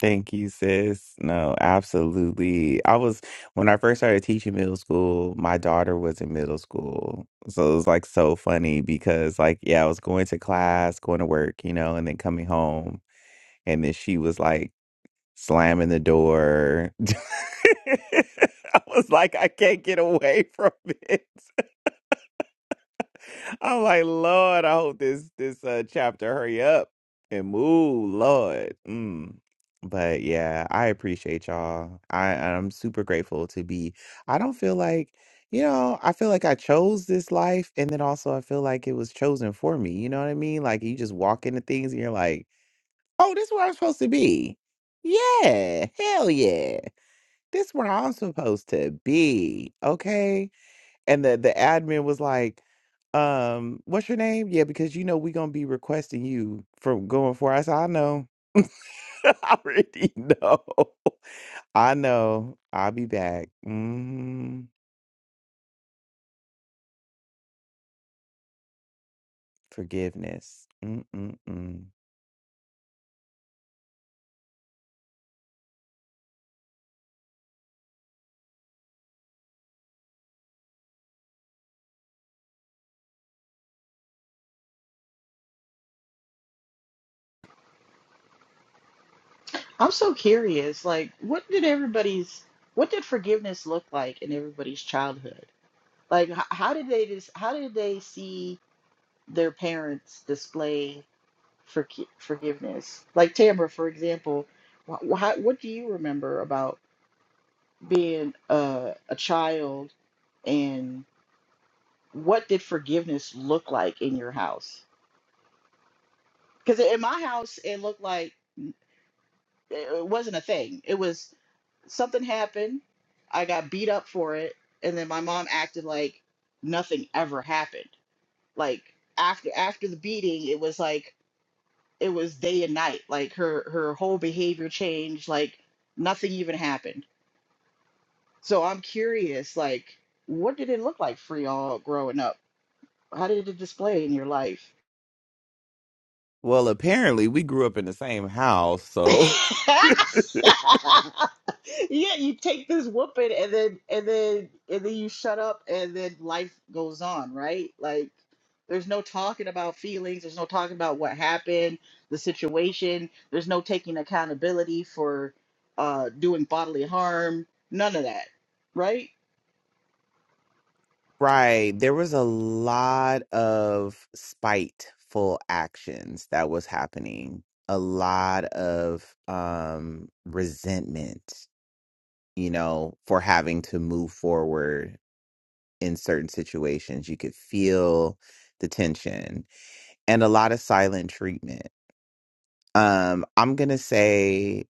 [SPEAKER 1] Thank you, sis. No, absolutely. I was when I first started teaching middle school, my daughter was in middle school. So it was like so funny because like yeah, I was going to class, going to work, you know, and then coming home and then she was like slamming the door. I was like I can't get away from it. I'm like, Lord, I hope this this uh chapter hurry up and move, Lord. Mm. But yeah, I appreciate y'all. I I'm super grateful to be. I don't feel like, you know, I feel like I chose this life, and then also I feel like it was chosen for me. You know what I mean? Like you just walk into things and you're like, oh, this is where I'm supposed to be. Yeah, hell yeah. This where I'm supposed to be. Okay and the the admin was like um what's your name yeah because you know we're gonna be requesting you from going for us i know i already know i know i'll be back mm, forgiveness Mm-mm-mm.
[SPEAKER 7] I'm so curious. Like, what did everybody's what did forgiveness look like in everybody's childhood? Like, h- how did they just how did they see their parents display for forgiveness. Like Tamara, for example, wh- wh- how, what do you remember about being a, a child and what did forgiveness look like in your house? Because in my house, it looked like it it wasn't a thing. It was something happened, I got beat up for it, and then my mom acted like nothing ever happened. Like after after the beating, it was like it was day and night like her her whole behavior changed like nothing even happened so i'm curious like what did it look like for y'all growing up how did it display in your life
[SPEAKER 1] well apparently we grew up in the same house
[SPEAKER 7] yeah,
[SPEAKER 1] so
[SPEAKER 7] you take this whooping and then and then and then you shut up and then life goes on, right? Like there's no talking about feelings, there's no talking about what happened, the situation, there's no taking accountability for uh doing bodily harm, none of that, right?
[SPEAKER 1] Right. There was a lot of spiteful actions that was happening. A lot of um resentment. you know, for having to move forward in certain situations. You could feel the tension and a lot of silent treatment. Um, I'm gonna say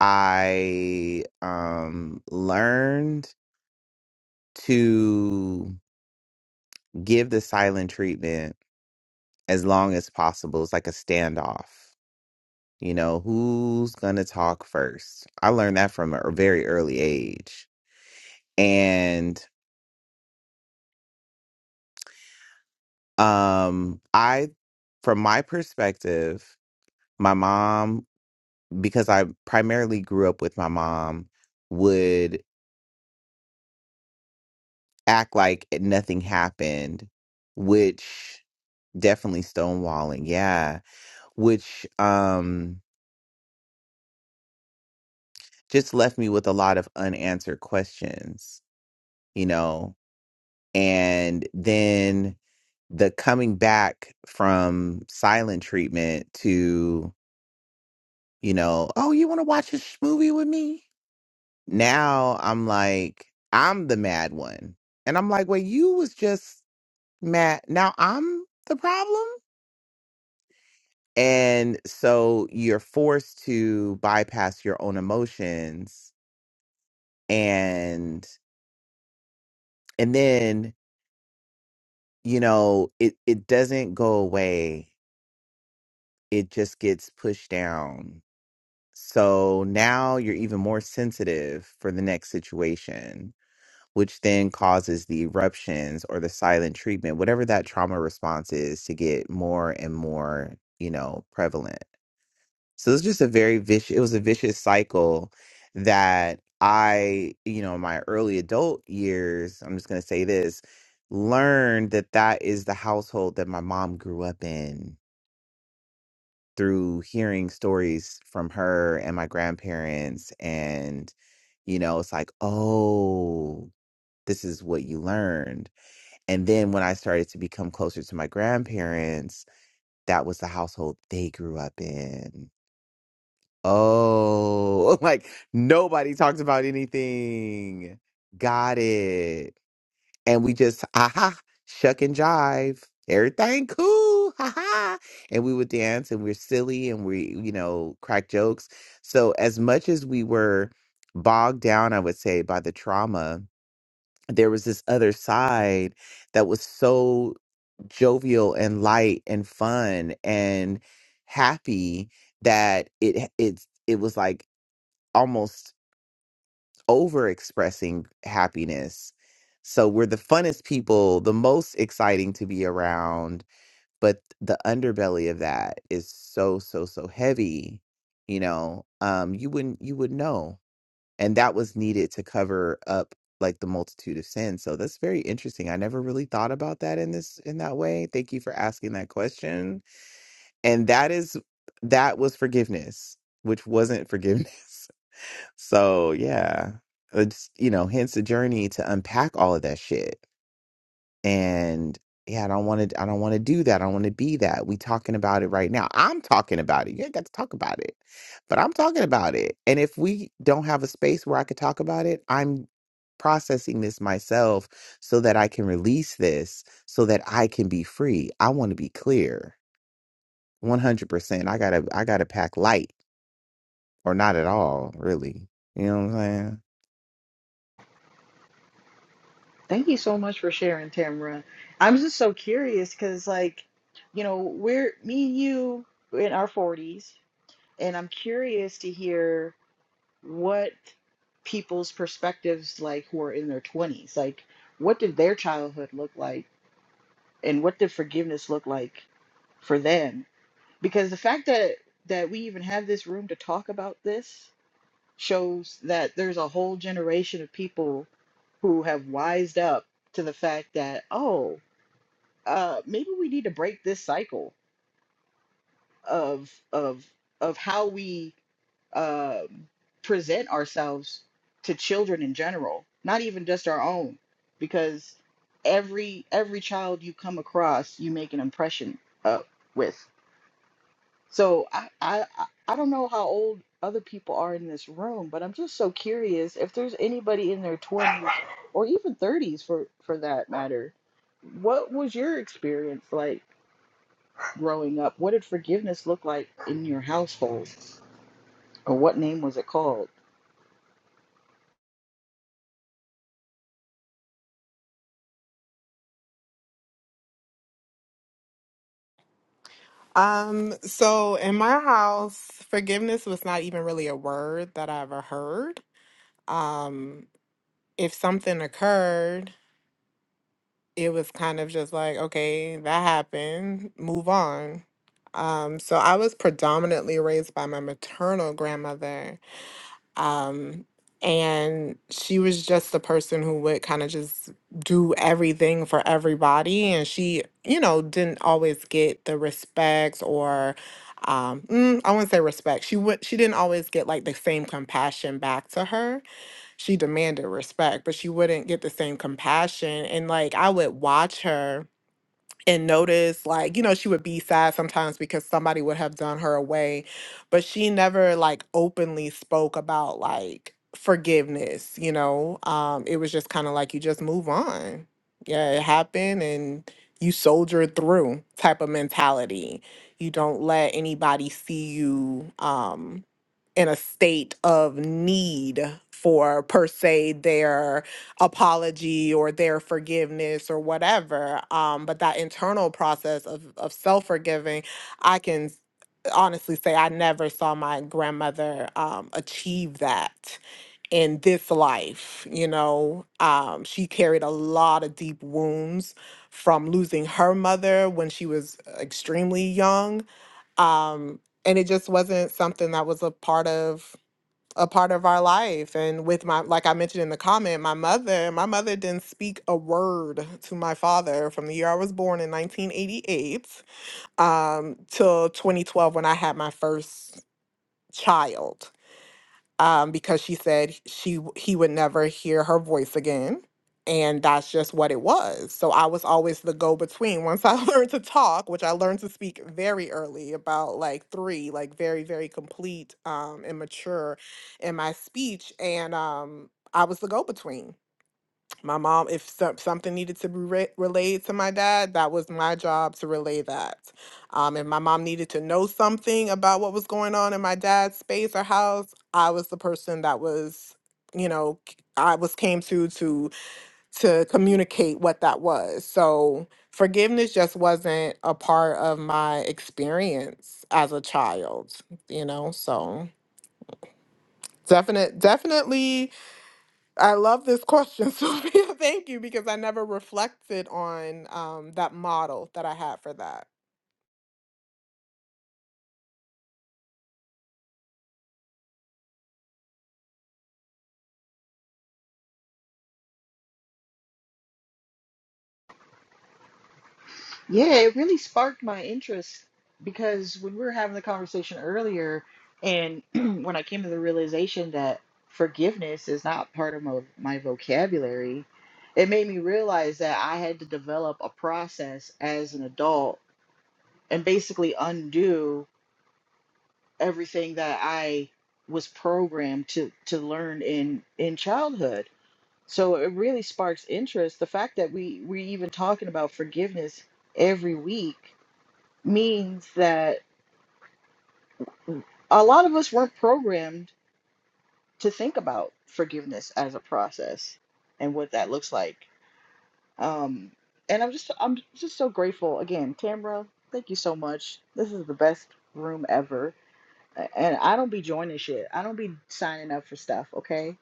[SPEAKER 1] I um learned to give the silent treatment as long as possible. It's like a standoff. You know, who's gonna talk first? I learned that from a very early age. and. Um, I, from my perspective, my mom, because I primarily grew up with my mom, would act like nothing happened, which definitely stonewalling, yeah, which um just left me with a lot of unanswered questions, you know. And then the coming back from silent treatment to, you know, oh, you want to watch this movie with me? now I'm like, I'm the mad one. And I'm like, well, you was just mad. Now I'm the problem. And so you're forced to bypass your own emotions and and then, you know, it, it doesn't go away. It just gets pushed down. So now you're even more sensitive for the next situation which then causes the eruptions or the silent treatment, whatever that trauma response is, to get more and more, you know, prevalent. So it's just a very vicious, it was a vicious cycle that I, you know, in my early adult years, I'm just going to say this, learned that that is the household that my mom grew up in through hearing stories from her and my grandparents. And, you know, it's like, oh, this is what you learned and then when I started to become closer to my grandparents, that was the household they grew up in. Oh, like nobody talked about anything. Got it. And we just, aha, shuck and jive. Everything cool. Ha ha. And we would dance and we're silly and we, you know, crack jokes. So as much as we were bogged down, I would say, by the trauma, there was this other side that was so jovial and light and fun and happy that it it it was like almost over expressing happiness so we're the funnest people the most exciting to be around but the underbelly of that is so so so heavy you know um you wouldn't you would know and that was needed to cover up like the multitude of sins so that's very interesting i never really thought about that in this in that way thank you for asking that question and that is that was forgiveness which wasn't forgiveness so yeah it's you know hence the journey to unpack all of that shit and yeah, I don't want to. I don't want to do that. I don't want to be that. We talking about it right now. I'm talking about it. You ain't got to talk about it, but I'm talking about it. And if we don't have a space where I could talk about it, I'm processing this myself so that I can release this, so that I can be free. I want to be clear, 100. percent I gotta. I gotta pack light or not at all, really. You know what I'm saying?
[SPEAKER 7] Thank you so much for sharing, Tamra. I'm just so curious because like, you know, we're me and you we're in our 40s, and I'm curious to hear what people's perspectives like who are in their 20s like what did their childhood look like and what did forgiveness look like for them because the fact that that we even have this room to talk about this shows that there's a whole generation of people who have wised up to the fact that oh uh maybe we need to break this cycle of of of how we um, present ourselves to children in general, not even just our own, because every every child you come across, you make an impression uh, with. So I, I I I don't know how old other people are in this room, but I'm just so curious if there's anybody in their 20s or even 30s for for that matter. What was your experience like? growing up, what did forgiveness look like in your household? Or what name was it called?
[SPEAKER 6] Um, so in my house, forgiveness was not even really a word that I ever heard. Um, if something occurred, it was kind of just like, okay, that happened, move on. Um, so I was predominantly raised by my maternal grandmother. Um, and she was just the person who would kind of just do everything for everybody. And she, you know, didn't always get the respect or um, mm, I wouldn't say respect. She would she didn't always get like the same compassion back to her. She demanded respect, but she wouldn't get the same compassion. And like I would watch her and notice like you know she would be sad sometimes because somebody would have done her away but she never like openly spoke about like forgiveness you know um it was just kind of like you just move on yeah it happened and you soldier through type of mentality you don't let anybody see you um in a state of need for per se their apology or their forgiveness or whatever um but that internal process of of self-forgiving i can s- honestly say i never saw my grandmother um achieve that in this life you know um she carried a lot of deep wounds from losing her mother when she was extremely young um and it just wasn't something that was a part of a part of our life. And with my, like I mentioned in the comment, my mother, my mother didn't speak a word to my father from the year I was born in 1988 um, till 2012 when I had my first child um, because she said she he would never hear her voice again, and that's just what it was. So I was always the go between. Once I learned to talk, which I learned to speak very early, about like three, like very very complete um, and mature in my speech, and um, I was the go between. My mom, if some, something needed to be re- relayed to my dad, that was my job to relay that. Um, if my mom needed to know something about what was going on in my dad's space or house, I was the person that was, you know, c- I was came to to to communicate what that was. So forgiveness just wasn't a part of my experience as a child, you know. So definite, definitely I love this question, Sophia. Thank you because I never reflected on um, that model that I had for that.
[SPEAKER 7] Yeah, it really sparked my interest because when we were having the conversation earlier, and when I came to the realization that forgiveness is not part of my, my vocabulary, it made me realize that I had to develop a process as an adult and basically undo everything that I was programmed to to learn in in childhood So it really sparks interest. The fact that we we're even talking about forgiveness every week means that a lot of us weren't programmed to think about forgiveness as a process and what that looks like. Um, and I'm just I'm just so grateful again, Tamra. Thank you so much. This is the best room ever. A- And I don't be joining shit. I don't be signing up for stuff. Okay.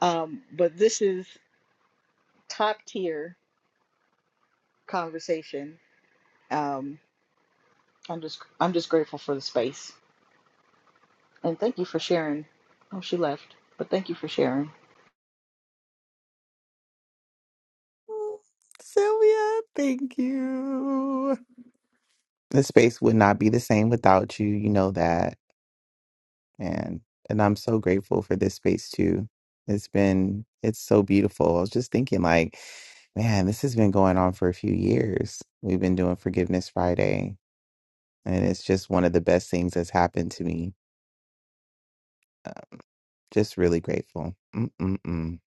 [SPEAKER 7] Um, but this is top tier conversation. Um, I'm just I'm just grateful for the space. And thank you for sharing. Oh, she left. But thank you for sharing.
[SPEAKER 1] Mm, Sylvia, thank you. The space would not be the same without you. You know that. And and I'm so grateful for this space too. It's been it's so beautiful. I was just thinking like, man, this has been going on for a few years. We've been doing Forgiveness Friday, and it's just one of the best things that's happened to me. Um, just really grateful. Mm-mm-mm.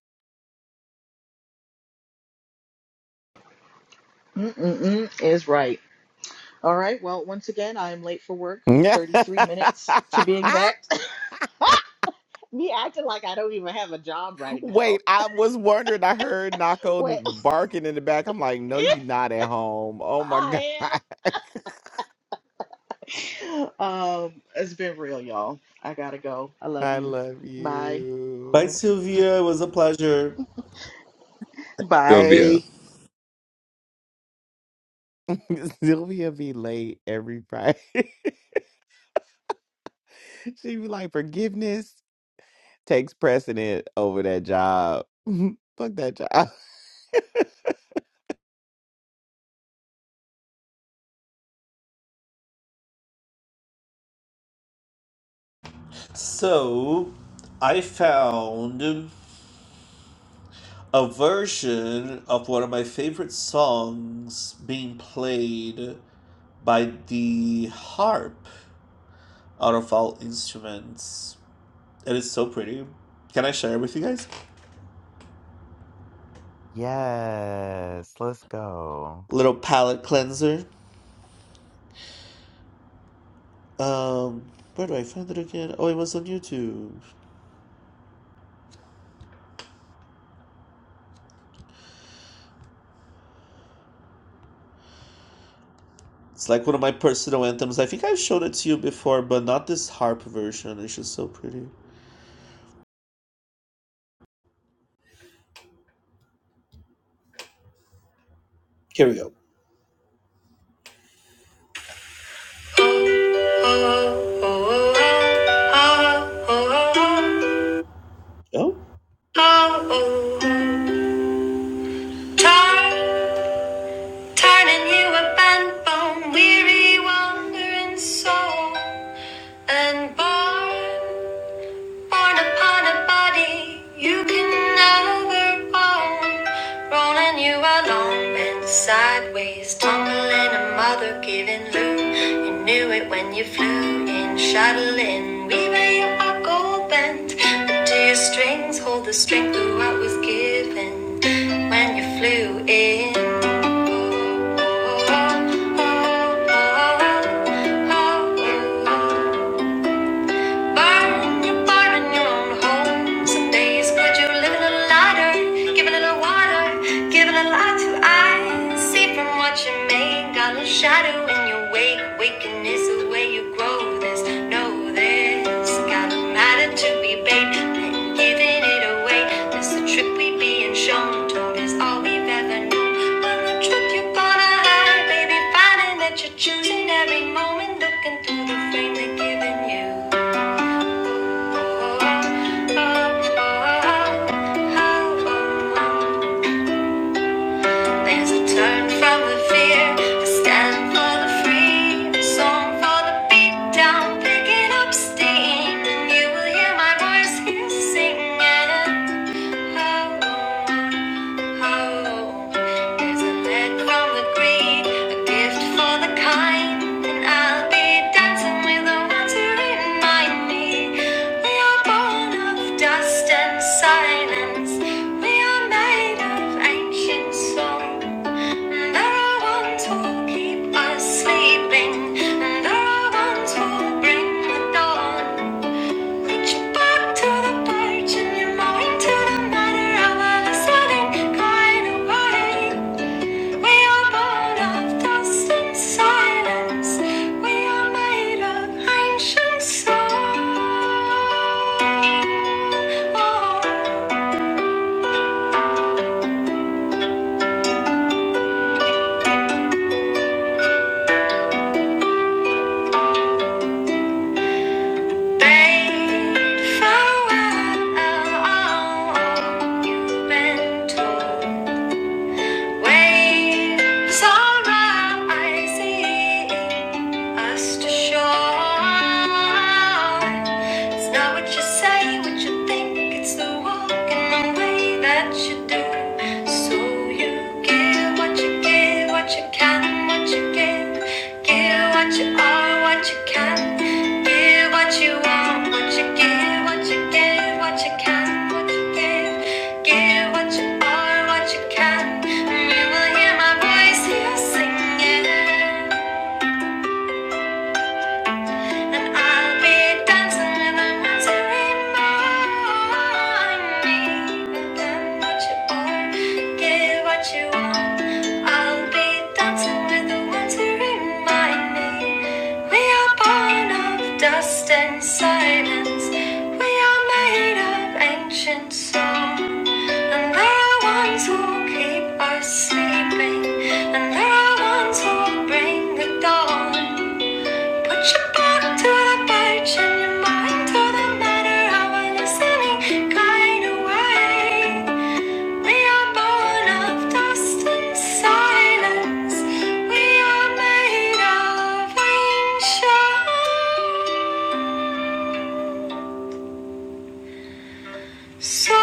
[SPEAKER 7] Mm-mm-mm is right. All right. Well, once again, I am late for work. 33 minutes to be exact. Me acting like I don't even have a job right now.
[SPEAKER 1] Wait, I was wondering. I heard Nako
[SPEAKER 7] Wait.
[SPEAKER 1] barking in the back. I'm like, no, you're not at home. Oh my God.
[SPEAKER 7] I am. Um, it's been real, y'all. I gotta go. I love
[SPEAKER 1] I
[SPEAKER 7] you.
[SPEAKER 1] love
[SPEAKER 7] Bye.
[SPEAKER 4] Bye,
[SPEAKER 1] you.
[SPEAKER 4] Sylvia. It was a pleasure.
[SPEAKER 3] Sylvia,
[SPEAKER 7] Bye.
[SPEAKER 1] Sylvia be late every Friday. she be like, forgiveness takes precedent over that job. Fuck that job.
[SPEAKER 4] So, I found a version of one of my favorite songs being played by the harp out of all instruments. It is so pretty. Can I share it with you guys?
[SPEAKER 1] yes, let's go.
[SPEAKER 4] Little palette cleanser. Um, where do I find it again? Oh, it was on YouTube. It's like one of my personal anthems. I think I've shown it to you before, but not this harp version. It's just so pretty. Here we go. Oh, weary, wandering soul, and born Born upon a body you can never own. Rolling you along, bent sideways, tumbling a mother giving loom. You knew it when you flew in, shuttling, weaving your gold bent. But do your strings hold the strength of what was given when you flew in? Oh, oh, oh, oh, oh, oh, oh, oh. Burn your bar in your own home. Some days would you live a little lighter, give water, give a light to eyes. See from what you make, got a shadow in your wake. Wickedness is where you grow. There's no this got a matter to be paid, then giving it away. It's a trick we being shown. Told is all we've ever known. But the truth you're gonna hide, baby, finding that you're choosing every moment, looking through the frame they're giving you. There's a turn from the fear, a stand for the free, a song for the beat down, picking up steam. You will hear my voice here Oh, there's a lead from the green, a gift for the kind, and I'll be dancing with the ones who remind me we are born of dust and silence. We are made of ancient song, and there are ones who keep us sleeping, and there are ones who bring the dawn. Put back to the porch and your mind to the matter. I wanna sudden away. We are born of dust and silence. We are made of ancient soul. Bade farewell, all you've been told. Waves are rising us to shore. It's not what you say, what you think, it's the walk and the way that you do. So you give what you give, you can, what you give. Give what you are, what you can. Give what you want, what you give, what you give, what you can, what you give. Give what you are, what you can. You will hear my voice, hear singing. And I'll be dancing in the night to remind me that what you are, get what you want. I'll be dancing with the ones who remind me we are born of dust and silence. We are made of ancient song, and there are ones who keep us sleeping, and there are ones who bring the dawn. Put your back to the page and your mind to the matter of a listening kind way. We are born of dust and silence. We are made of ancient souls.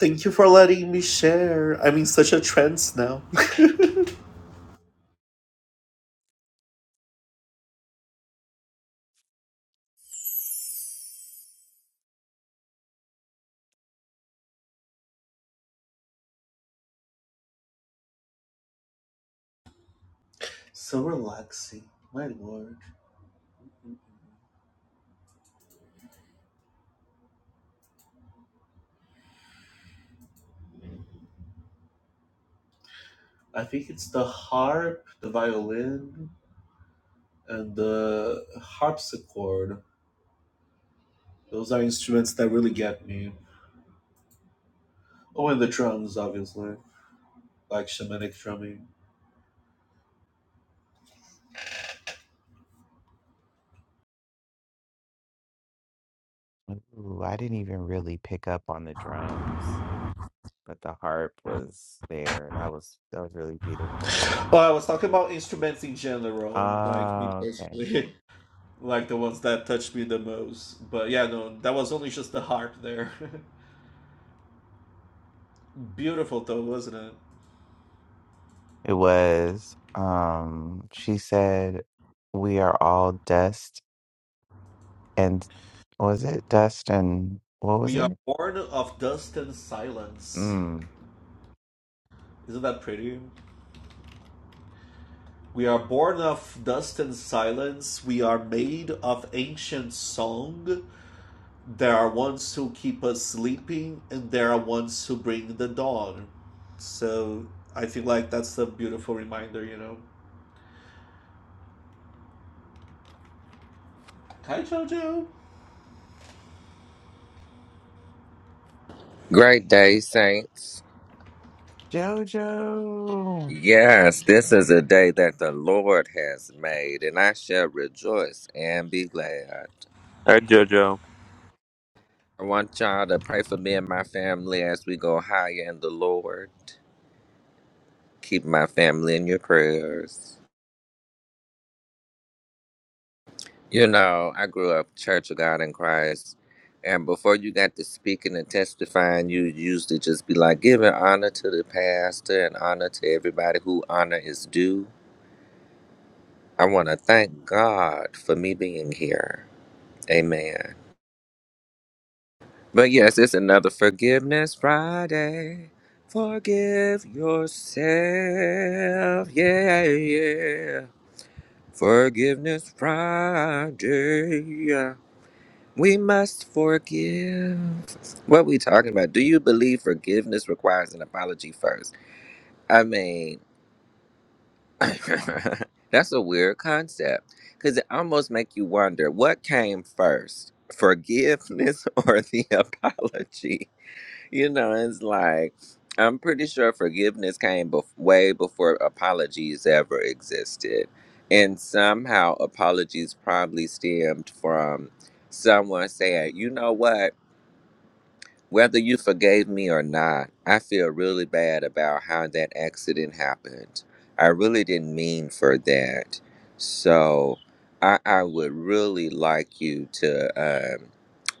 [SPEAKER 4] Thank you for letting me share. I'm in such a trance now.
[SPEAKER 1] Ooh, I didn't even really pick up on the drums, but the harp was there. That was that was really beautiful. Oh, okay.
[SPEAKER 4] Beautiful, wasn't it?
[SPEAKER 1] It was. Um, she said, "We are all dust and was it Dust and what was it? Mm.
[SPEAKER 4] There are ones who keep us sleeping, and there are ones who bring the dawn. So I feel like that's a beautiful reminder, you know. Hi, JoJo.
[SPEAKER 8] Great day, saints.
[SPEAKER 1] JoJo.
[SPEAKER 8] Yes, this is a day that the Lord has made, and I shall rejoice and be glad.
[SPEAKER 3] I know
[SPEAKER 8] I want y'all to pray for me and my family as we go higher in the Lord. Keep my family in your prayers. You know, I grew up Church of God in Christ, and before you got to speaking and testifying, you used to just be like, giving honor to the pastor and honor to everybody who honor is due. I want to thank God for me being here. Amen. But yes, it's another Forgiveness Friday. Forgive yourself. Yeah, yeah. Forgiveness Friday. We must forgive. What we talking about? Do you believe forgiveness requires an apology first? I mean, that's a weird concept because it almost make you wonder what came first, forgiveness or the apology? You know, it's like I'm pretty sure forgiveness came bef- way before apologies ever existed, and somehow apologies probably stemmed from someone saying, "You know what? Whether you forgave me or not, I feel really bad about how that accident happened. I really didn't mean for that. So, I, I would really like you to um,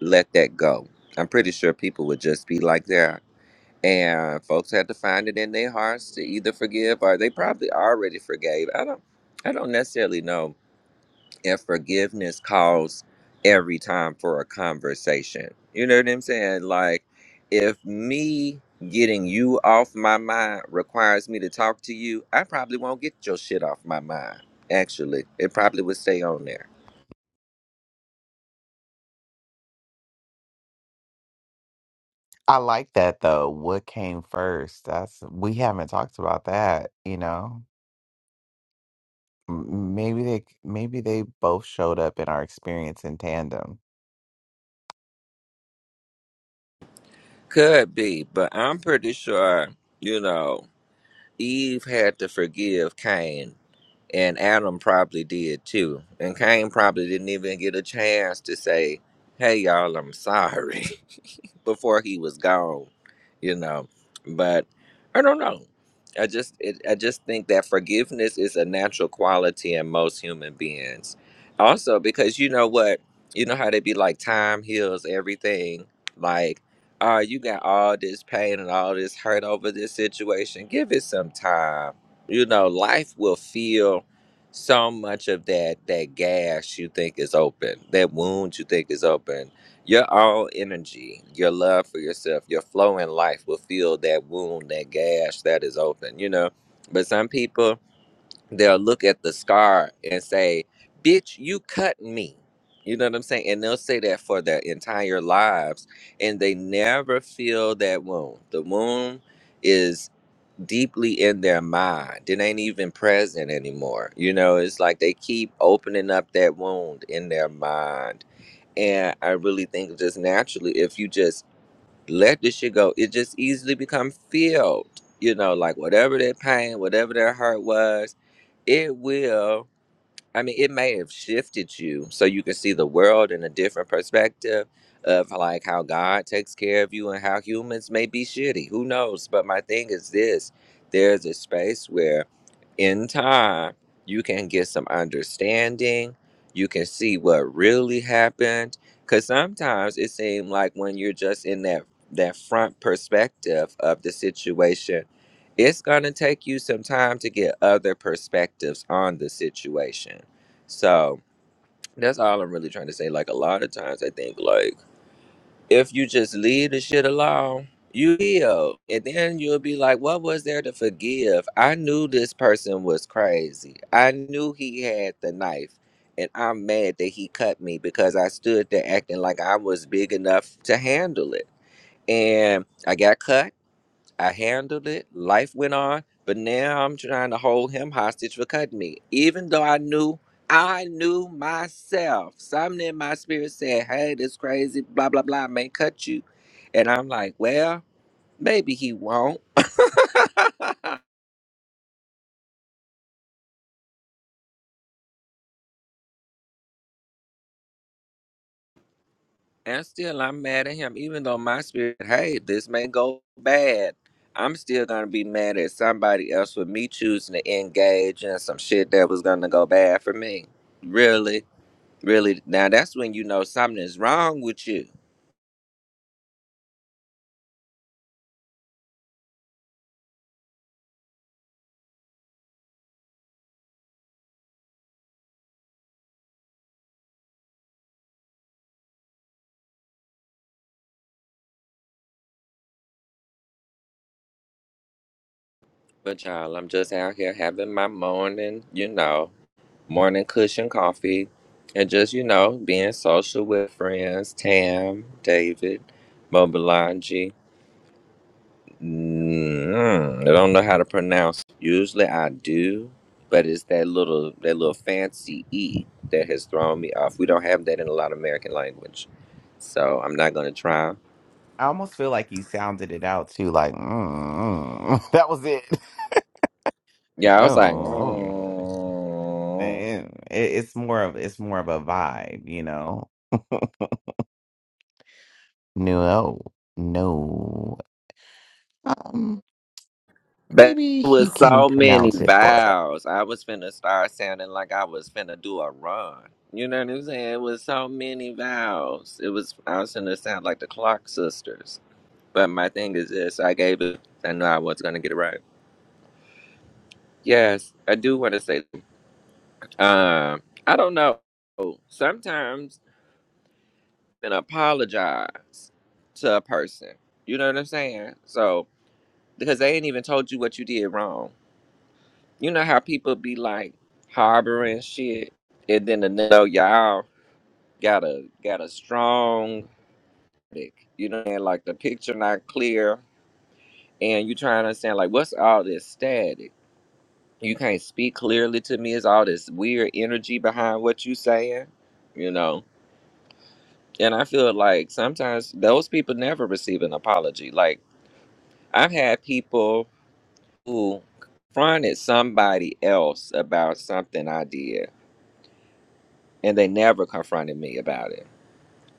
[SPEAKER 8] let that go." I'm pretty sure people would just be like that and folks had to find it in their hearts to either forgive or they probably already forgave i don't i don't necessarily know if forgiveness calls every time for a conversation you know what i'm saying like if me getting you off my mind requires me to talk to you i probably won't get your shit off my mind actually it probably would stay on there
[SPEAKER 1] I like that though. What came first? That's we haven't talked about that. You know, M- maybe they maybe they both showed up in our experience in tandem.
[SPEAKER 8] could be but i'm pretty sure you know eve had to forgive cain and Adam probably did too. And Cain probably didn't even get a chance to say, "Hey, y'all, I'm sorry." before he was gone, you know. But I don't know. I just it, I just think that forgiveness is a natural quality in most human beings. Also because you know what, you know how they be like time heals everything. Like, oh, you got all this pain and all this hurt over this situation. Give it some time. You know, life will feel so much of that that gash you think is open, that wound you think is open your all energy, your love for yourself, your flow in life will fill that wound, that gash that is open, you know. But some people, they'll look at the scar and say, Bitch, you cut me. You know what I'm saying? And they'll say that for their entire lives and they never feel that wound. The wound is deeply in their mind. It ain't even present anymore. You know, it's like they keep opening up that wound in their mind and I really think just naturally, if you just let this shit go, it just easily become filled. You know, like whatever their pain, whatever their hurt was, it will. I mean, it may have shifted you so you can see the world in a different perspective of like how God takes care of you and how humans may be shitty. Who knows? But my thing is this there's a space where in time, you can get some understanding. You can see what really happened. Cause sometimes it seems like when you're just in that that front perspective of the situation, it's gonna take you some time to get other perspectives on the situation. So that's all I'm really trying to say. Like a lot of times I think like if you just leave the shit alone, you heal. And then you'll be like, what was there to forgive? I knew this person was crazy. I knew he had the knife. And I'm mad that he cut me because I stood there acting like I was big enough to handle it. And I got cut. I handled it. Life went on, but now I'm trying to hold him hostage for cutting me, even though I knew I knew myself. Something in my spirit said, "Hey, this crazy blah blah blah may cut you," and I'm like, "Well, maybe he won't." and still, I'm mad at him, even though my spirit, "Hey, this may go bad." I'm still gonna be mad at somebody else for me choosing to engage in some shit that was gonna go bad for me. Really? Really, now that's when you know something is wrong with you. But y'all, I'm just out here having my morning, you know, morning cushion coffee and just, you know, being social with friends, Tam, David, Mobilanji. Mm, I don't know how to pronounce. Usually I do, but it's that little that little fancy E that has thrown me off. We don't have that in a lot of American language. So I'm not gonna try.
[SPEAKER 1] I almost feel like you sounded it out too, like mm, mm, that was it.
[SPEAKER 8] Yeah, I was like,
[SPEAKER 1] No,
[SPEAKER 8] mm.
[SPEAKER 1] it, it's more of it's more of a vibe, you know. No, no. Um,
[SPEAKER 8] That
[SPEAKER 1] maybe he
[SPEAKER 8] was
[SPEAKER 1] can
[SPEAKER 8] so many
[SPEAKER 1] pronounce it for us.
[SPEAKER 8] vowels. I was finna start sounding like I was finna do a run. You know what I'm saying? It was so many vowels, It was I was finna sound like the Clark sisters. But my thing is this: I gave it. I knew I was gonna get it right. Yes, I do want to say. Um, I don't know. Sometimes and apologize to a person. You know what I'm saying? So because they ain't even told you what you did wrong. You know how people be like harboring shit, and then the know y'all got a got a strong, dick, you know, and like the picture not clear, and you trying to understand like what's all this static? You can't speak clearly to me. It's all this weird energy behind what you saying, you know. And I feel like sometimes those people never receive an apology. Like I've had people who confronted somebody else about something I did and they never confronted me about it.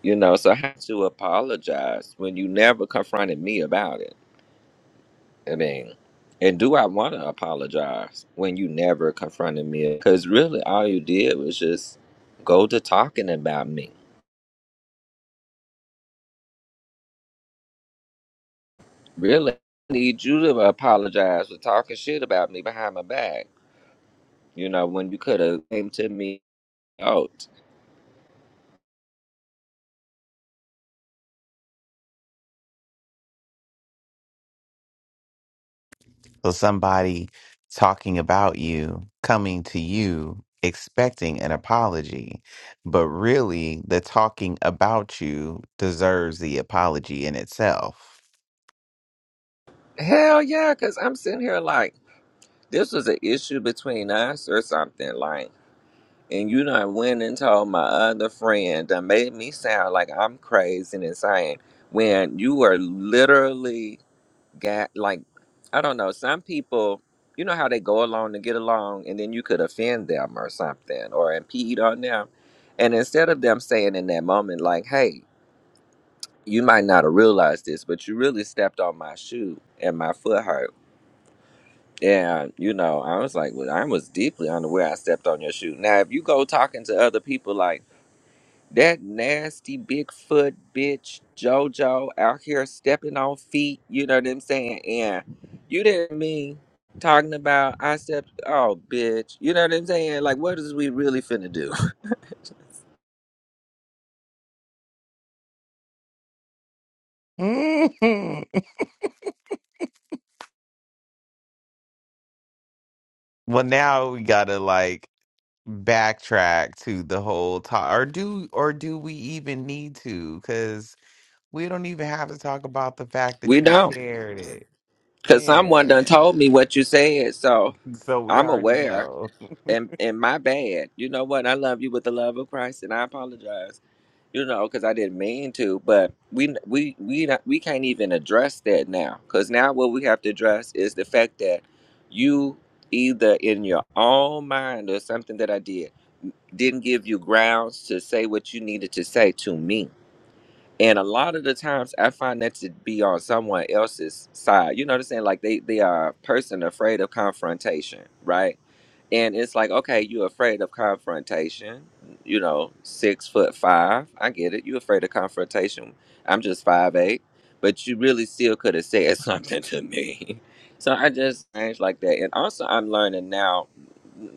[SPEAKER 8] You know, so I had to apologize when you never confronted me about it. I mean, and do I want to apologize when you never confronted me? Because really, all you did was just go to talking about me. Really, I need you to apologize for talking shit about me behind my back. You know, when you could have came to me out.
[SPEAKER 1] So somebody talking about you, coming to you, expecting an apology, but really the talking about you deserves the apology in itself.
[SPEAKER 8] Hell yeah, because I'm sitting here like this was an issue between us or something. Like. And you done went and told my other friend that made me sound like I'm crazy and insane when you were literally got like I don't know, some people you know how they go along to get along and then you could offend them or something or impede on them. And instead of them saying in that moment, like, hey, you might not have realized this, but you really stepped on my shoe and my foot hurt. And, you know, I was like, well, I was deeply unaware I stepped on your shoe. Now, if you go talking to other people, like, That nasty Bigfoot bitch JoJo out here stepping on feet, you know what I'm saying? And you didn't mean talking about I stepped oh bitch. You know what I'm saying? Like what is we really finna do?
[SPEAKER 1] Well, now we gotta like backtrack to the whole talk, or do or do we even need to? Because we don't even have to talk about the fact
[SPEAKER 8] We
[SPEAKER 1] that you
[SPEAKER 8] don't.
[SPEAKER 1] shared it.
[SPEAKER 8] Cause someone done
[SPEAKER 1] Yeah,
[SPEAKER 8] told me what you said, so
[SPEAKER 1] so we
[SPEAKER 8] I'm
[SPEAKER 1] already
[SPEAKER 8] aware
[SPEAKER 1] know.
[SPEAKER 8] and and my bad. You know what? I love you with the love of Christ and I apologize. you know, because I didn't mean to, but we we we not, we can't even address that now, because now what we have to address is the fact that you either in your own mind or something that I did didn't give you grounds to say what you needed to say to me. And a lot of the times I find that to be on someone else's side. You know what I'm saying? Like they, they are a person afraid of confrontation, right? And it's like, okay, you're afraid of confrontation. You know, six foot five. I get it. You're afraid of confrontation. I'm just five eight. But you really still could have said something to me. So I just changed like that. And also I'm learning now,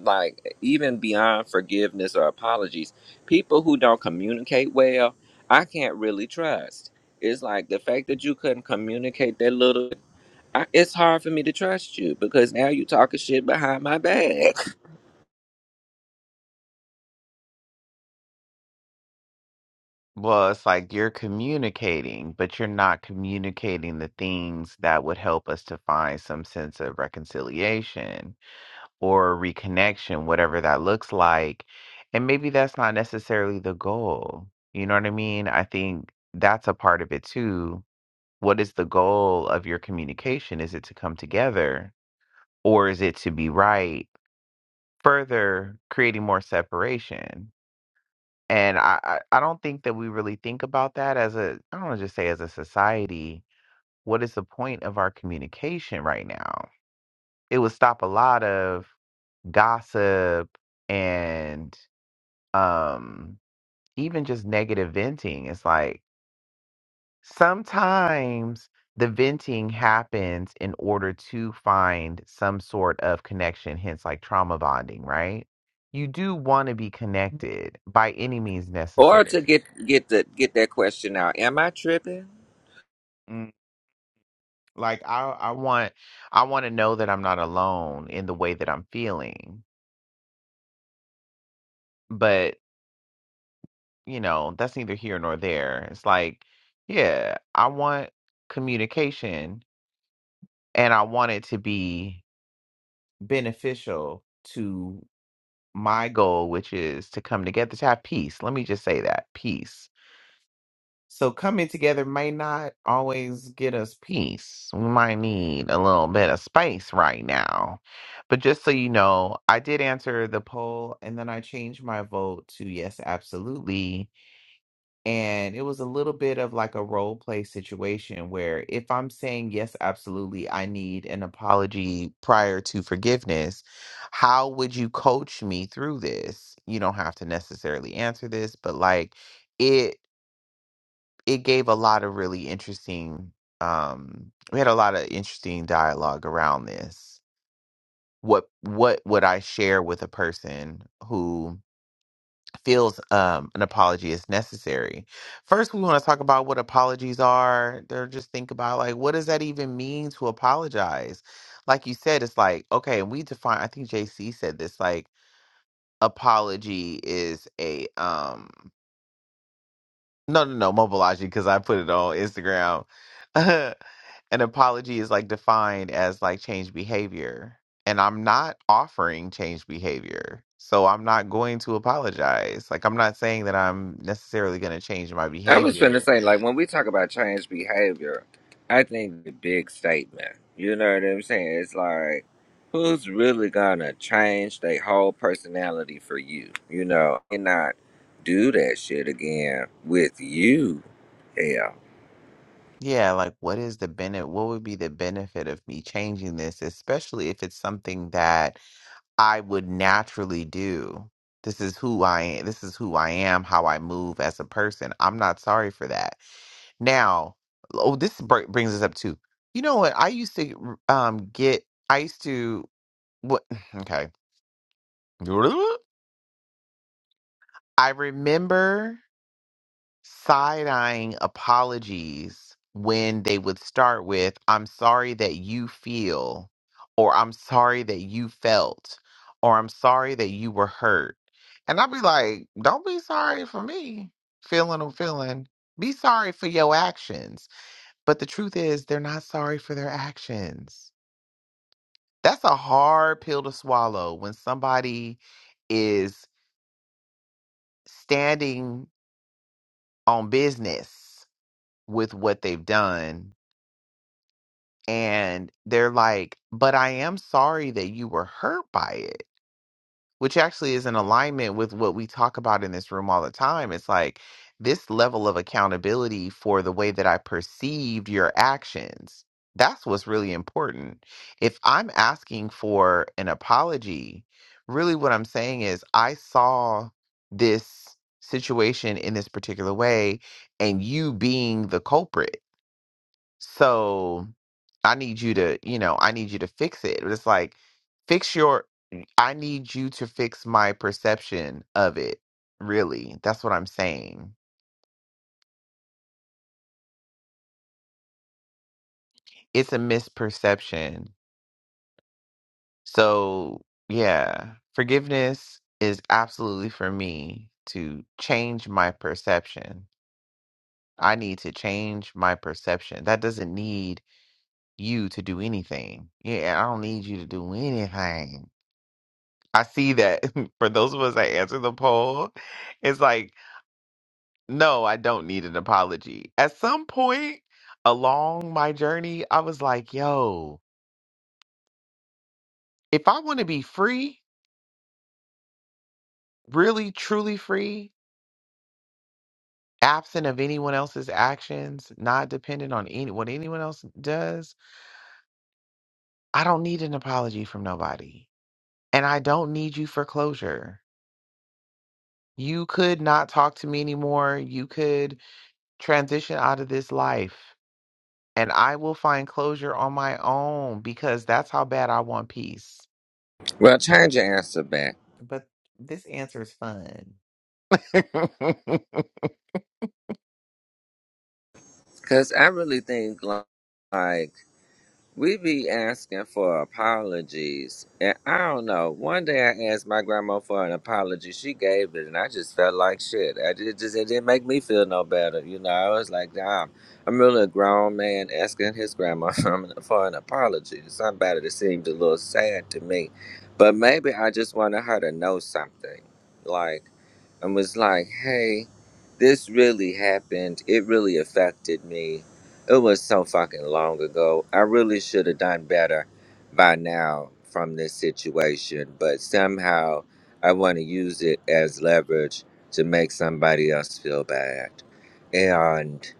[SPEAKER 8] like even beyond forgiveness or apologies, people who don't communicate well, I can't really trust. It's like the fact that you couldn't communicate that little I, it's hard for me to trust you because now you talking shit behind my back.
[SPEAKER 1] Well, it's like you're communicating, but you're not communicating the things that would help us to find some sense of reconciliation or reconnection, whatever that looks like. And maybe that's not necessarily the goal. You know what I mean? I think that's a part of it too. What is the goal of your communication? Is it to come together or is it to be right? Further creating more separation. And I I I don't think that we really think about that as a I don't wanna just say as a society, what is the point of our communication right now? It would stop a lot of gossip and, um, even just negative venting. It's like, sometimes the venting happens in order to find some sort of connection, hence, like, trauma bonding, right? You do wanna be connected by any means
[SPEAKER 8] Or
[SPEAKER 1] necessary.
[SPEAKER 8] to get get the get that question out. Am I tripping?
[SPEAKER 1] Like I I want I want to know that I'm not alone in the way that I'm feeling. But, you know, that's neither here nor there. It's like, yeah, I want communication and I want it to be beneficial to my goal, which is to come together to have peace. Let me just say that, peace So coming together may not always get us peace. We might need a little bit of space right now. But just so you know, I did answer the poll and then I changed my vote to yes, absolutely. And it was a little bit of like a role play situation where if I'm saying yes, absolutely, I need an apology prior to forgiveness, how would you coach me through this? You don't have to necessarily answer this, but like, it it gave a lot of really interesting um we had a lot of interesting dialogue around this what what would i share with a person who feels um an apology is necessary first we want to talk about what apologies are they're just think about like what does that even mean to apologize like you said it's like okay and we define i think jc said this like apology is a um No, no, no, Mobilogic, because I put it on Instagram. An apology is like defined as like change behavior, and I'm not offering change behavior. So I'm not going to apologize. Like I'm not saying that I'm necessarily going to change my
[SPEAKER 8] I was gonna
[SPEAKER 1] behavior.
[SPEAKER 8] say, like when we talk about change behavior, I think the big statement. You know what I'm saying? It's like who's really gonna change their whole personality for you? You know, and not do that shit again with you. Hell.
[SPEAKER 1] Yeah, like what is the benefit? What would be the benefit of me changing this, especially if it's something that I would naturally do? This is who I am. This is who I am, how I move as a person. I'm not sorry for that Now, oh, this br- brings us up too. You know what? I used to um get. I used to what? Okay. I remember side eyeing apologies when they would start with "I'm sorry that you feel," or "I'm sorry that you felt," or "I'm sorry that you were hurt," and I'd be like, "Don't be sorry for me feeling a feeling. Be sorry for your actions." But the truth is, they're not sorry for their actions. That's a hard pill to swallow when somebody is standing on business with what they've done and they're like, but I am sorry that you were hurt by it. which actually is in alignment with what we talk about in this room all the time. It's like this level of accountability for the way that I perceived your actions. That's what's really important. If I'm asking for an apology, really what I'm saying is I saw this situation in this particular way and you being the culprit so I need you to, you know, I need you to fix it. But It's like, fix your, I need you to fix my perception of it. Really. That's what I'm saying. It's a misperception. So, yeah, forgiveness is absolutely for me to change my perception. I need to change my perception. That doesn't need you to do anything. Yeah, I don't need you to do anything. I see that for those of us that answer the poll, it's like, no, I don't need an apology. At some point along my journey, I was like, yo, if I want to be free, really, truly free, absent of anyone else's actions, not dependent on any, what anyone else does, I don't need an apology from nobody. And I don't need you for closure. You could not talk to me anymore. You could transition out of this life. and I will find closure on my own because that's how bad I want peace.
[SPEAKER 8] Well, change your answer back.
[SPEAKER 1] But this answer is fun.
[SPEAKER 8] Cause I really think like We be asking for apologies. And I don't know. One day I asked my grandma for an apology. She gave it, and I just felt like shit. I did, just, it didn't make me feel no better. You know, I was like, damn, I'm really a grown man asking his grandma for an apology. Somebody that seemed a little sad to me. But maybe I just wanted her to know something. Like, and was like, hey, this really happened. It really affected me it was so fucking long ago. I really should have done better by now from this situation, but somehow I want to use it as leverage to make somebody else feel bad. And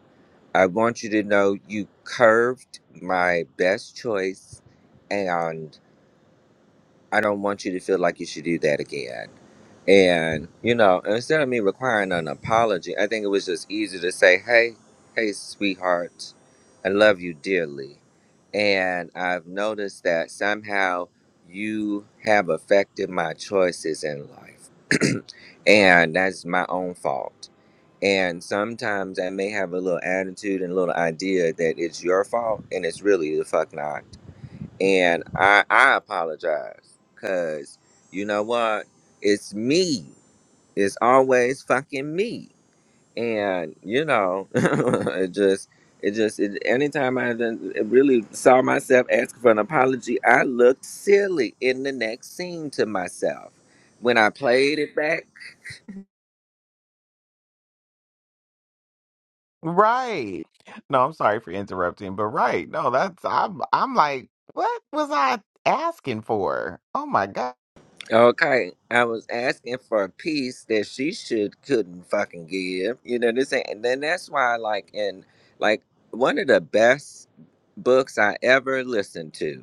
[SPEAKER 8] I want you to know you curved my best choice, and. I don't want you to feel like you should do that again. And, you know, instead of me requiring an apology, I think it was just easy to say, hey, hey, sweetheart, I love you dearly. And I've noticed that somehow you have affected my choices in life. and that's my own fault. And sometimes I may have a little attitude and a little idea that it's your fault, and it's really the fuck not and I I apologize because you know what? It's me. It's always fucking me, and you know, it just it just it, anytime I done- it really saw myself asking for an apology, I looked silly in the next scene to myself when I played it back.
[SPEAKER 1] right. No, I'm sorry for interrupting, but right. No, that's I'm I'm like, what was I asking for? Oh my God.
[SPEAKER 8] Okay, I was asking for a piece that she should couldn't fucking give. You know this, ain't- and then that's why, like, in like one of the best books I ever listened to,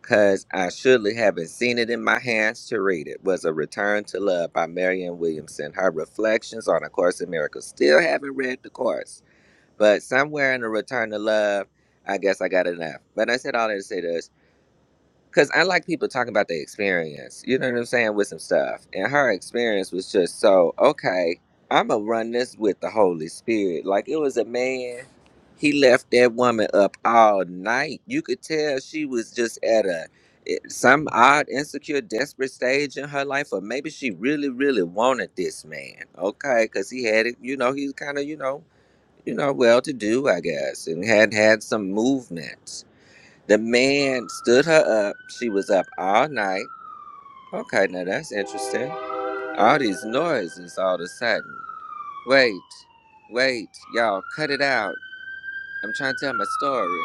[SPEAKER 8] because I surely haven't seen it in my hands to read it, was A Return to Love by Marian Williamson. Her reflections on A Course in Miracles. Still haven't read the course, but somewhere in A Return to Love, I guess I got enough. But I said all that to say this. Cause I like people talking about their experience, you know what I'm saying, with some stuff. And her experience was just so, okay, I'ma run this with the Holy Spirit. Like it was a man, he left that woman up all night. You could tell she was just at a it- some odd, insecure, desperate stage in her life, or maybe she really, really wanted this man, okay? Cause he had it, you know, he's kind of, you know, you know, well to do, I guess, and had had some movement. The man stood her up. She was up all night. Okay, now that's interesting. All these noises all of a sudden. Wait, wait, y'all, cut it out. I'm trying to tell my story.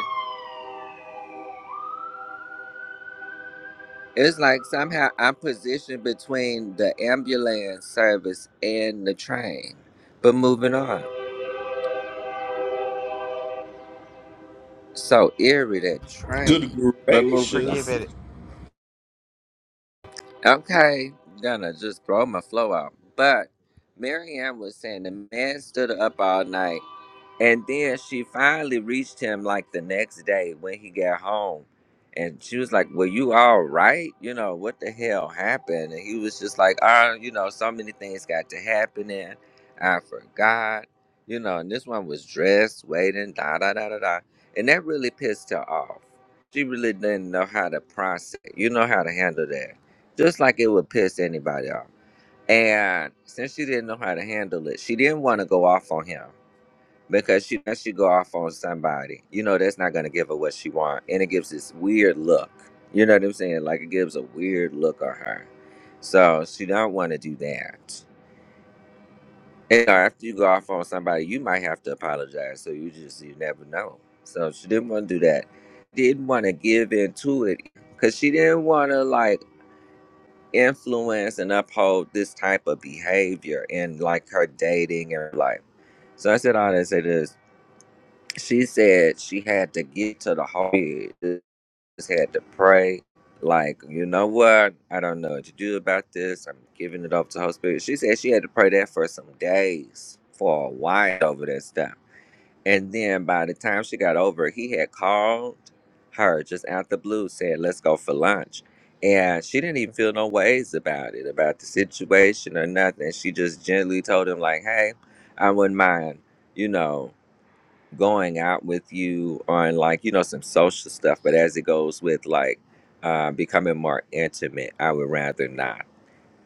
[SPEAKER 8] It's like somehow I'm positioned between the ambulance service and the train, but moving on. So eerie that
[SPEAKER 4] Good
[SPEAKER 8] train, but moving
[SPEAKER 1] Forgive
[SPEAKER 4] gracious.
[SPEAKER 8] on.
[SPEAKER 1] it.
[SPEAKER 8] Okay, gonna just throw my flow out. But Marianne was saying the man stood up all night And then she finally reached him like the next day when he got home. And she was like, Were you all right? You know, what the hell happened? And he was just like, Oh, you know, so many things got to happen and I forgot. You know, and this one was dressed, waiting, da da da da da. And that really pissed her off. She really didn't know how to process. You know how to handle that. Just like it would piss anybody off. And since she didn't know how to handle it, she didn't want to go off on him because she that she go off on somebody. You know that's not gonna give her what she want, and it gives this weird look. You know what I'm saying? Like it gives a weird look on her. So she don't want to do that. And you after you go off on somebody, you might have to apologize. So you just you never know. So she didn't want to do that. Didn't want to give in to it because she didn't want to like influence and uphold this type of behavior in like her dating and her life. So I said all that to say this. She said she had to get to the heart. Just had to pray. Like, you know what? I don't know what to do about this. I'm giving it up to Holy Spirit. She said she had to pray that for some days, for a while over that stuff. And then by the time she got over, it, he had called her just out the blue, said, "Let's go for lunch." And she didn't even feel no ways about it, about the situation or nothing. She just gently told him, like, "Hey, I wouldn't mind, you know." going out with you on like you know some social stuff but as it goes with like uh becoming more intimate i would rather not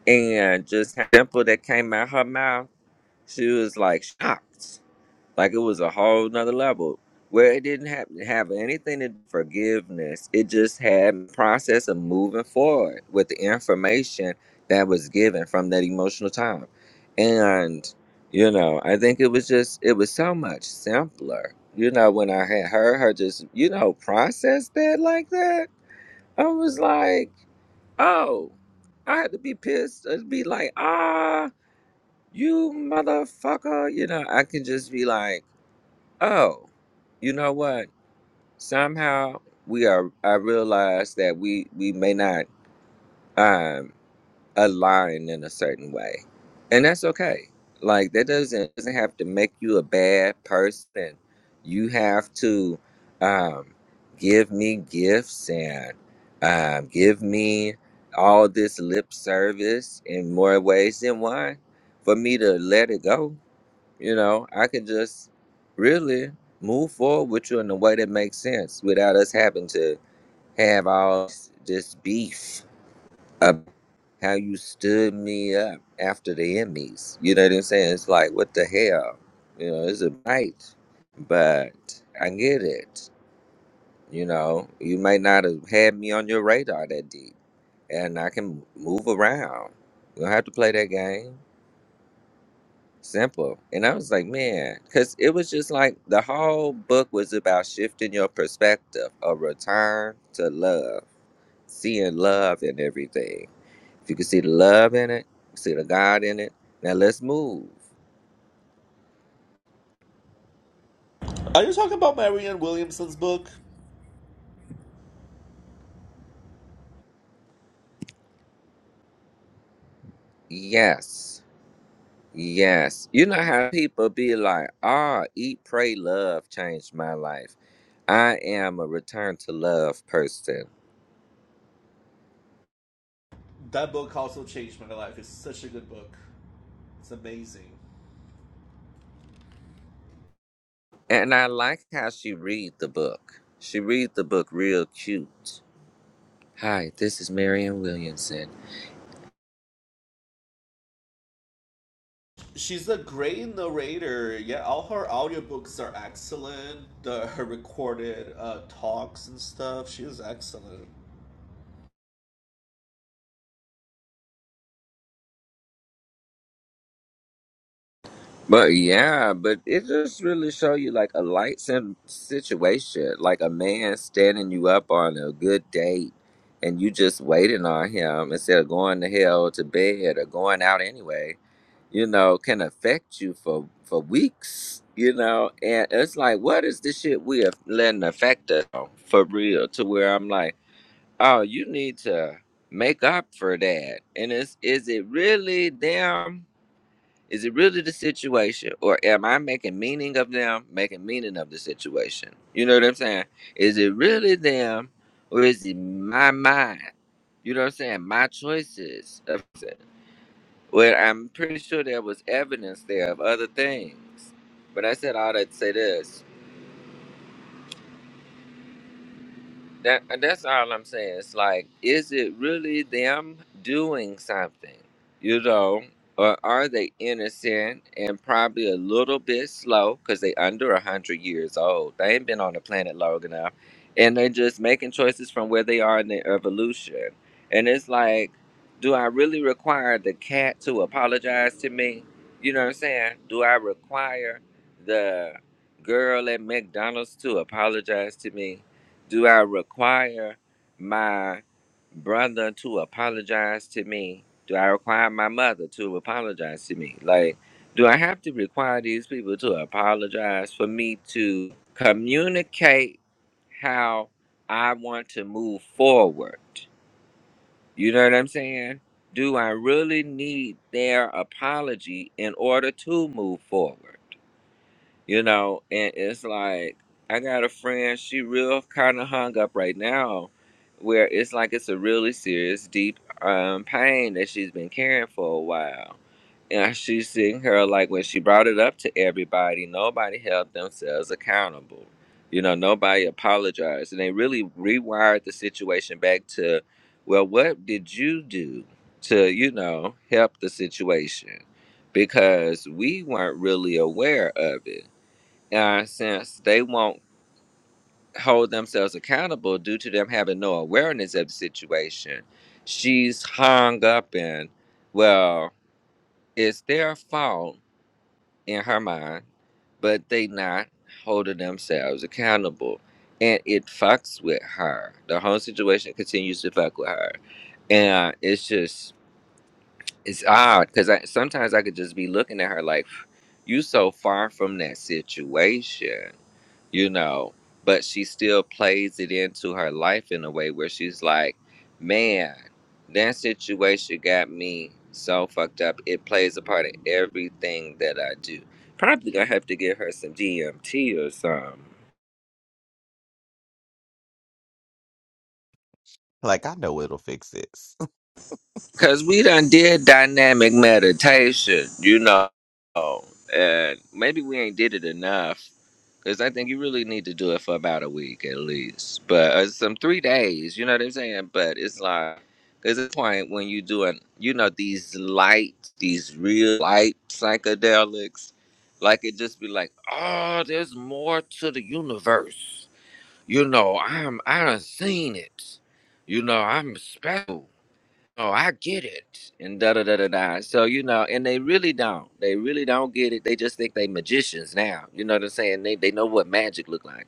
[SPEAKER 8] and just how simple that came out her mouth she was like shocked like it was a whole nother level where it didn't have, have anything to do with forgiveness it just had the process of moving forward with the information that was given from that emotional time and you know i think it was just it was so much simpler you know when i had heard her just you know process that like that i was like oh i had to be pissed i'd be like ah you motherfucker you know i can just be like oh, you know what? Somehow we are. I realize that we we may not um align in a certain way, and that's okay. Like that doesn't doesn't have to make you a bad person. You have to um give me gifts and um give me all this lip service in more ways than one for me to let it go you know, I could just really move forward with you in a way that makes sense without us having to have all this beef of how you stood me up after the Emmys. You know what I'm saying? It's like, what the hell? You know, it's a bite, but I get it. You know, you might not have had me on your radar that deep, and I can move around. You don't have to play that game. simple. And I was like, man, because it was just like the whole book was about shifting your perspective, a return to love, seeing love in everything. If you can see the love in it, see the God in it. Now let's move.
[SPEAKER 4] Are you talking about Marianne Williamson's book?
[SPEAKER 8] Yes. Yes. You know how people be like, ah, eat, pray, love changed my life. I am a return to love person.
[SPEAKER 4] That book also changed my life. It's such a good book. It's amazing.
[SPEAKER 8] And I like how she read the book. She read the book real cute Hi, this is Marion Williamson.
[SPEAKER 4] She's a great narrator. Yeah, all her audiobooks are excellent. The, her recorded uh, talks and stuff, she is excellent.
[SPEAKER 8] But yeah, but it just really show you like a light sim- situation, like a man standing you up on a good date, and you just waiting on him instead of going to hell to bed or going out anyway. You know, can affect you for for weeks. You know, and it's like, what is this shit we are letting affect us for real? To where I'm like, oh, you need to make up for that. And it's is it really them? Is it really the situation, or am I making meaning of them, making meaning of the situation? You know what I'm saying? Is it really them, or is it my mind? You know what I'm saying? My choices. of it. Well, I'm pretty sure there was evidence there of other things. But I said all that to say this. That uh, that's all I'm saying. It's like, is it really them doing something, you know, or are they innocent and probably a little bit slow because they under a hundred years old? They ain't been on the planet long enough, and they're just making choices from where they are in their evolution. And it's like, do I really require the cat to apologize to me? You know what I'm saying? Do I require the girl at McDonald's to apologize to me? Do I require my brother to apologize to me? Do I require my mother to apologize to me? Like, do I have to require these people to apologize for me to communicate how I want to move forward? You know what I'm saying? Do I really need their apology in order to move forward? you know and it's like i got a friend she real kind of hung up right now where it's like it's a really serious deep um pain that she's been carrying for a while and she's seeing her like when she brought it up to everybody nobody held themselves accountable you know nobody apologized and they really rewired the situation back to well what did you do to you know help the situation because we weren't really aware of it uh, since they won't hold themselves accountable due to them having no awareness of the situation. She's hung up in, well, it's their fault in her mind, but they not holding themselves accountable. And it fucks with her. The whole situation continues to fuck with her. And it's just, it's odd because I, sometimes I could just be looking at her like, you so far from that situation you know but she still plays it into her life in a way where she's like man that situation got me so fucked up it plays a part in everything that i do probably gonna have to give her some dmt or something
[SPEAKER 1] Like I know it'll fix this.
[SPEAKER 8] Cause we done did dynamic meditation, you know, and maybe we ain't did it enough. Cause I think you really need to do it for about a week at least, but uh, some three days. You know what I'm saying? But it's like there's a point when you doing, you know, these light, these real light psychedelics, like it just be like, oh, there's more to the universe. You know, I'm I done seen it. You know, I'm special oh, I get it, and da da da da da. So you know, and they really don't. They really don't get it. They just think they magicians now. You know what I'm saying? They they know what magic look like.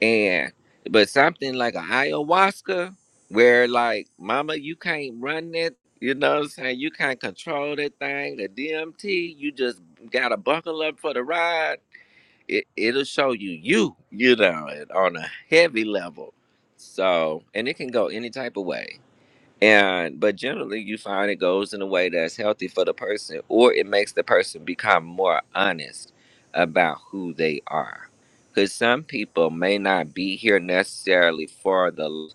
[SPEAKER 8] And but something like an ayahuasca, where like, mama, you can't run that. You know what I'm saying? You can't control that thing. The DMT, you just gotta buckle up for the ride. It it'll show you you. You know, it on a heavy level. So and it can go any type of way. And but generally, you find it goes in a way that's healthy for the person, or it makes the person become more honest about who they are. Because some people may not be here necessarily for the, l-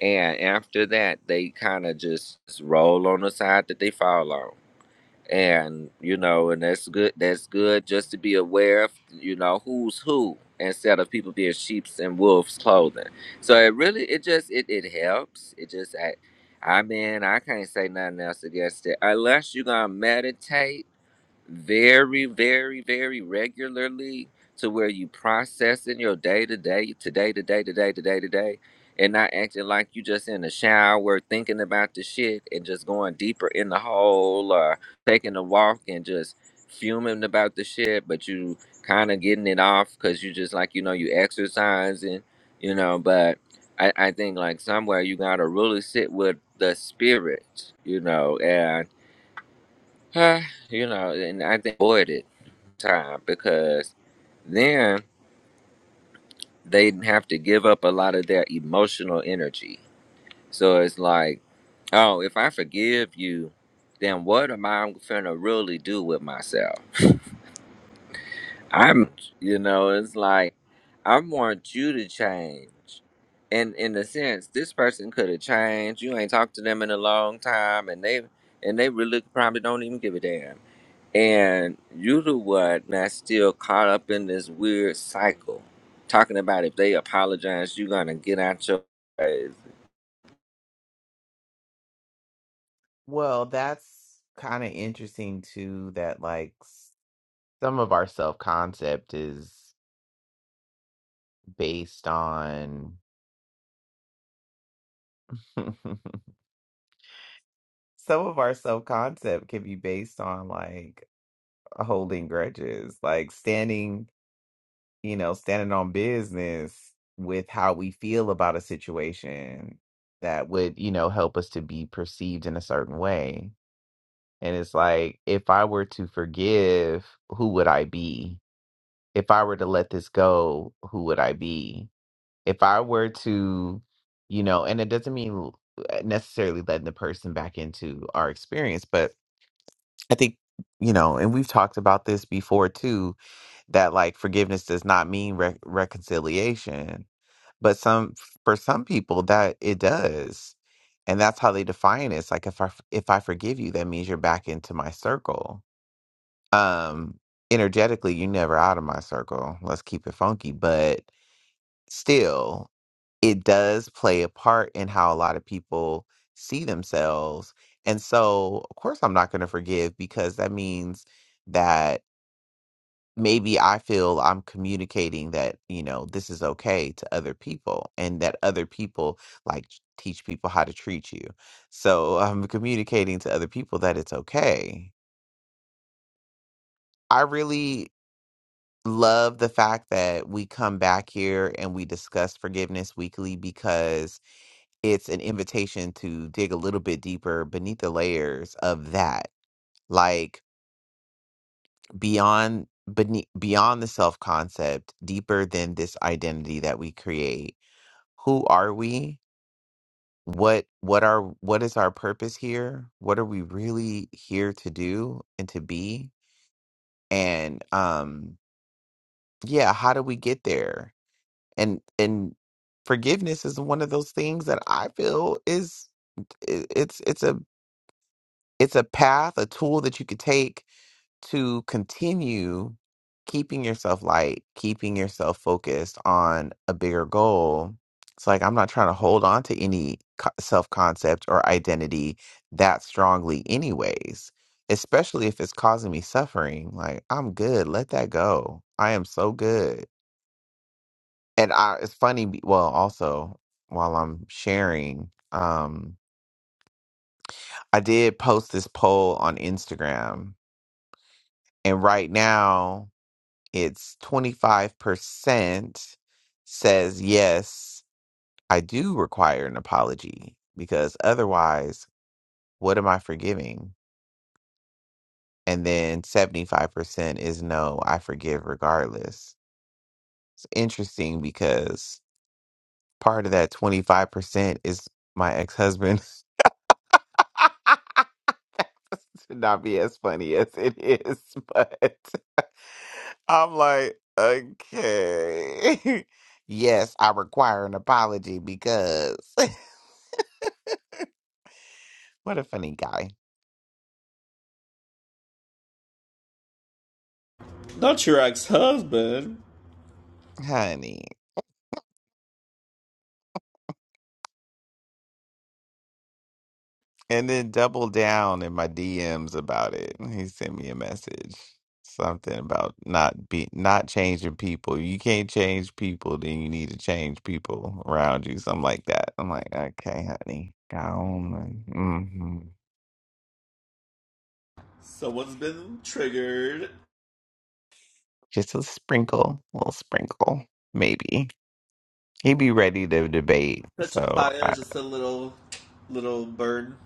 [SPEAKER 8] and after that, they kind of just roll on the side that they fall on and you know and that's good that's good just to be aware of you know who's who instead of people being sheep's and wolves clothing so it really it just it, it helps it just i i mean i can't say nothing else against it unless you're gonna meditate very, very, very regularly to where you processing your day to day, today to day to day to day to day, and not acting like you just in the shower thinking about the shit and just going deeper in the hole or taking a walk and just fuming about the shit, but you kind of getting it off because you just like you know you exercising, you know. But I, I think like somewhere you gotta really sit with the spirit, you know, and. Uh, you know, and I think avoided time because then they'd have to give up a lot of their emotional energy. So it's like, oh, if I forgive you, then what am I gonna really do with myself? I'm, you know, it's like I want you to change. And in a sense, this person could have changed. You ain't talked to them in a long time, and they and they really probably don't even give a damn And you the one that's still caught up in this weird cycle, talking about if they apologize, you're gonna get out your ways.
[SPEAKER 1] Well, that's kind of interesting too, that like s- some of our self-concept is based on some of our self-concept can be based on like holding grudges, like standing you know, standing on business with how we feel about a situation that would, you know, help us to be perceived in a certain way. And it's like, if I were to forgive, who would I be? If I were to let this go, who would I be? If I were to, you know, and it doesn't mean necessarily letting the person back into our experience, but I think, you know, and we've talked about this before too, that like forgiveness does not mean re- reconciliation but some for some people that it does. And that's how they define it. It's like if I f- if I forgive you, that means you're back into my circle. Um energetically, you're never out of my circle. Let's keep it funky, but still it does play a part in how a lot of people see themselves. And so, of course I'm not going to forgive because that means that maybe I feel I'm communicating that, you know, this is okay to other people and that other people like t- teach people how to treat you. So I'm communicating to other people that it's okay. I really love the fact that we come back here and we discuss forgiveness weekly because it's an invitation to dig a little bit deeper beneath the layers of that. Like, beyond beneath, beyond the self concept deeper than this identity that we create who are we what what are what is our purpose here what are we really here to do and to be and um yeah how do we get there and and forgiveness is one of those things that i feel is i- it's it's a it's a path a tool that you could take to continue keeping yourself light, keeping yourself focused on a bigger goal, it's like I'm not trying to hold on to any self concept or identity that strongly, anyways, especially if it's causing me suffering. Like, I'm good. Let that go. I am so good. And I, it's funny, be- well, also while I'm sharing, um, I did post this poll on Instagram. And right now, it's 25% says, yes, I do require an apology because otherwise, what am I forgiving? And then 75% is no, I forgive regardless. It's interesting because part of that 25% is my ex husband. to not be as funny as it is, but I'm like, okay. yes, I require an apology because. What a funny guy,
[SPEAKER 4] Not your ex husband.
[SPEAKER 1] honey. And then double down in my DMs about it. He sent me a message, something about not be not changing people. You can't change people, then you need to change people around you, something like that. I'm like, okay, honey, go on. Mm-hmm.
[SPEAKER 4] Someone's been triggered.
[SPEAKER 1] Just a sprinkle, a little sprinkle, maybe. He'd be ready to debate.
[SPEAKER 4] Such a
[SPEAKER 1] So, I,
[SPEAKER 4] fire, just a little, little burn.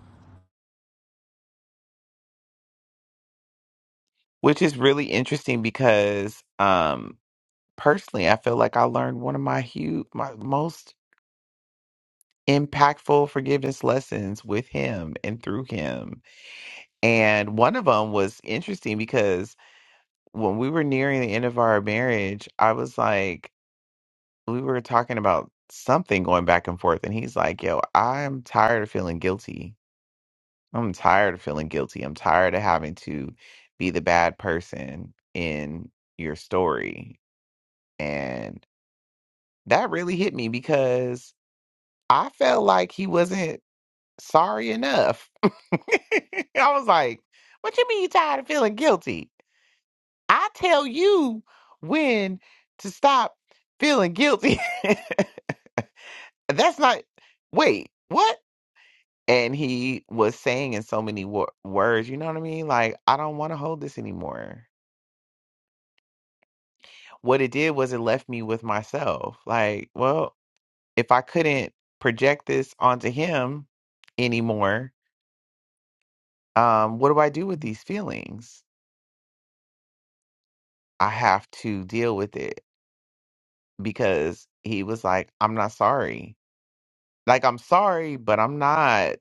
[SPEAKER 1] which is really interesting because, um, personally, I feel like I learned one of my huge, my most impactful forgiveness lessons with him and through him. And one of them was interesting because when we were nearing the end of our marriage, I was like, we were talking about something going back and forth. And he's like, yo, I'm tired of feeling guilty. I'm tired of feeling guilty. I'm tired of having to be the bad person in your story. And that really hit me because I felt like he wasn't. sorry enough. I was like, what you mean you tired of feeling guilty? I tell you when to stop feeling guilty. That's not, wait, what? And he was saying in so many wo- words, you know what I mean? Like, I don't want to hold this anymore. What it did was it left me with myself. Like, well, if I couldn't project this onto him anymore, um, what do I do with these feelings? I have to deal with it because he was like, I'm not sorry. Like, I'm sorry, but I'm not,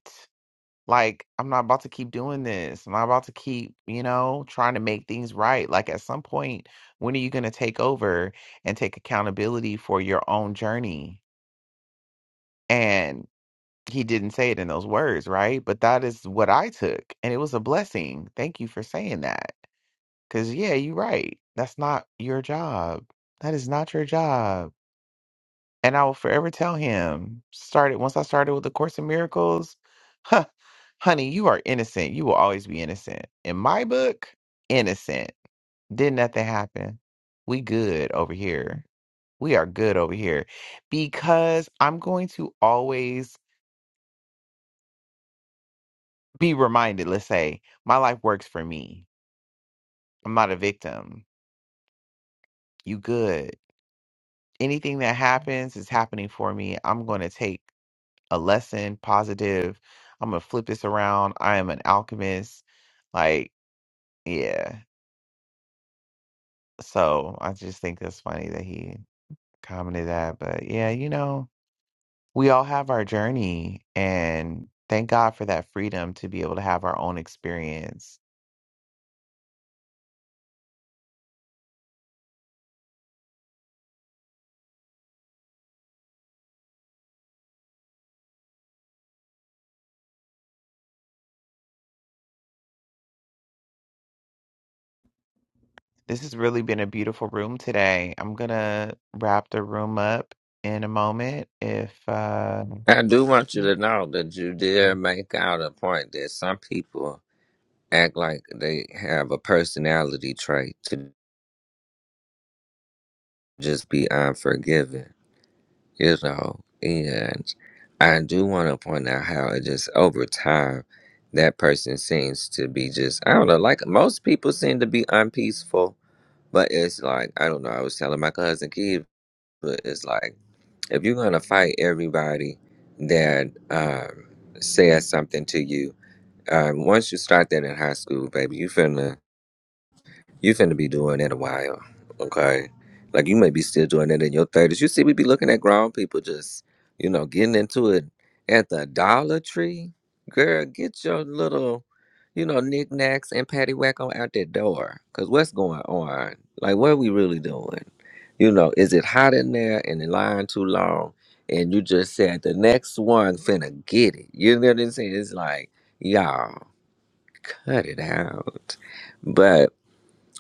[SPEAKER 1] like, I'm not about to keep doing this. I'm not about to keep, you know, trying to make things right. Like, at some point, when are you going to take over and take accountability for your own journey? And he didn't say it in those words, right? But that is what I took. And it was a blessing. Thank you for saying that. Because, yeah, you're right. That's not your job. That is not your job And I will forever tell him, started once I started with the Course in Miracles, huh, honey, you are innocent. You will always be innocent. In my book, innocent. Did nothing happen. We good over here. We are good over here. Because I'm going to always be reminded, let's say, my life works for me. I'm not a victim. You good. Anything that happens is happening for me. I'm going to take a lesson, positive. I'm gonna flip this around. I am an alchemist. Like, yeah. So I just think that's funny that he commented that. But yeah, you know, we all have our journey and thank God for that freedom to be able to have our own experience. This has really been a beautiful room today. I'm gonna wrap the room up in a moment if uh
[SPEAKER 8] I do want you to know that you did make out a point that some people act like they have a personality trait to just be unforgiving, you know. And I do want to point out how it just over time that person seems to be just I don't know, like most people seem to be unpeaceful But it's like, I don't know, I was telling my cousin Keith, but it's like, if you're gonna fight everybody that um, says something to you, um, once you start that in high school, baby, you finna you finna be doing that a while, okay? Like you may be still doing that in your thirties. You see, we be looking at grown people just, you know, getting into it at the Dollar Tree. Girl, get your little, you know, knickknacks and paddywhack on out that door. Cause what's going on? Like, what are we really doing? You know, is it hot in there and the line too long? And you just said the next one finna get it. You know what I'm saying? It's like, y'all, cut it out. but.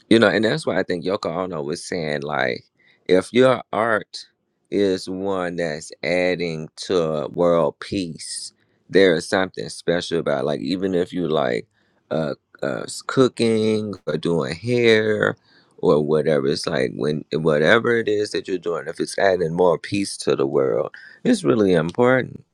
[SPEAKER 8] You know, and that's why I think Yoko Ono was saying, like, if your art is one that's adding to world peace, there is something special about, like, even if you like uh, uh s- cooking or doing hair or whatever, it's like when whatever it is that you're doing, if it's adding more peace to the world, it's really important.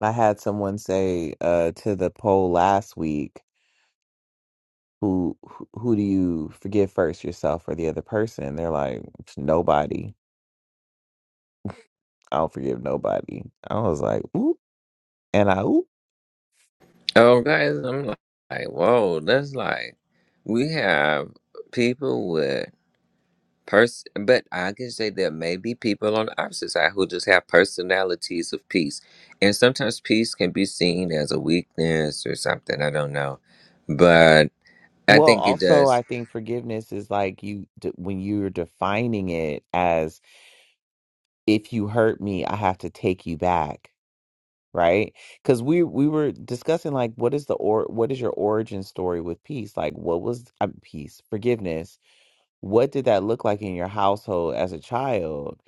[SPEAKER 1] I had someone say uh to the poll last week who who who do you forgive first yourself or the other person they're like nobody i don't forgive nobody i was like oop and i oop
[SPEAKER 8] Oh, guys, I'm like, whoa, that's like we have people with Pers- but I can say there may be people on the opposite side who just have personalities of peace. And sometimes peace can be seen as a weakness or something. I don't know. But I
[SPEAKER 1] well
[SPEAKER 8] think it
[SPEAKER 1] also
[SPEAKER 8] does.
[SPEAKER 1] i think forgiveness is like you d- when you're defining it as if you hurt me i have to take you back right because we we were discussing like what is the or what is your origin story with peace like what was uh, peace forgiveness What did that look like in your household as a child?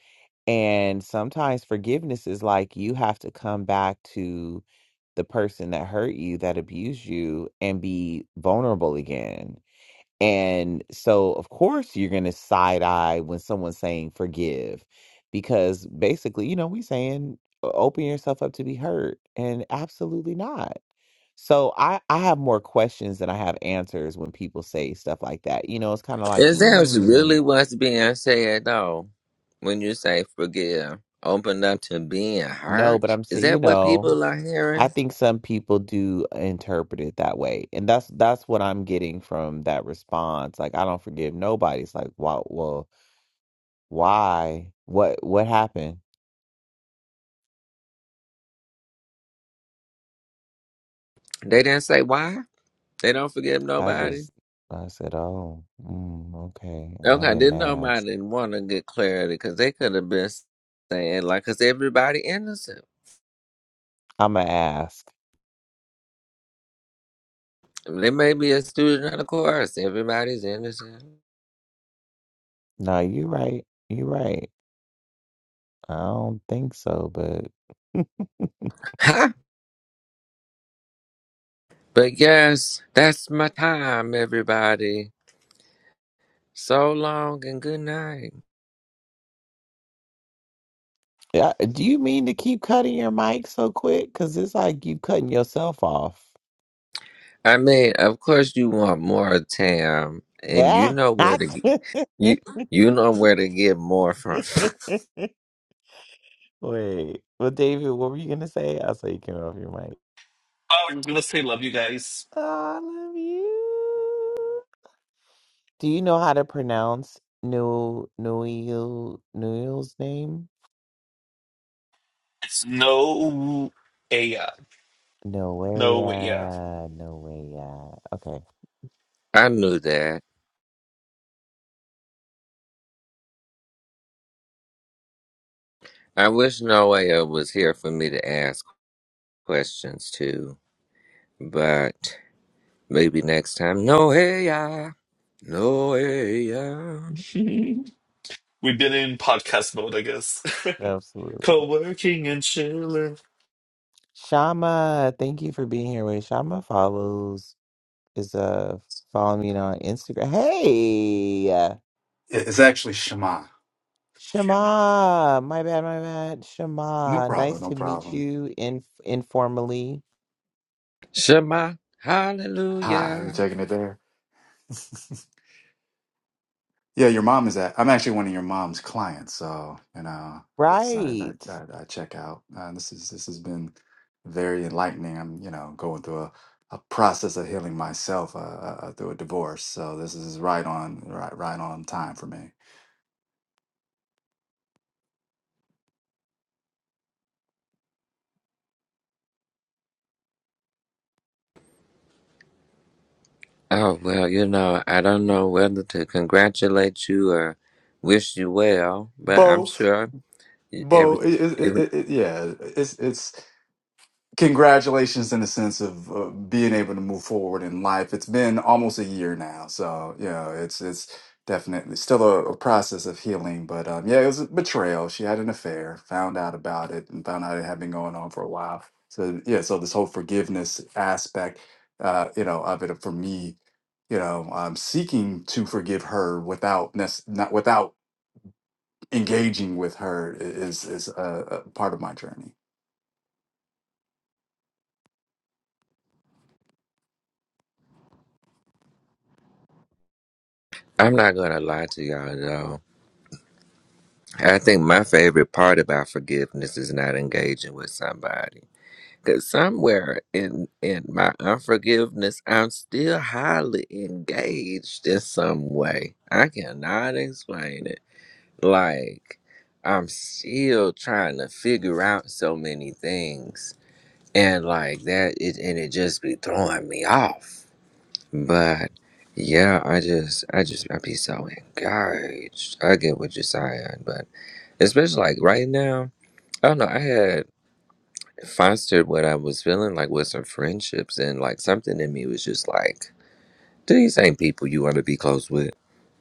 [SPEAKER 1] And sometimes forgiveness is like you have to come back to the person that hurt you, that abused you, and be vulnerable again. And so, of course, you're going to side eye when someone's saying forgive, because basically, you know, we saying "O- open yourself up to be hurt, and absolutely not. So I, I have more questions than I have answers when people say stuff like that. You know, it's kind of like,
[SPEAKER 8] It sounds really what's being said, though, when you say forgive. Open up to being
[SPEAKER 1] No, but
[SPEAKER 8] hurt.
[SPEAKER 1] I'm
[SPEAKER 8] Is
[SPEAKER 1] saying, you
[SPEAKER 8] that what
[SPEAKER 1] know,
[SPEAKER 8] people are
[SPEAKER 1] I
[SPEAKER 8] hearing?
[SPEAKER 1] think some people do interpret it that way. And that's that's what I'm getting from that response. Like, I don't forgive nobody. It's like, wow, well, why? What what happened?
[SPEAKER 8] They didn't say why? They don't forgive
[SPEAKER 1] I
[SPEAKER 8] nobody?
[SPEAKER 1] just I said, "Oh, mm, okay. I
[SPEAKER 8] Okay,
[SPEAKER 1] didn't
[SPEAKER 8] didn't
[SPEAKER 1] ask.
[SPEAKER 8] nobody want to get clarity because they could have been saying, like, because everybody innocent.
[SPEAKER 1] I'm gonna ask."
[SPEAKER 8] There may be a student of the course. Everybody's innocent.
[SPEAKER 1] No, you're right. You're right. I don't think so, but
[SPEAKER 8] Ha! But yes, that's my time, everybody. So long and good night.
[SPEAKER 1] yeah, do you mean to keep cutting your mic so quick? Because it's like you cutting yourself off.
[SPEAKER 8] I mean, of course you want more Tam, and you
[SPEAKER 1] Yeah.
[SPEAKER 8] know where to get, you you know where to get more from.
[SPEAKER 1] Wait, well, David, what were you gonna say? I saw you came off your mic.
[SPEAKER 4] Oh, I'm gonna say love you guys.
[SPEAKER 1] Oh, I love you. Do you know how to pronounce New Nuyil Nuyil's name?
[SPEAKER 4] It's no, yeah,
[SPEAKER 1] No way,
[SPEAKER 4] no, yeah.
[SPEAKER 1] yeah, no way, yeah. Okay,
[SPEAKER 8] I knew that. I wish Noah was here for me to ask questions to, but maybe next time. Noah, Noah,
[SPEAKER 4] We've been in podcast mode, I guess.
[SPEAKER 1] absolutely.
[SPEAKER 4] Co-working and chilling.
[SPEAKER 1] Shama, thank you for being here. Wait, Shama follows is uh following me on Instagram. Hey, uh,
[SPEAKER 9] It's actually Shema.
[SPEAKER 1] Shama, my bad, my bad.
[SPEAKER 9] No
[SPEAKER 1] Shama, nice
[SPEAKER 9] problem. No
[SPEAKER 1] to meet
[SPEAKER 9] problem.
[SPEAKER 1] you in informally.
[SPEAKER 8] Shema,
[SPEAKER 9] Hi,
[SPEAKER 8] Hallelujah.
[SPEAKER 9] you taking it there? yeah, your mom is at. I'm actually one of your mom's clients, so you know, sorry,
[SPEAKER 1] Right.
[SPEAKER 9] I, I, I check out. Uh, this is this has been very enlightening. I'm you know going through a, a process of healing myself uh, uh, uh, through a divorce, so this is right on right right on time for me.
[SPEAKER 8] Oh, well, you know, I don't know whether to congratulate you or wish you well, but I'm
[SPEAKER 9] Both,
[SPEAKER 8] sure you- every,
[SPEAKER 9] both. It, it,
[SPEAKER 8] every
[SPEAKER 9] it, it, yeah, it's it's congratulations in the sense of uh, being able to move forward in life. It's been almost a year now, so yeah, it's it's definitely still a, a process of healing. But um, yeah, it was a betrayal. She had an affair, found out about it, and found out it had been going on for a while. So yeah, so this whole forgiveness aspect, uh, you know, of it for me, you know, um, seeking to forgive her without nec- not without engaging with her i- is is a, a part of my journey.
[SPEAKER 8] I'm not going to lie to y'all though. I think my favorite part about forgiveness is not engaging with somebody. Cause somewhere in in my unforgiveness, I'm still highly engaged in some way. I cannot explain it. Like I'm still trying to figure out so many things and like that it and it just be throwing me off but yeah i just i just i be so engaged i get what you're saying but especially like right now i don't know i had fostered what i was feeling like with some friendships and like something in me was just like these ain't people you want to be close with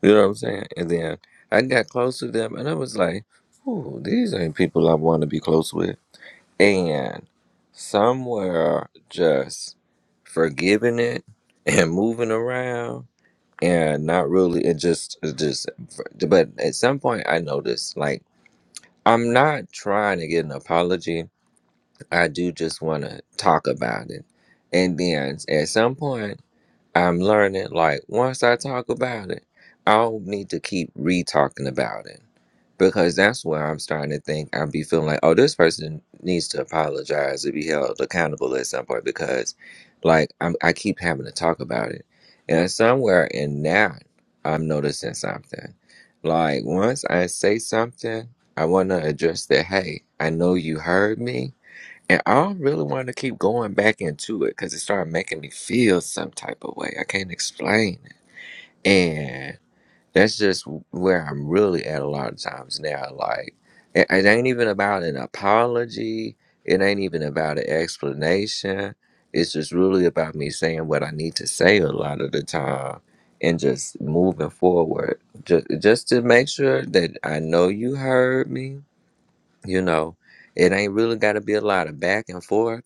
[SPEAKER 8] you know what i'm saying and then i got close to them and i was like ooh, these ain't people i want to be close with and somewhere just forgiving it and moving around and not really it just it just but at some point i noticed like i'm not trying to get an apology i do just want to talk about it and then at some point I'm learning like once I talk about it, I don't need to keep re talking about it. Because that's where I'm starting to think I'll be feeling like, oh, this person needs to apologize to be held accountable at some point because like I'm I keep having to talk about it. And somewhere in that I'm noticing something. Like once I say something, I wanna address that, hey, I know you heard me and I really wanted to keep going back into it because it started making me feel some type of way. I can't explain it. And that's just where I'm really at a lot of times now. Like, it, it ain't even about an apology, it ain't even about an explanation. It's just really about me saying what I need to say a lot of the time and just moving forward. Just, just to make sure that I know you heard me, you know. It ain't really got to be a lot of back and forth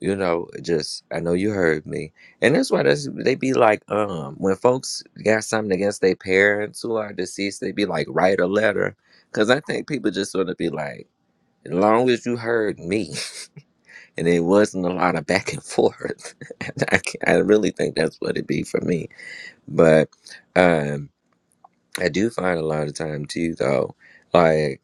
[SPEAKER 8] you know, just I know you heard me, and that's why that's they be like, um, when folks got something against their parents who are deceased, they be like, write a letter, because I think people just sort of be like, as long as you heard me, and it wasn't a lot of back and forth. And I, ca- I really think that's what it be for me, but um, I do find a lot of time too, though, like.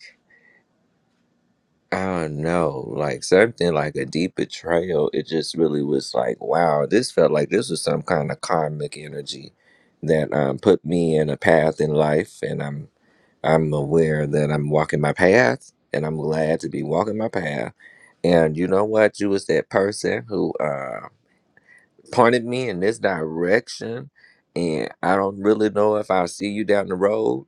[SPEAKER 8] I don't know, like something like a deep betrayal. It just really was like, wow, this felt like this was some kind of karmic energy that um, put me in a path in life, and I'm I'm aware that I'm walking my path, and I'm glad to be walking my path. And you know what? You was that person who uh, pointed me in this direction, and I don't really know if I'll see you down the road,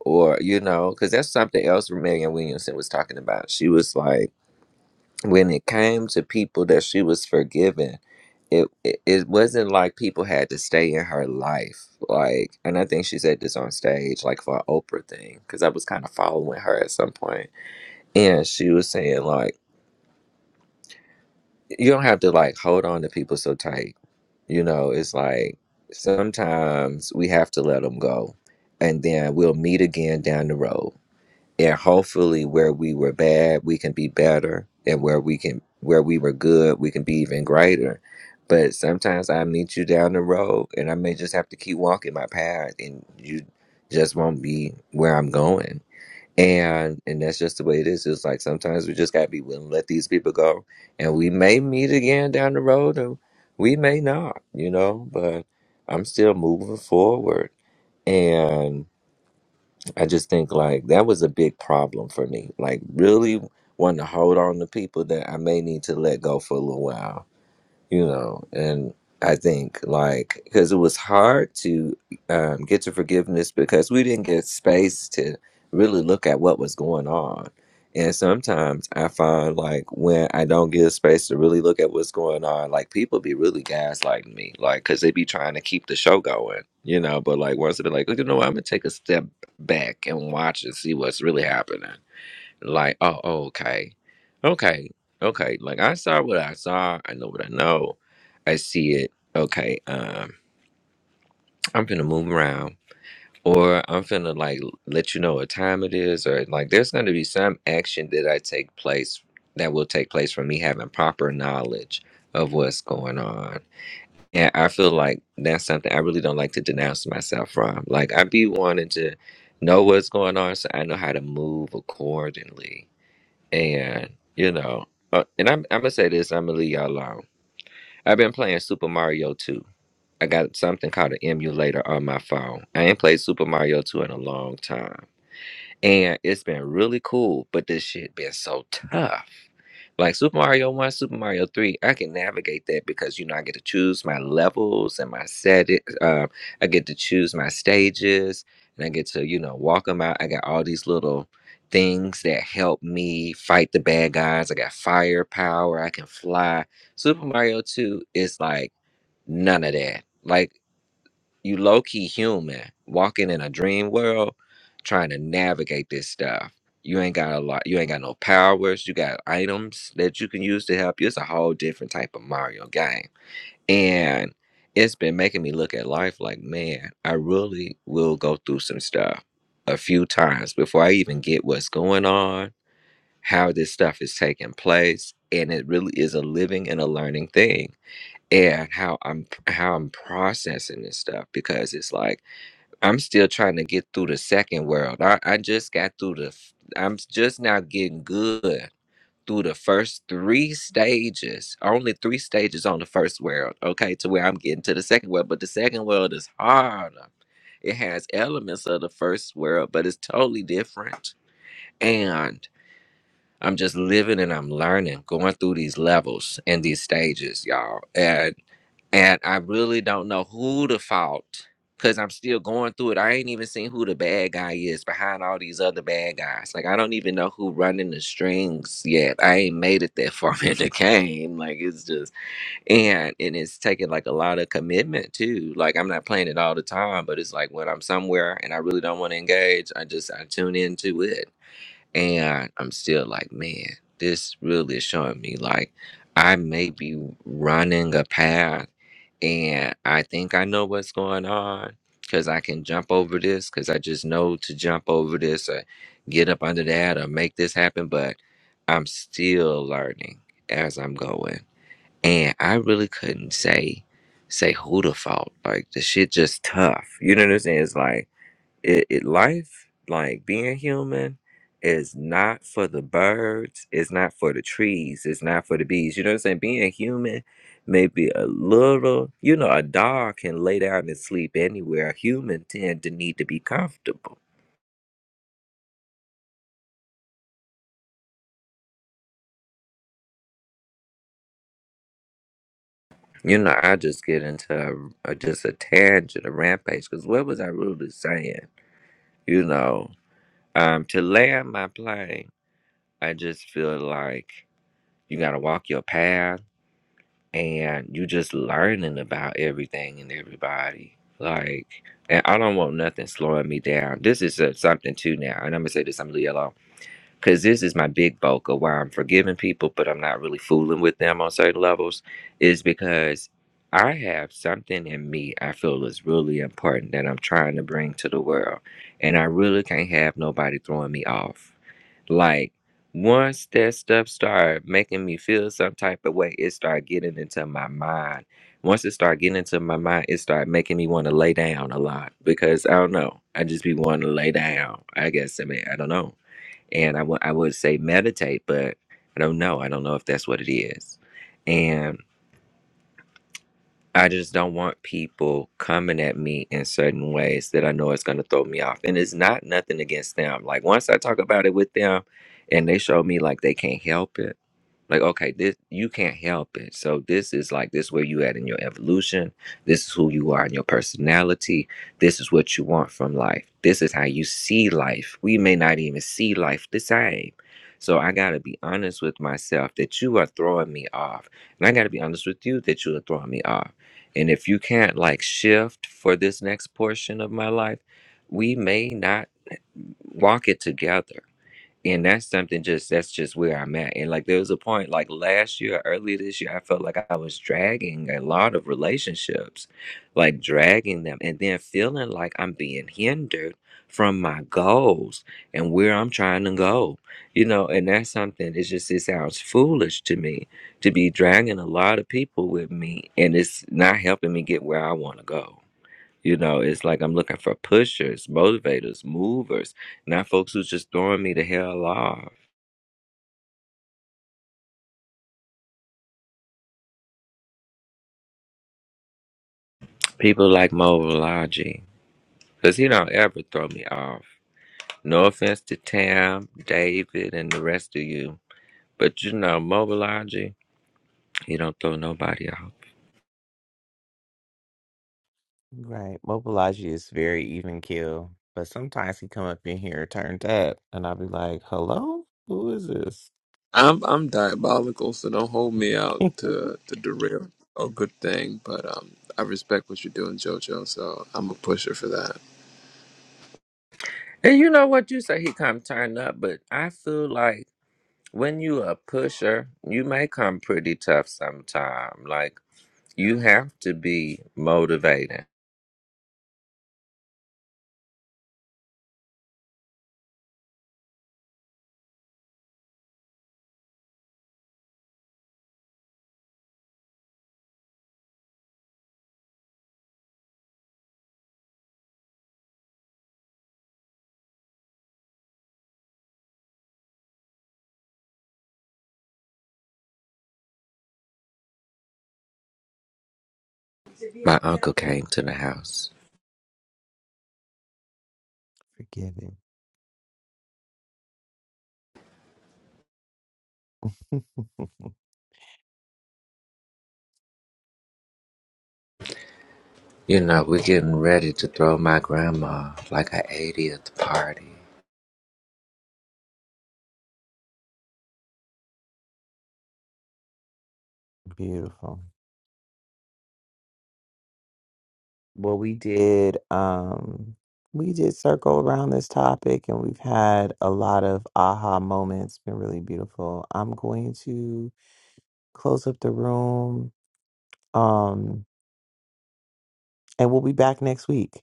[SPEAKER 8] or you know, because that's something else Marianne Williamson was talking about. She was like when it came to people that she was forgiving, it, it it wasn't like people had to stay in her life. Like, and I think she said this on stage, like for an Oprah thing, because I was kind of following her at some point, and she was saying like, you don't have to like hold on to people so tight. You know, it's like sometimes we have to let them go, and then we'll meet again down the road and hopefully where we were bad we can be better and where we can where we were good we can be even greater but sometimes i meet you down the road and i may just have to keep walking my path and you just won't be where i'm going and and that's just the way it is it's like sometimes we just got to be willing to let these people go and we may meet again down the road or we may not you know but i'm still moving forward and. I just think like that was a big problem for me. Like really wanting to hold on to people that I may need to let go for a little while you know and i think like because it was hard to um, get to forgiveness because we didn't get space to really look at what was going on and sometimes i find like when i don't give space to really look at what's going on like people be really gaslighting me like because they be trying to keep the show going you know but like once they be like you know what, i'm gonna take a step back and watch and see what's really happening like, oh, oh, okay. Okay. Okay. Like I saw what I saw. I know what I know. I see it. Okay. Um, I'm gonna move around. Or I'm gonna like let you know what time it is, or like there's gonna be some action that I take place that will take place from me having proper knowledge of what's going on. And I feel like that's something I really don't like to denounce myself from. Like I be wanting to know what's going on so I know how to move accordingly and you know, uh, and I'm I'm gonna say this. I'm gonna leave y'all alone. I've been playing Super Mario 2. I got something called an emulator on my phone. I ain't played Super Mario 2 in a long time and it's been really cool. But this shit been so tough. Like Super Mario One, Super Mario Three, I can navigate that because you know I get to choose my levels and my set. It, uh, I get to choose my stages, and I get to you know walk them out. I got all these little things that help me fight the bad guys. I got firepower. I can fly. Super Mario Two is like none of that. Like you low key human walking in a dream world, trying to navigate this stuff. You ain't got a lot. You ain't got no powers. You got items that you can use to help you. It's a whole different type of Mario game, and it's been making me look at life like, man, I really will go through some stuff a few times before I even get what's going on, how this stuff is taking place, and it really is a living and a learning thing and how I'm how I'm processing this stuff because it's like I'm still trying to get through the second world. I, I just got through the, f- I'm s- just now getting good through the first three stages, only three stages on the first world, okay, to where I'm getting to the second world. But the second world is harder. It has elements of the first world, but it's totally different. And I'm just living and I'm learning, going through these levels and these stages, y'all. And I really don't know who the fault because I'm still going through it. I ain't even seen who the bad guy is behind all these other bad guys. Like I don't even know who running the strings yet. I ain't made it that far in the game. Like it's just and and it's taking like a lot of commitment too. Like I'm not playing it all the time, but it's like when I'm somewhere and I really don't want to engage, I just I tune into it and I'm still like, man, this really is showing me like I may be running a path, and I think I know what's going on because I can jump over this because I just know to jump over this or get up under that or make this happen, but I'm still learning as I'm going, and I really couldn't say say who the fault. Like the shit just tough. You know what I'm saying? It's like it, it life like being human is not for the birds it's not for the trees it's not for the bees you know what i'm saying being human maybe a little you know a dog can lay down and sleep anywhere a human tend to need to be comfortable you know i just get into a, a- just a tangent a rampage because what was i really saying you know um to land my plane i just feel like you gotta walk your path and you just learning about everything and everybody. Like, and I don't want nothing slowing me down. This is uh something too now, and I'm gonna say this. I'm gonna leave it alone because this is my big bulk of why I'm forgiving people, but I'm not really fooling with them on certain levels. Is because I have something in me I feel is really important that I'm trying to bring to the world, and I really can't have nobody throwing me off. Like once that stuff started making me feel some type of way, it started getting into my mind. Once it started getting into my mind, it started making me want to lay down a lot because I don't know. I just be wanting to lay down. I guess I mean I don't know. And I would I would say meditate, but I don't know. I don't know if that's what it is. And. I just don't want people coming at me in certain ways that I know it's going to throw me off. And it's not nothing against them. Like once I talk about it with them and they show me like they can't help it. Like, okay, this you can't help it. So this is like this where you at in your evolution. This is who you are in your personality. This is what you want from life. This is how you see life. We may not even see life the same. So I gotta be honest with myself that you are throwing me off. And I gotta be honest with you that you are throwing me off. And if you can't like shift for this next portion of my life, we may not walk it together and that's something just that's just where I'm at. And like there was a point like last year, earlier this year, I felt like I was dragging a lot of relationships, like dragging them, and then feeling like I'm being hindered from my goals and where I'm trying to go. You know, and that's something it's just it sounds foolish to me to be dragging a lot of people with me and it's not helping me get where I want to go. You know, it's like I'm looking for pushers, motivators, movers, not folks who's just throwing me the hell off. People like Mo Village, 'cause he don't ever throw me off. No offense to Tam, David, and the rest of you. But you know, Mo Village, he don't throw nobody off.
[SPEAKER 1] Right. Mobilize is very even keel. But sometimes he come up in here turned up and I'll be like, Hello? Who is this?
[SPEAKER 3] I'm I'm diabolical, so don't hold me out to to derail. a good thing, but um, I respect what you're doing, JoJo. So I'm a pusher for that.
[SPEAKER 8] And you know what? You say he come turn up, but I feel like when you a pusher, you may come pretty tough sometime. Like, you have to be motivated. My uncle came to the house.
[SPEAKER 1] Forgive him.
[SPEAKER 8] You know, we're getting ready to throw my grandma like an 80th party.
[SPEAKER 1] Beautiful. Well we did um we did circle around this topic and we've had a lot of aha moments. Been really beautiful. I'm going to close up the room. Um and we'll be back next week.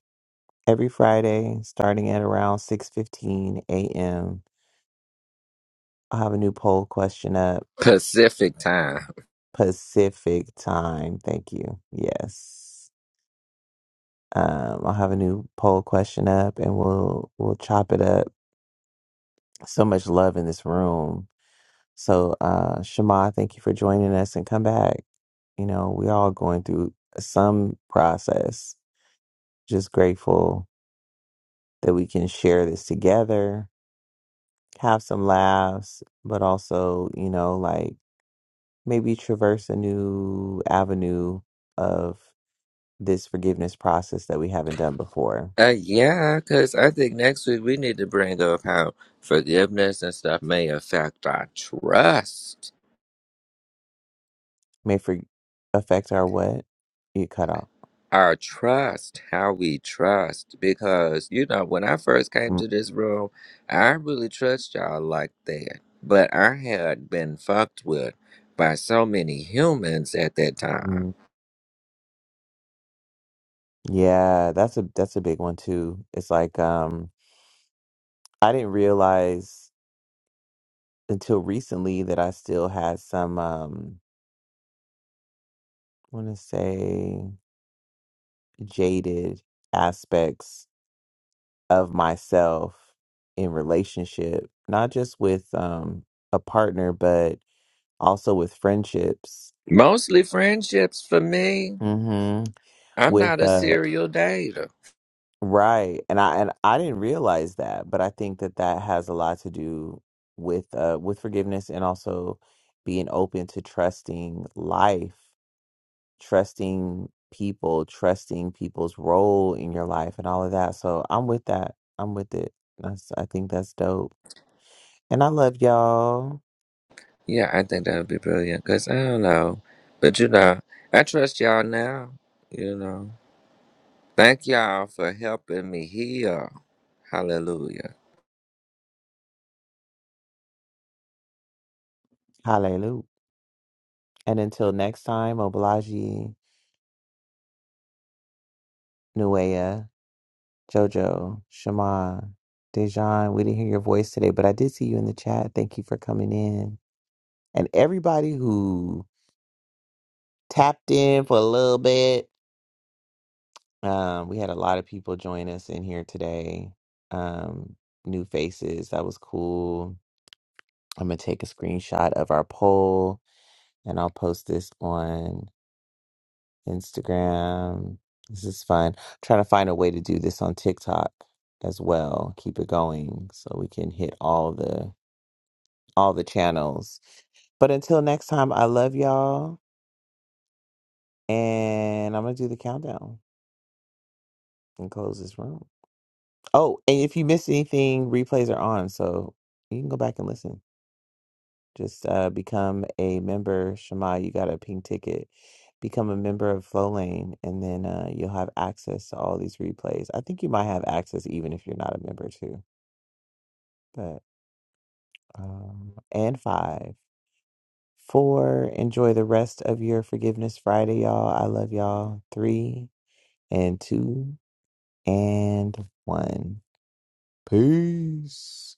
[SPEAKER 1] Every Friday, starting at around 6:15 a.m., I'll have a new poll question up
[SPEAKER 8] Pacific time.
[SPEAKER 1] Pacific time. Thank you. Yes. Um, I'll have a new poll question up and we'll we'll chop it up. So much love in this room. So uh Shema, thank you for joining us and come back. You know, we all going through some process. Just grateful that we can share this together, have some laughs, but also, you know, like maybe traverse a new avenue of this forgiveness process that we haven't done before.
[SPEAKER 8] Uh, yeah, because I think next week we need to bring up how forgiveness and stuff may affect our trust.
[SPEAKER 1] May for- affect our what? You cut off.
[SPEAKER 8] Our trust, how we trust. Because, you know, when I first came
[SPEAKER 1] mm
[SPEAKER 8] to this room, I really trust y'all like that. But I had been fucked with by so many humans at that time.
[SPEAKER 1] mm, Yeah, that's a that's a big one too. It's like um I didn't realize until recently that I still had some um I want to say jaded aspects of myself in relationship, not just with um a partner, but also with friendships
[SPEAKER 8] Mostly friendships for me.
[SPEAKER 1] hmm
[SPEAKER 8] I'm
[SPEAKER 1] with
[SPEAKER 8] not a
[SPEAKER 1] uh
[SPEAKER 8] serial dater.
[SPEAKER 1] right and i and i didn't realize that but i think that that has a lot to do with uh with forgiveness and also being open to trusting life trusting people trusting people's role in your life and all of that so i'm with that i'm with it that's, i think that's dope and i love y'all
[SPEAKER 8] Yeah, I think that would be brilliant because I don't know. But you know, I trust y'all now. You know, thank y'all for helping me heal. Hallelujah.
[SPEAKER 1] hallelujah and until next time oblaji nuea Jojo, Shema, Dejan, we didn't hear your voice today, but I did see you in the chat. Thank you for coming in. And everybody who tapped in for a little bit. Um, we had a lot of people join us in here today. Um, new faces. That was cool. I'm gonna take a screenshot of our poll and I'll post this on Instagram. This is fun. trying to find a way to do this on TikTok as well. Keep it going so we can hit all the all the channels. But until next time, I love y'all. And I'm going to do the countdown and close this room. Oh, and if you missed anything, replays are on. So you can go back and listen. Just uh, become a member. Shema, you got a pink ticket. Become a member of Flow Lane, and then uh, you'll have access to all these replays. I think you might have access even if you're not a member, too. But um, and five. Four, enjoy the rest of your Forgiveness Friday, y'all. I love y'all. Three and two and one. Peace.